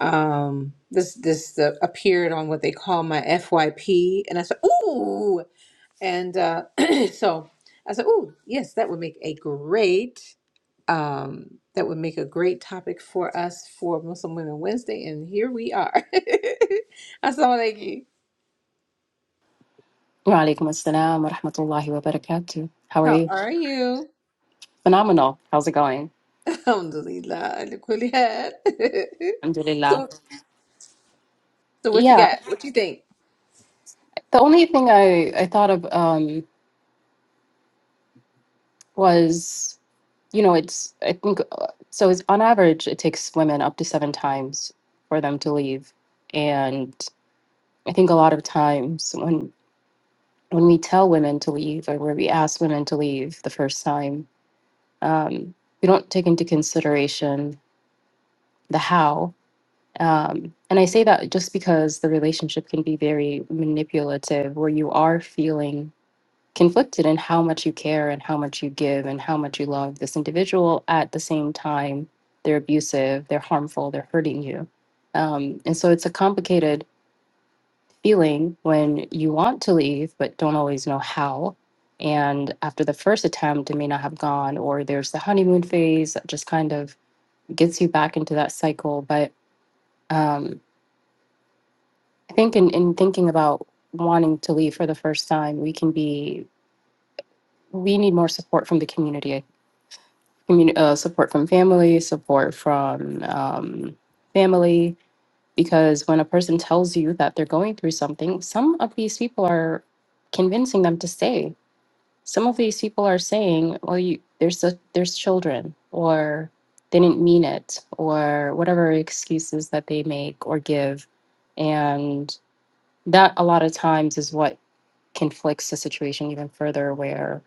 [SPEAKER 1] Um, this this uh, appeared on what they call my FYP, and I said, ooh, and uh, so I said, ooh, yes, that would make a great um, that would make a great topic for us for Muslim Women Wednesday, and here we are. Assalamu alaikum.
[SPEAKER 4] Walaikum assalam wa rahmatullahi wa barakatuh. How are
[SPEAKER 1] How
[SPEAKER 4] you?
[SPEAKER 1] are you?
[SPEAKER 4] Phenomenal. How's it going?
[SPEAKER 1] Alhamdulillah. ala kulli hal.
[SPEAKER 4] Alhamdulillah.
[SPEAKER 1] so, so what you
[SPEAKER 4] Yeah,
[SPEAKER 1] got? What you think?
[SPEAKER 4] the only thing I, I thought of um, was, you know, it's, I think, uh, so it's on average, it takes women up to seven times for them to leave. And I think a lot of times when, when we tell women to leave or where we ask women to leave the first time, um, we don't take into consideration the how Um, and I say that just because the relationship can be very manipulative, where you are feeling conflicted in how much you care and how much you give and how much you love this individual. At the same time, they're abusive, they're harmful, they're hurting you. Um, and so it's a complicated feeling when you want to leave, but don't always know how. And after the first attempt, it may not have gone, or there's the honeymoon phase that just kind of gets you back into that cycle. But um, I think in, in thinking about wanting to leave for the first time, we can be, we need more support from the community, community uh, support from family, support from um, family, because when a person tells you that they're going through something, some of these people are convincing them to stay. Some of these people are saying, well, you, there's, a, there's children, or they didn't mean it, or whatever excuses that they make or give. And that a lot of times is what conflicts the situation even further where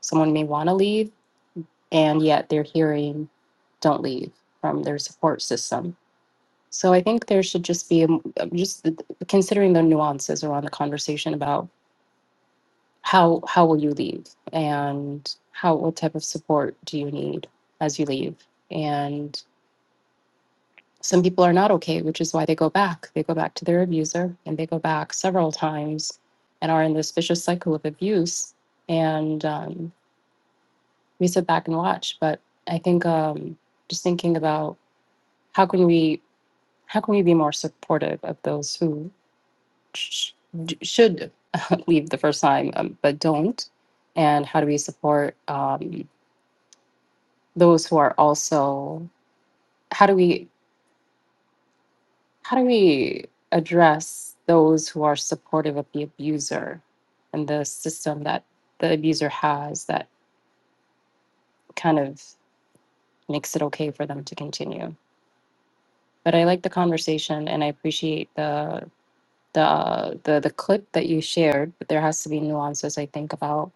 [SPEAKER 4] someone may want to leave and yet they're hearing don't leave from their support system. So I think there should just be um, um, just th- considering the nuances around the conversation about how how will you leave and how what type of support do you need as you leave and some people are not okay which is why they go back they go back to their abuser and they go back several times and are in this vicious cycle of abuse and um, we sit back and watch. But I think um, just thinking about how can we how can we be more supportive of those who sh- sh- should leave the first time um, but don't, and how do we support um, those who are also how do we how do we address those who are supportive of the abuser and the system that the abuser has that kind of makes it okay for them to continue but I like the conversation and I appreciate the the the the clip that you shared. But there has to be nuances, I think, about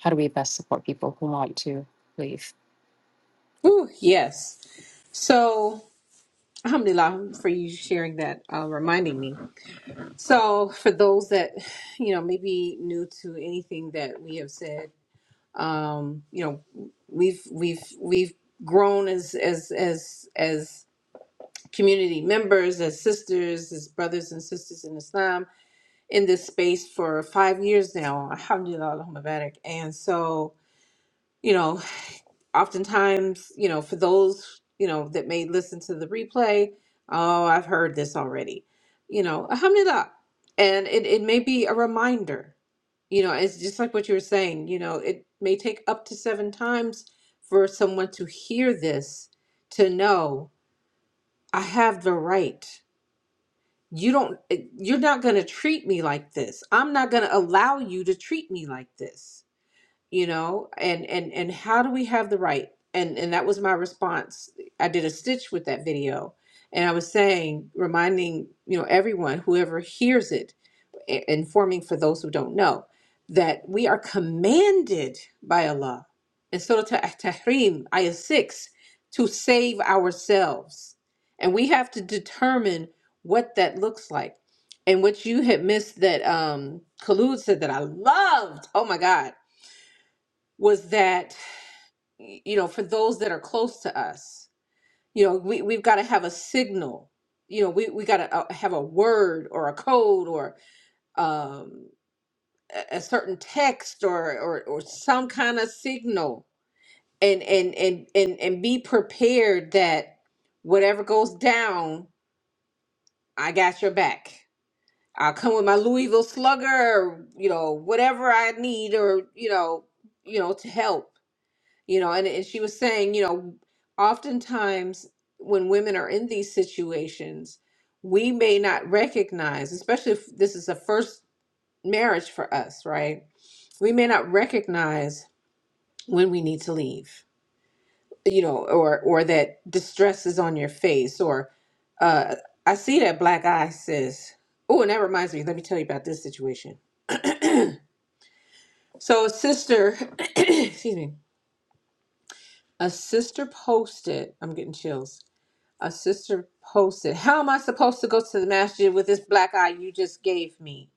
[SPEAKER 4] how do we best support people who want to leave.
[SPEAKER 1] Ooh, yes. So, alhamdulillah for you sharing that, uh, reminding me. So, for those that, you know, maybe new to anything that we have said, um, you know, we've we've we've grown as as as as community members, as sisters, as brothers and sisters in Islam in this space for five years now, alhamdulillah, Allahumma barak. And so, you know, oftentimes, you know, for those, you know, that may listen to the replay, oh, I've heard this already, you know, alhamdulillah. And it, it may be a reminder, you know, it's just like what you were saying, you know, it may take up to seven times for someone to hear this to know I have the right you don't eh, you're not going to treat me like this i'm not going to allow you to treat me like this you know and and and how do we have the right and and that was my response i did a stitch with that video and i was saying reminding you know everyone whoever hears it informing for those who don't know that we are commanded by Allah in Surah Tah- Tahrim, Ayah 6, to save ourselves. And we have to determine what that looks like. And what you had missed that um, Khalud said that I loved, oh my God, was that, you know, for those that are close to us, you know, we, we've got to have a signal. You know, we, we got to have a word or a code or um, a a certain text or, or or some kind of signal and and and and and be prepared that whatever goes down i got your back i'll come with my louisville slugger or you know whatever i need or you know you know to help you know and, and she was saying you know oftentimes when women are in these situations we may not recognize especially if this is a first marriage for us right we may not recognize when we need to leave you know or or that distress is on your face or uh i see that black eye says oh and that reminds me let me tell you about this situation so a sister excuse me a sister posted i'm getting chills a sister posted how am i supposed to go to the masjid with this black eye you just gave me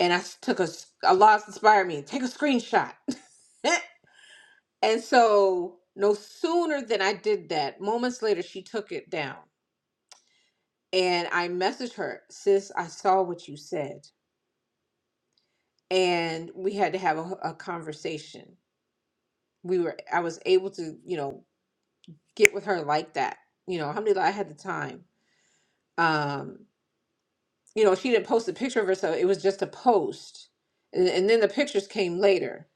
[SPEAKER 1] and i s- took a s- allah inspired me take a screenshot and so no sooner than i did that moments later she took it down And I messaged her, sis, I saw what you said. And we had to have a, a conversation. We were, I was able to, you know, get with her like that. You know, alhamdulillah, I had the time. Um, you know, she didn't post a picture of herself. It was just a post. And, and then the pictures came later.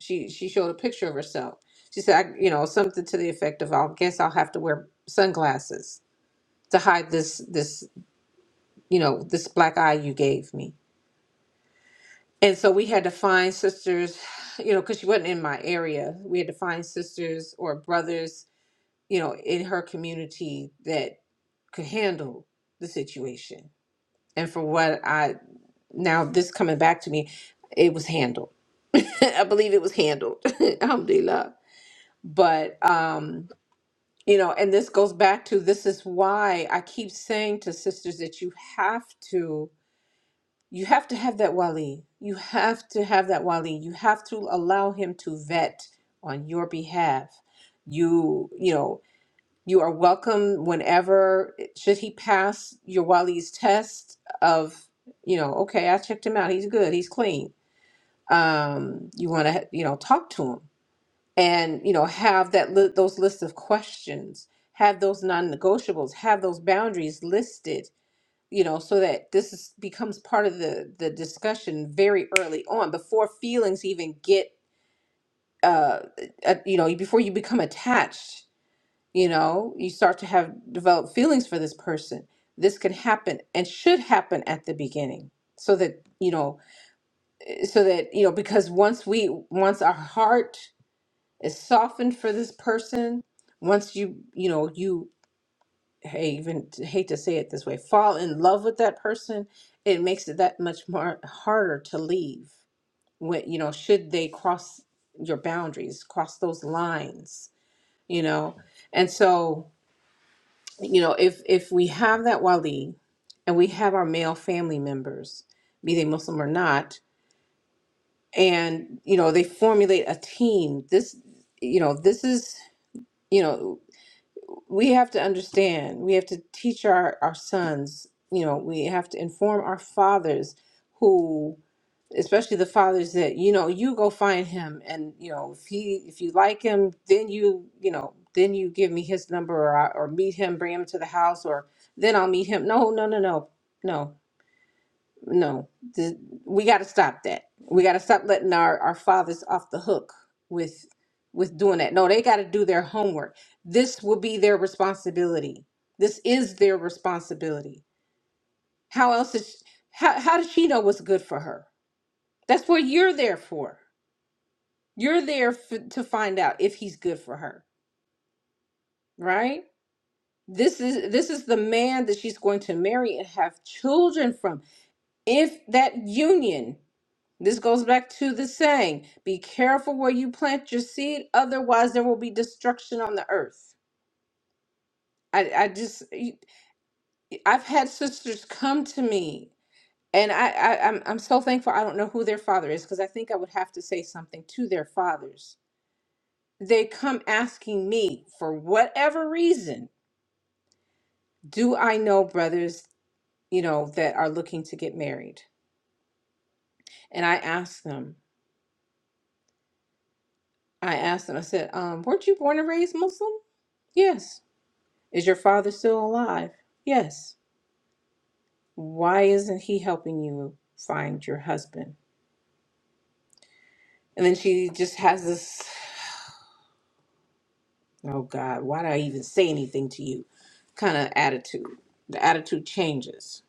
[SPEAKER 1] She, she showed a picture of herself. She said, I, you know, something to the effect of, I'll guess I'll have to wear sunglasses to hide this, this, you know, this black eye you gave me And so we had to find sisters, you know, because she wasn't in my area. We had to find sisters or brothers, you know, in her community that could handle the situation. And for what I now, this coming back to me, it was handled. I believe it was handled. Alhamdulillah. But, um, you know, and this goes back to this is why I keep saying to sisters that you have to You have to have that wali. You have to have that wali. You have to allow him to vet on your behalf. You, you know, you are welcome whenever, should he pass your wali's test of, you know, okay, I checked him out. He's good. He's clean. Um, you want to, you know, talk to him and, you know, have that li- those lists of questions, have those non-negotiables, have those boundaries listed you know, so that this is, becomes part of the the discussion very early on, before feelings even get, uh, uh, you know, before you become attached. You know, you start to have developed feelings for this person. This can happen and should happen at the beginning, so that you know, so that you know, because once we, once our heart is softened for this person, once you, you know, you hey, even hate to say it this way, fall in love with that person, it makes it that much more harder to leave. When you know, should they cross your boundaries, cross those lines, you know? And so, you know, if if we have that wali and we have our male family members, be they Muslim or not, and you know, they formulate a team, this you know, this is you know we have to understand we have to teach our our sons you know we have to inform our fathers who especially the fathers that you know you go find him and you know if he if you like him then you you know then you give me his number or I, or meet him bring him to the house or then I'll meet him no no no no no no th- we got to stop that we got to stop letting our our fathers off the hook with with doing that no they got to do their homework this will be their responsibility this is their responsibility how else is how, how does she know what's good for her that's what you're there for you're there f- to find out if he's good for her right this is this is the man that she's going to marry and have children from if that union This goes back to the saying be careful where you plant your seed, otherwise, there will be destruction on the earth. I, I just, I've had sisters come to me, and I, I I'm, I'm so thankful I don't know who their father is because I think I would have to say something to their fathers. They come asking me for whatever reason do I know brothers, you know, that are looking to get married? And I asked them, I asked them, I said, um, weren't you born and raised Muslim? Yes. Is your father still alive? Yes. Why isn't he helping you find your husband? And then she just has this, oh God, why did I even say anything to you kind of attitude. The attitude changes.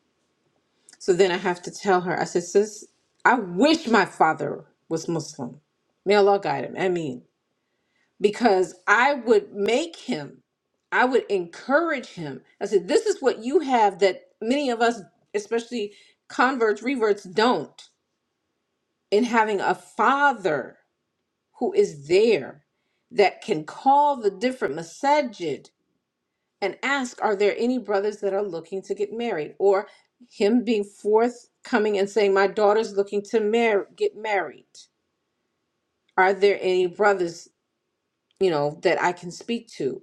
[SPEAKER 1] So then I have to tell her, I said, sis, I wish my father was Muslim. May Allah guide him. I mean, because I would make him, I would encourage him. I said, this is what you have that many of us, especially converts, reverts, don't. and having a father who is there that can call the different masajid and ask, are there any brothers that are looking to get married? Or him being forthcoming and saying, my daughter's looking to mar- get married. Are there any brothers, you know, that I can speak to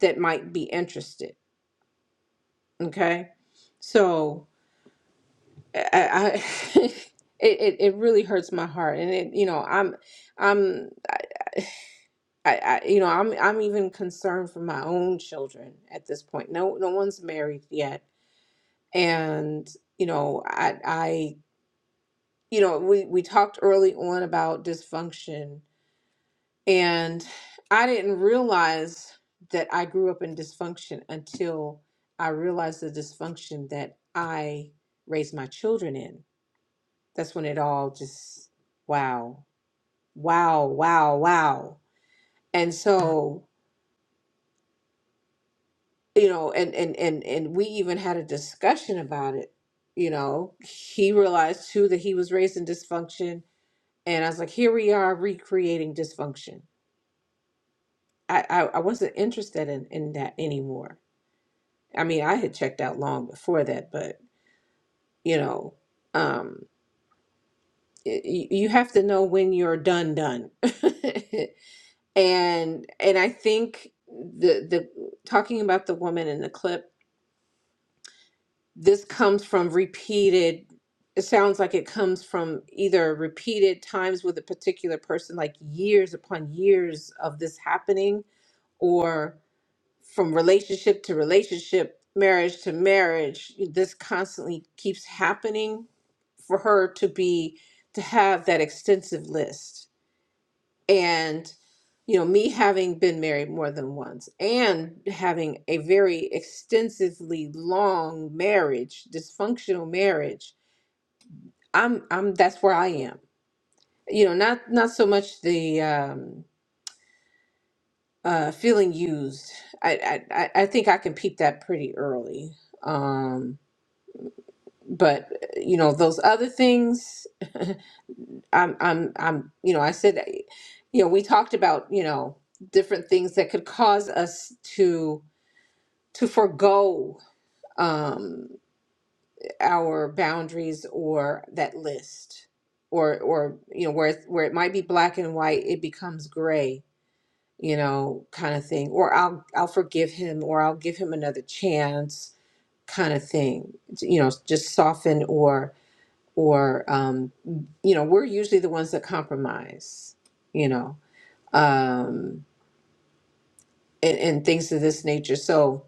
[SPEAKER 1] that might be interested? Okay. So I, I it, it, it really hurts my heart. And it, you know, I'm, I'm I, I you know I'm I'm even concerned for my own children at this point. No no one's married yet. And you know I I you know we we talked early on about dysfunction and I didn't realize that I grew up in dysfunction until I realized the dysfunction that I raised my children in. That's when it all just wow. Wow, wow, wow. And so you know and and and and we even had a discussion about it you know he realized too that he was raised in dysfunction and i was like here we are recreating dysfunction i i, I wasn't interested in in that anymore i mean i had checked out long before that but you know um y- y- you have to know when you're done done and and i think the the talking about the woman in the clip this comes from repeated it sounds like it comes from either repeated times with a particular person like years upon years of this happening or from relationship to relationship marriage to marriage this constantly keeps happening for her to be to have that extensive list and you know me having been married more than once and having a very extensively long marriage dysfunctional marriage i'm i'm that's where i am you know not not so much the um uh feeling used i i i I think i can peep that pretty early um but you know those other things i'm i'm i'm you know i said you know we talked about you know different things that could cause us to to forego um, our boundaries or that list or or you know where it's, where it might be black and white it becomes gray you know kind of thing or I'll I'll forgive him or I'll give him another chance kind of thing you know just soften or or um, you know we're usually the ones that compromise you know um, and, and things of this nature so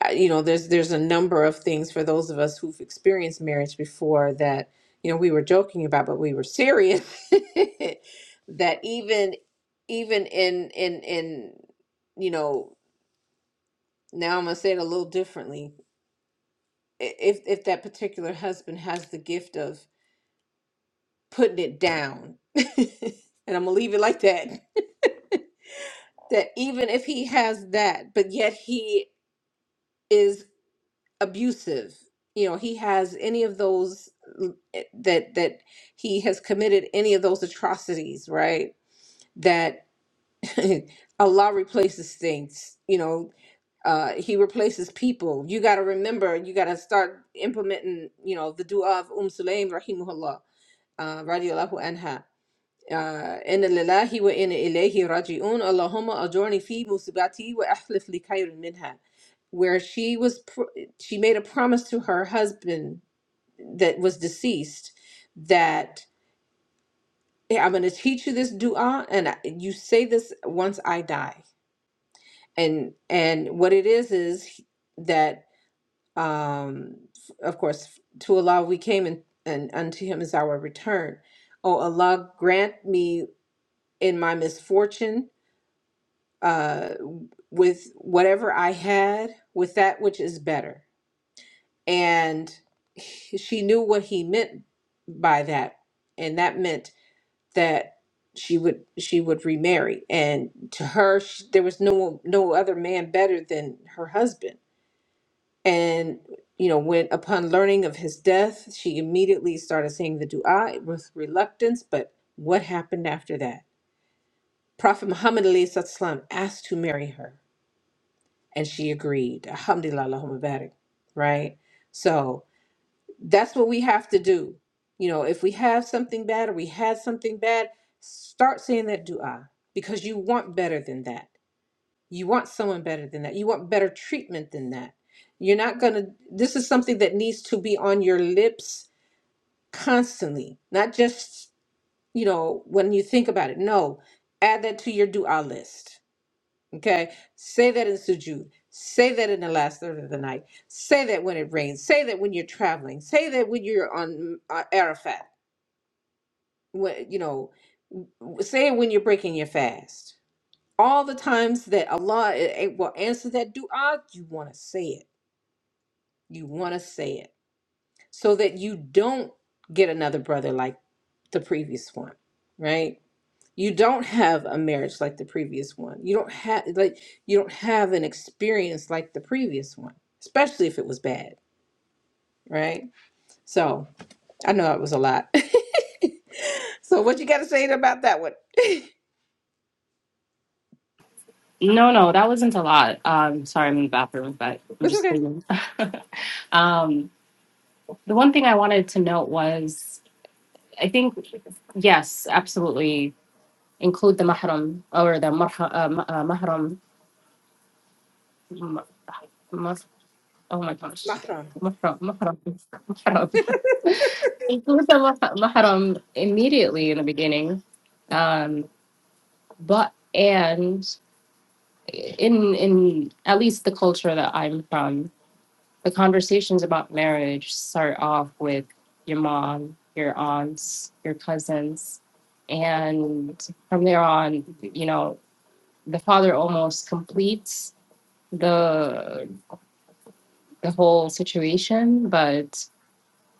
[SPEAKER 1] I- you know there's there's a number of things for those of us who've experienced marriage before that you know we were joking about but we were serious that even even in in in you know now I'm gonna say it a little differently i- if if that particular husband has the gift of putting it down and I'm gonna leave it like that that even if he has that but yet he is abusive you know he has any of those mm, eh, that that he has committed any of those atrocities right that allah replaces things you know uh he replaces people you got to remember you got to start implementing you know the dua of Umm sulaim rahimahullah uh radiallahu anha uh inna lillahi wa inna ilayhi raji'un allahumma ajurni fi musibati wa ahlif li khayrin minha where she was pr- she made a promise to her husband that was deceased that "Hey, I'm going to teach you this dua and I- you say this once I die. And and what it is is that um of course to Allah we came and, and unto him is our return. Oh Allah grant me in my misfortune uh with whatever I had with that which is better. And she knew what he meant by that and that meant that she would she would remarry and to her sh there was no no other man better than her husband and you know when upon learning of his death she immediately started saying the dua with reluctance but what happened after that prophet muhammad alayhi salatu wasalam, asked to marry her and she agreed alhamdulillah Allahumma barik right so that's what we have to do. You know, if we have something bad or we had something bad, start saying that dua because you want better than that. You want someone better than that. You want better treatment than that. You're not going to, this is something that needs to be on your lips constantly, not just, you know, when you think about it. No, add that to your dua list Okay. Say that in sujud. Say that in the last third of the night. Say that when it rains. Say that when you're traveling. Say that when you're on uh, Arafat. When, you know, say it when you're breaking your fast. All the times that Allah eh, eh, will answer that dua, you want to say it. You want to say it so that you don't get another brother like the previous one, right? you don't have a marriage like the previous one you don't have like you don't have an experience like the previous one especially if it was bad right so i know it was a lot so what you got to say about that one
[SPEAKER 4] No, no, that wasn't a lot. Um, sorry, I'm in the bathroom, but I'm
[SPEAKER 1] it's
[SPEAKER 4] just
[SPEAKER 1] okay
[SPEAKER 4] cleaning. um, the one thing I wanted to note was, I think, yes, absolutely include the mahram or the marha, uh, ma- uh, mahram. ma- ma- Oh my gosh,
[SPEAKER 1] Not on.
[SPEAKER 4] mahram, mahram, mahram. include the mah- mahram immediately in the beginning, um, but and in in at least the culture that I'm from, the conversations about marriage start off with your mom, your aunts, your cousins, and from there on, you know, the father almost completes the the whole situation, but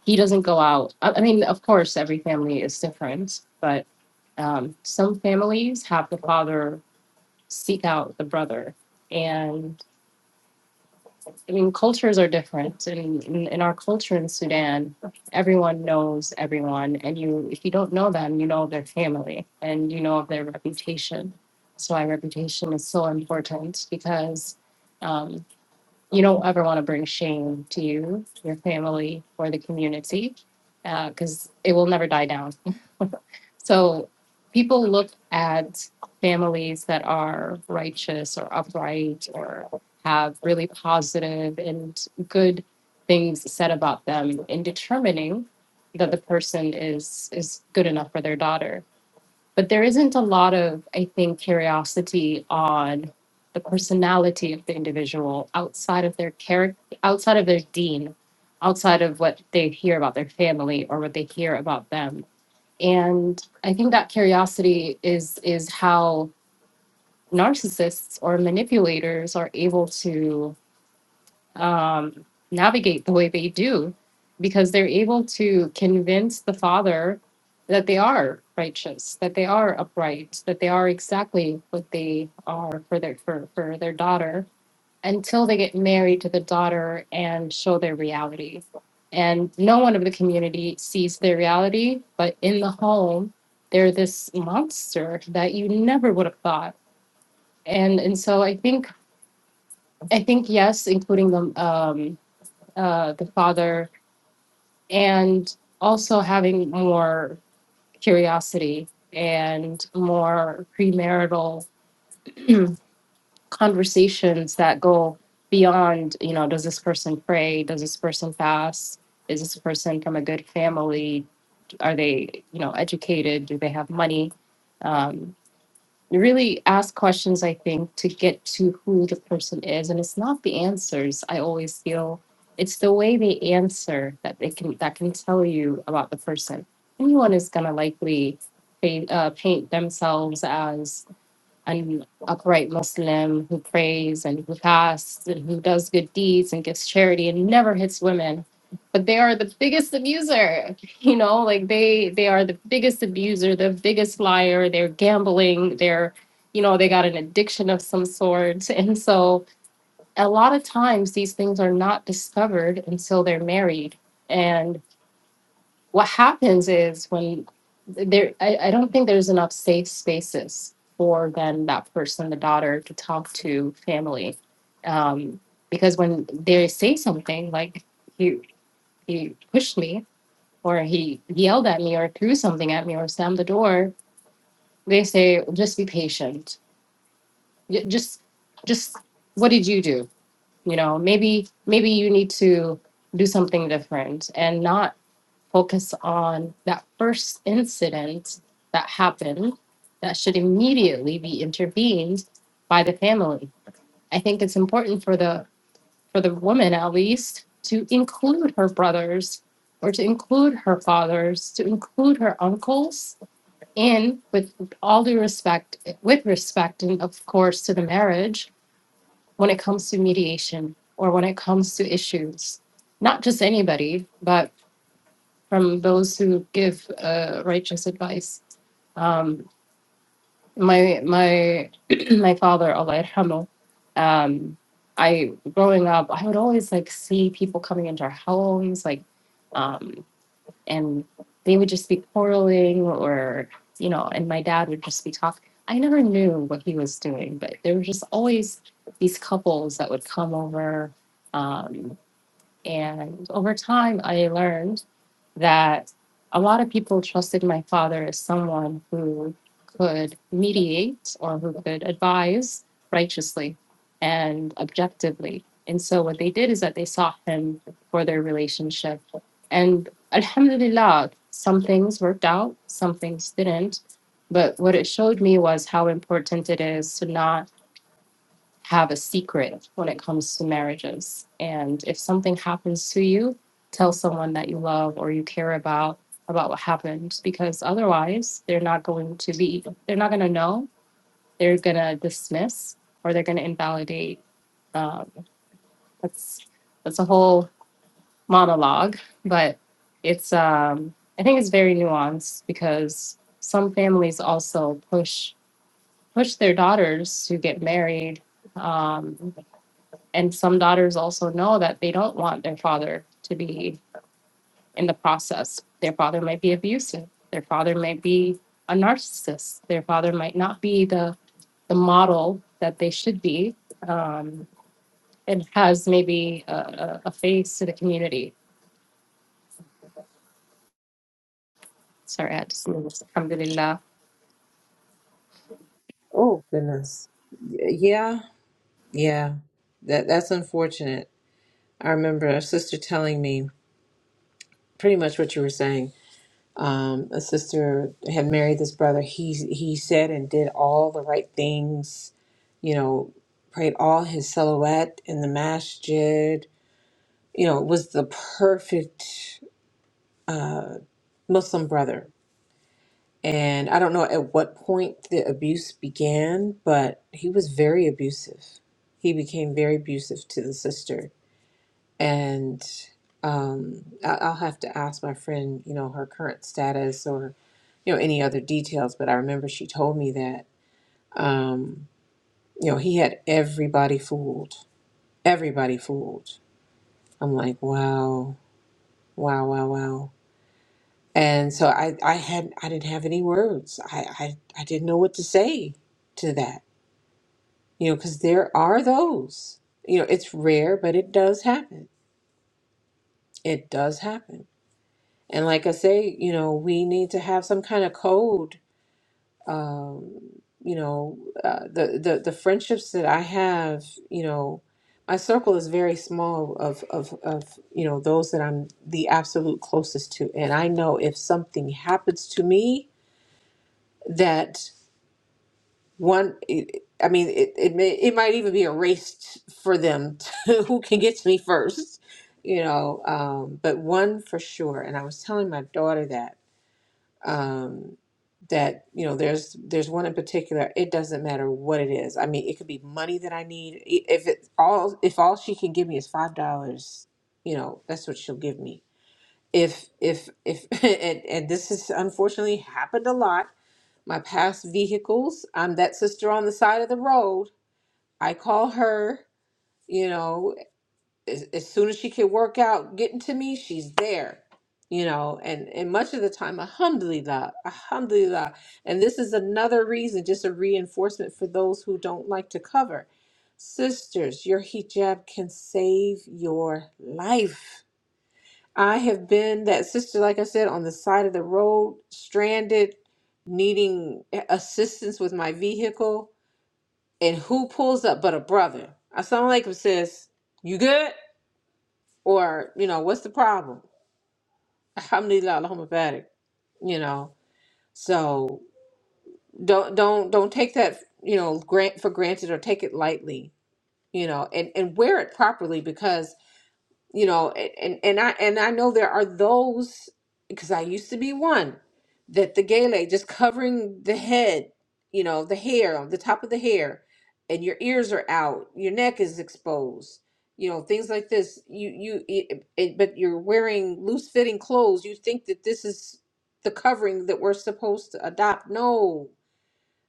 [SPEAKER 4] he doesn't go out. I, I mean, of course, every family is different, but um, some families have the father seek out the brother. And I mean, cultures are different. And in, in our culture in Sudan, everyone knows everyone. And you, if you don't know them, you know their family and you know of their reputation. That's why reputation is so important because um, you don't ever want to bring shame to you, your family, or the community, because it will never die down. So people look at families that are righteous or upright or have really positive and good things said about them in determining that the person is is good enough for their daughter but there isn't a lot of i think curiosity on the personality of the individual outside of their character outside of their dean outside of what they hear about their family or what they hear about them and i think that curiosity is is how narcissists or manipulators are able to um, navigate the way they do because they're able to convince the father that they are righteous that they are upright that they are exactly what they are for their for, for their daughter until they get married to the daughter and show their reality and no one of the community sees their reality but in the home they're this monster that you never would have thought and and so i think i think yes including them uh, the Father, and also having more curiosity and more premarital conversations that go beyond, you know, does this person pray? Does this person fast? Is this person from a good family? Are they, you know, educated? Do they have money? Um, really ask questions, I think, to get to who the person is. And it's not the answers. I always feel it's the way they answer that they can that can tell you about the person. Anyone is gonna likely paint, uh, paint themselves as an upright Muslim who prays and who fasts and who does good deeds and gives charity and never hits women. But they are the biggest abuser, you know, like they they are the biggest abuser, the biggest liar. They're gambling. They're, you know, they got an addiction of some sort. And so a lot of times these things are not discovered until they're married what happens is when there I, I don't think there's enough safe spaces for then that person the daughter to talk to family um, because when they say something like he he pushed me or he yelled at me or threw something at me or slammed the door they say just be patient Y- just just what did you do you know maybe maybe you need to do something different and not focus on that first incident that happened that should immediately be intervened by the family. I think it's important for the for the woman at least to include her brothers or to include her fathers, to include her uncles in with all due respect with respect and of course to the marriage when it comes to mediation or when it comes to issues. Not just anybody, but from those who give uh, righteous advice. Um, my my my father, Allah yarhamu, um, I growing up, I would always like see people coming into our homes, like, um, and they would just be quarreling, or you know, and my dad would just be talking. I never knew what he was doing, but there were just always these couples that would come over. Um, and over time, I learned that a lot of people trusted my father as someone who could mediate or who could advise righteously and objectively. And so what they did is that they sought him for their relationship. And alhamdulillah, some things worked out, some things didn't. But what it showed me was how important it is to not have a secret when it comes to marriages. And if something happens to you, tell someone that you love or you care about about what happened because otherwise they're not going to be they're not going to know they're going to dismiss or they're going to invalidate um, that's that's a whole monologue but it's um, i think it's very nuanced because some families also push push their daughters to get married um, and some daughters also know that they don't want their father to be in the process. Their father might be abusive. Their father might be a narcissist. Their father might not be the the model that they should be, um, and has maybe a, a, a face to the community. Sorry, I just moved. Alhamdulillah.
[SPEAKER 1] oh goodness Y- yeah yeah that that's unfortunate i remember a sister telling me pretty much what you were saying um, a sister had married this brother. He he said and did all the right things you know, prayed all his silhouette in the masjid, you know, was the perfect uh, Muslim brother. And I don't know at what point the abuse began, but he was very abusive. He became very abusive to the sister. And um, I- I'll have to ask my friend, you know, her current status or, you know, any other details. But I remember she told me that, um, you know, he had everybody fooled, everybody fooled I'm like, wow, wow, wow, wow. And so I, I had, I didn't have any words. I, I, I didn't know what to say to that, you know, because there are those, you know, it's rare, but it does happen. It does happen. And like I say, you know, we need to have some kind of code um, you know, uh, the, the the friendships that I have, you know, my circle is very small of of of you know those that I'm the absolute closest to, and I know if something happens to me, that one, it, I mean, it it, may, it might even be a race for them to who can get to me first, you know. Um, but one for sure, and I was telling my daughter that um, that you know there's there's one in particular it doesn't matter what it is i mean it could be money that i need I- if it's all if all she can give me is five dollars you know that's what she'll give me if if if and, and this has unfortunately happened a lot my past vehicles i'm that sister on the side of the road i call her you know as, as soon as she can work out getting to me, she's there. You know, and and much of the time, alhamdulillah, alhamdulillah. And this is another reason, just a reinforcement for those who don't like to cover. Sisters, your hijab can save your life. I have been that sister, like I said, on the side of the road, stranded, needing assistance with my vehicle. And who pulls up but a brother? I sound like him, sis. You good? Or, you know, what's the problem? Alhamdulillah, Allahumma barik. You know, so don't don't don't take that, you know, grant for granted or take it lightly, you know, and, and wear it properly because you know a- and and i and i know there are those because i used to be one that the gele just covering the head you know the hair on the top of the hair and your ears are out your neck is exposed you know things like this you you it, it, but you're wearing loose fitting clothes you think that this is the covering that we're supposed to adopt no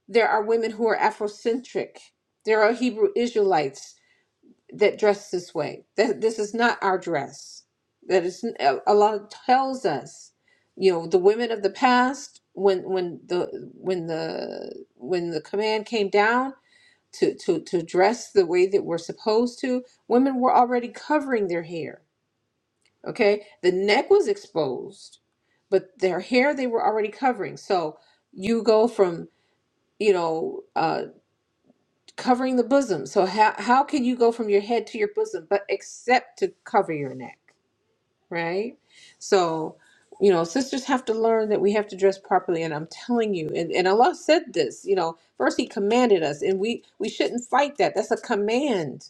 [SPEAKER 1] there are women who are afrocentric there are hebrew israelites that dress this way. That this is not our dress. That is a a lot tells us, you know, the women of the past when when the when the when the command came down to to to dress the way that we're supposed to, women were already covering their hair. Okay, the neck was exposed, but their hair they were already covering. So you go from you know. uh, covering the bosom. So how how can you go from your head to your bosom but except to cover your neck, right? So, you know, sisters have to learn that we have to dress properly and I'm telling you and, and Allah said this, you know, first he commanded us and we we shouldn't fight that. That's a command,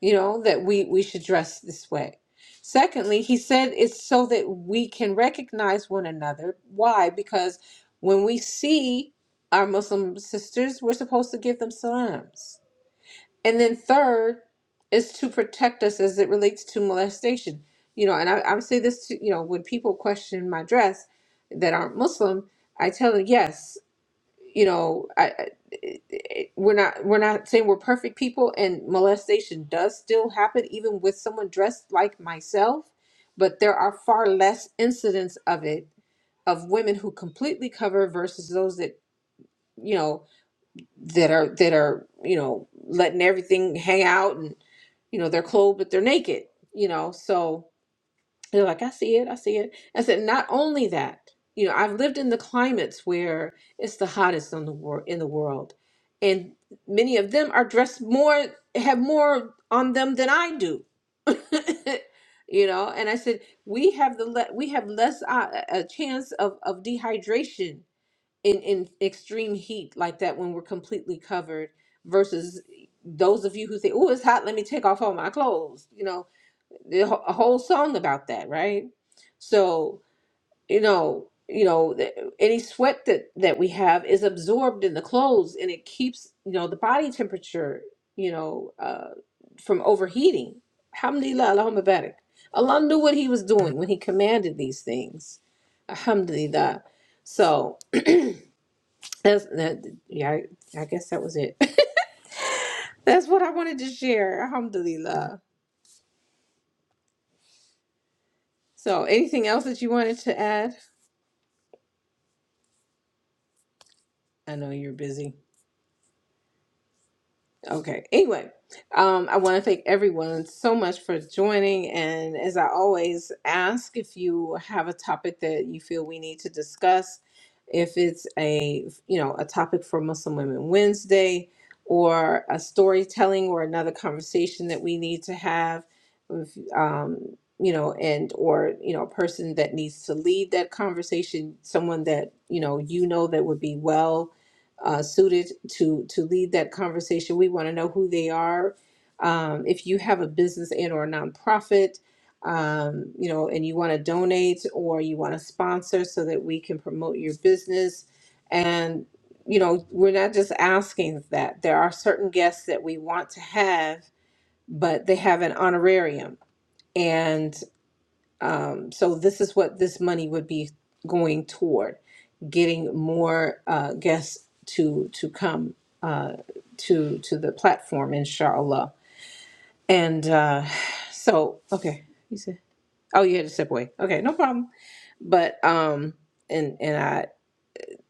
[SPEAKER 1] you know, that we we should dress this way. Secondly, he said it's so that we can recognize one another. Why? Because when we see our Muslim sisters, we're supposed to give them salams and then third is to protect us as it relates to molestation. You know, and I, I would say this to, you know, when people question my dress that aren't Muslim, I tell them, yes, you know, I, I- it- it- we're not we're not saying we're perfect people, and molestation does still happen even with someone dressed like myself, but there are far less incidents of it of women who completely cover versus those that you know that are that are you know letting everything hang out and you know they're clothed but they're naked you know so they're like i see it i see it i said not only that you know i've lived in the climates where it's the hottest in the world in the world and many of them are dressed more have more on them than i do you know and i said we have the le- we have less uh, a a chance of of dehydration in in extreme heat like that when we're completely covered versus those of you who say oh it's hot let me take off all my clothes you know the wh- a whole song about that right so you know you know th- any sweat that that we have is absorbed in the clothes and it keeps you know the body temperature you know uh from overheating alhamdulillah allahumma barik allah knew what he was doing when he commanded these things alhamdulillah so that's that, yeah, I, I guess that was it. That's what I wanted to share. Alhamdulillah. So, anything else that you wanted to add? I know you're busy. Okay. Anyway, um, I want to thank everyone so much for joining. And as I always ask, if you have a topic that you feel we need to discuss, if it's a you know a topic for Muslim Women Wednesday, or a storytelling, or another conversation that we need to have, if, um, you know, and or you know, a person that needs to lead that conversation, someone that you know you know that would be well uh, suited to to lead that conversation. We want to know who they are. Um, if you have a business and or a nonprofit, um, you know, and you want to donate or you want to sponsor so that we can promote your business. And you know, we're not just asking that. There are certain guests that we want to have, but they have an honorarium. and. Um, so this is what this money would be going toward, getting more uh, guests to to come uh, to to the platform, inshallah. And uh, so, okay, you said, oh, you had to step away. Okay, no problem. But um, and and I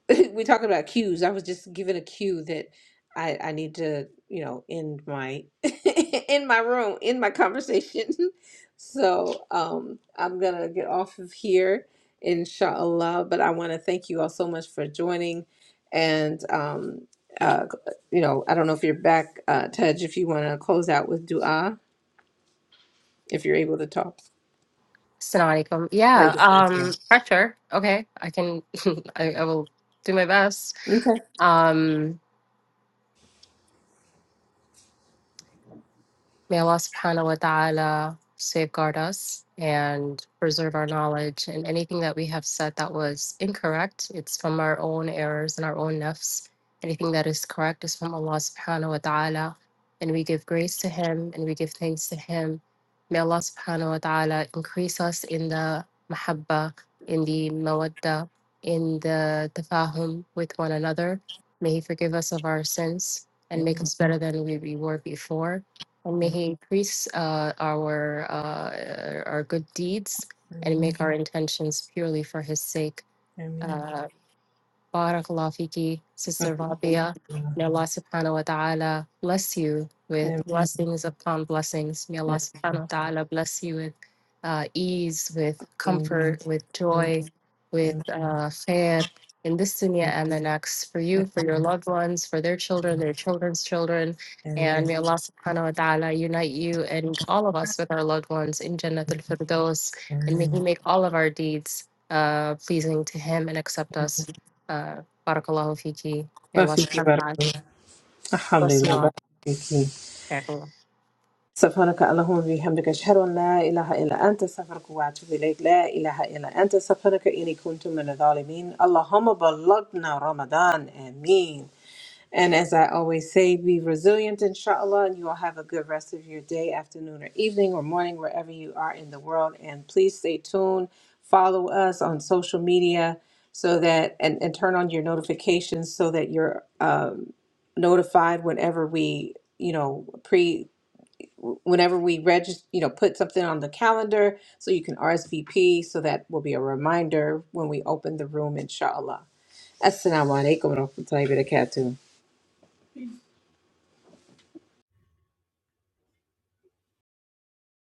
[SPEAKER 1] we talking about cues. I was just given a cue that I I need to, you know, end my in my room, in my conversation. So um I'm gonna get off of here, inshallah. But I wanna thank you all so much for joining and um uh you know, I don't know if you're back, uh Tej, if you wanna close out with dua, if you're able to talk.
[SPEAKER 4] Assalamu alaikum.
[SPEAKER 1] Pray
[SPEAKER 4] Yeah,
[SPEAKER 1] the
[SPEAKER 4] um,
[SPEAKER 1] Fatima.
[SPEAKER 4] pressure. Okay, I can. I, I will do my best.
[SPEAKER 1] Okay.
[SPEAKER 4] Um, May Allah subhanahu wa ta'ala safeguard us and preserve our knowledge and anything that we have said that was incorrect, it's from our own errors and our own nafs. Anything that is correct is from Allah subhanahu wa ta'ala. And we give grace to Him and we give thanks to Him. May Allah subhanahu wa ta'ala increase us in the mahabba, in the mawadda, in the tafahum with one another. May He forgive us of our sins and make
[SPEAKER 1] Amen.
[SPEAKER 4] us better than we we were before. And may He increase uh, our uh, our good deeds and
[SPEAKER 1] Amen.
[SPEAKER 4] make our intentions purely for His sake. Mm.
[SPEAKER 1] Amen.
[SPEAKER 4] Uh, بارك الله فيكي, Sister Rabia. May Allah subhanahu wa ta'ala bless you
[SPEAKER 1] Amen.
[SPEAKER 4] with blessings upon blessings. May Allah subhanahu wa ta'ala bless you with uh, ease, with
[SPEAKER 1] Amen.
[SPEAKER 4] comfort, with
[SPEAKER 1] ما
[SPEAKER 4] joy, with uh, khair in this dunya and the next for you, for your loved ones, for their children, their children's children. And may Allah subhanahu wa ta'ala unite you and all of us with our loved ones in Jannat al Firdaus. And may He make all of our deeds uh, pleasing to Him and accept us uh, Barakallahu Fiki. May Allah
[SPEAKER 1] في
[SPEAKER 4] subhanahu wa
[SPEAKER 1] كبر
[SPEAKER 4] ta'ala
[SPEAKER 1] الحمد
[SPEAKER 4] bless you
[SPEAKER 1] لله بارك
[SPEAKER 4] all.
[SPEAKER 1] فيك
[SPEAKER 4] Jazakallah.
[SPEAKER 1] سبحانك اللهم وبحمدك أشهد أن لا إله إلا أنت أستغفرك وأتوب إليك لا إله إلا أنت سبحانك إني كنت من الظالمين اللهم بلغنا رمضان آمين And as I always say, be resilient, inshallah, and you all have a good rest of your day, afternoon, or evening, or morning, wherever you are in the world. And please stay tuned. Follow us on social media so that, and, and turn on your notifications so that you're um, notified whenever we, you know, pre, whenever we register, you know, put something on the calendar so you can RSVP so that will be a reminder when we open the room, inshallah. Assalamu alaikum wa rahmatullahi wa barakatuh.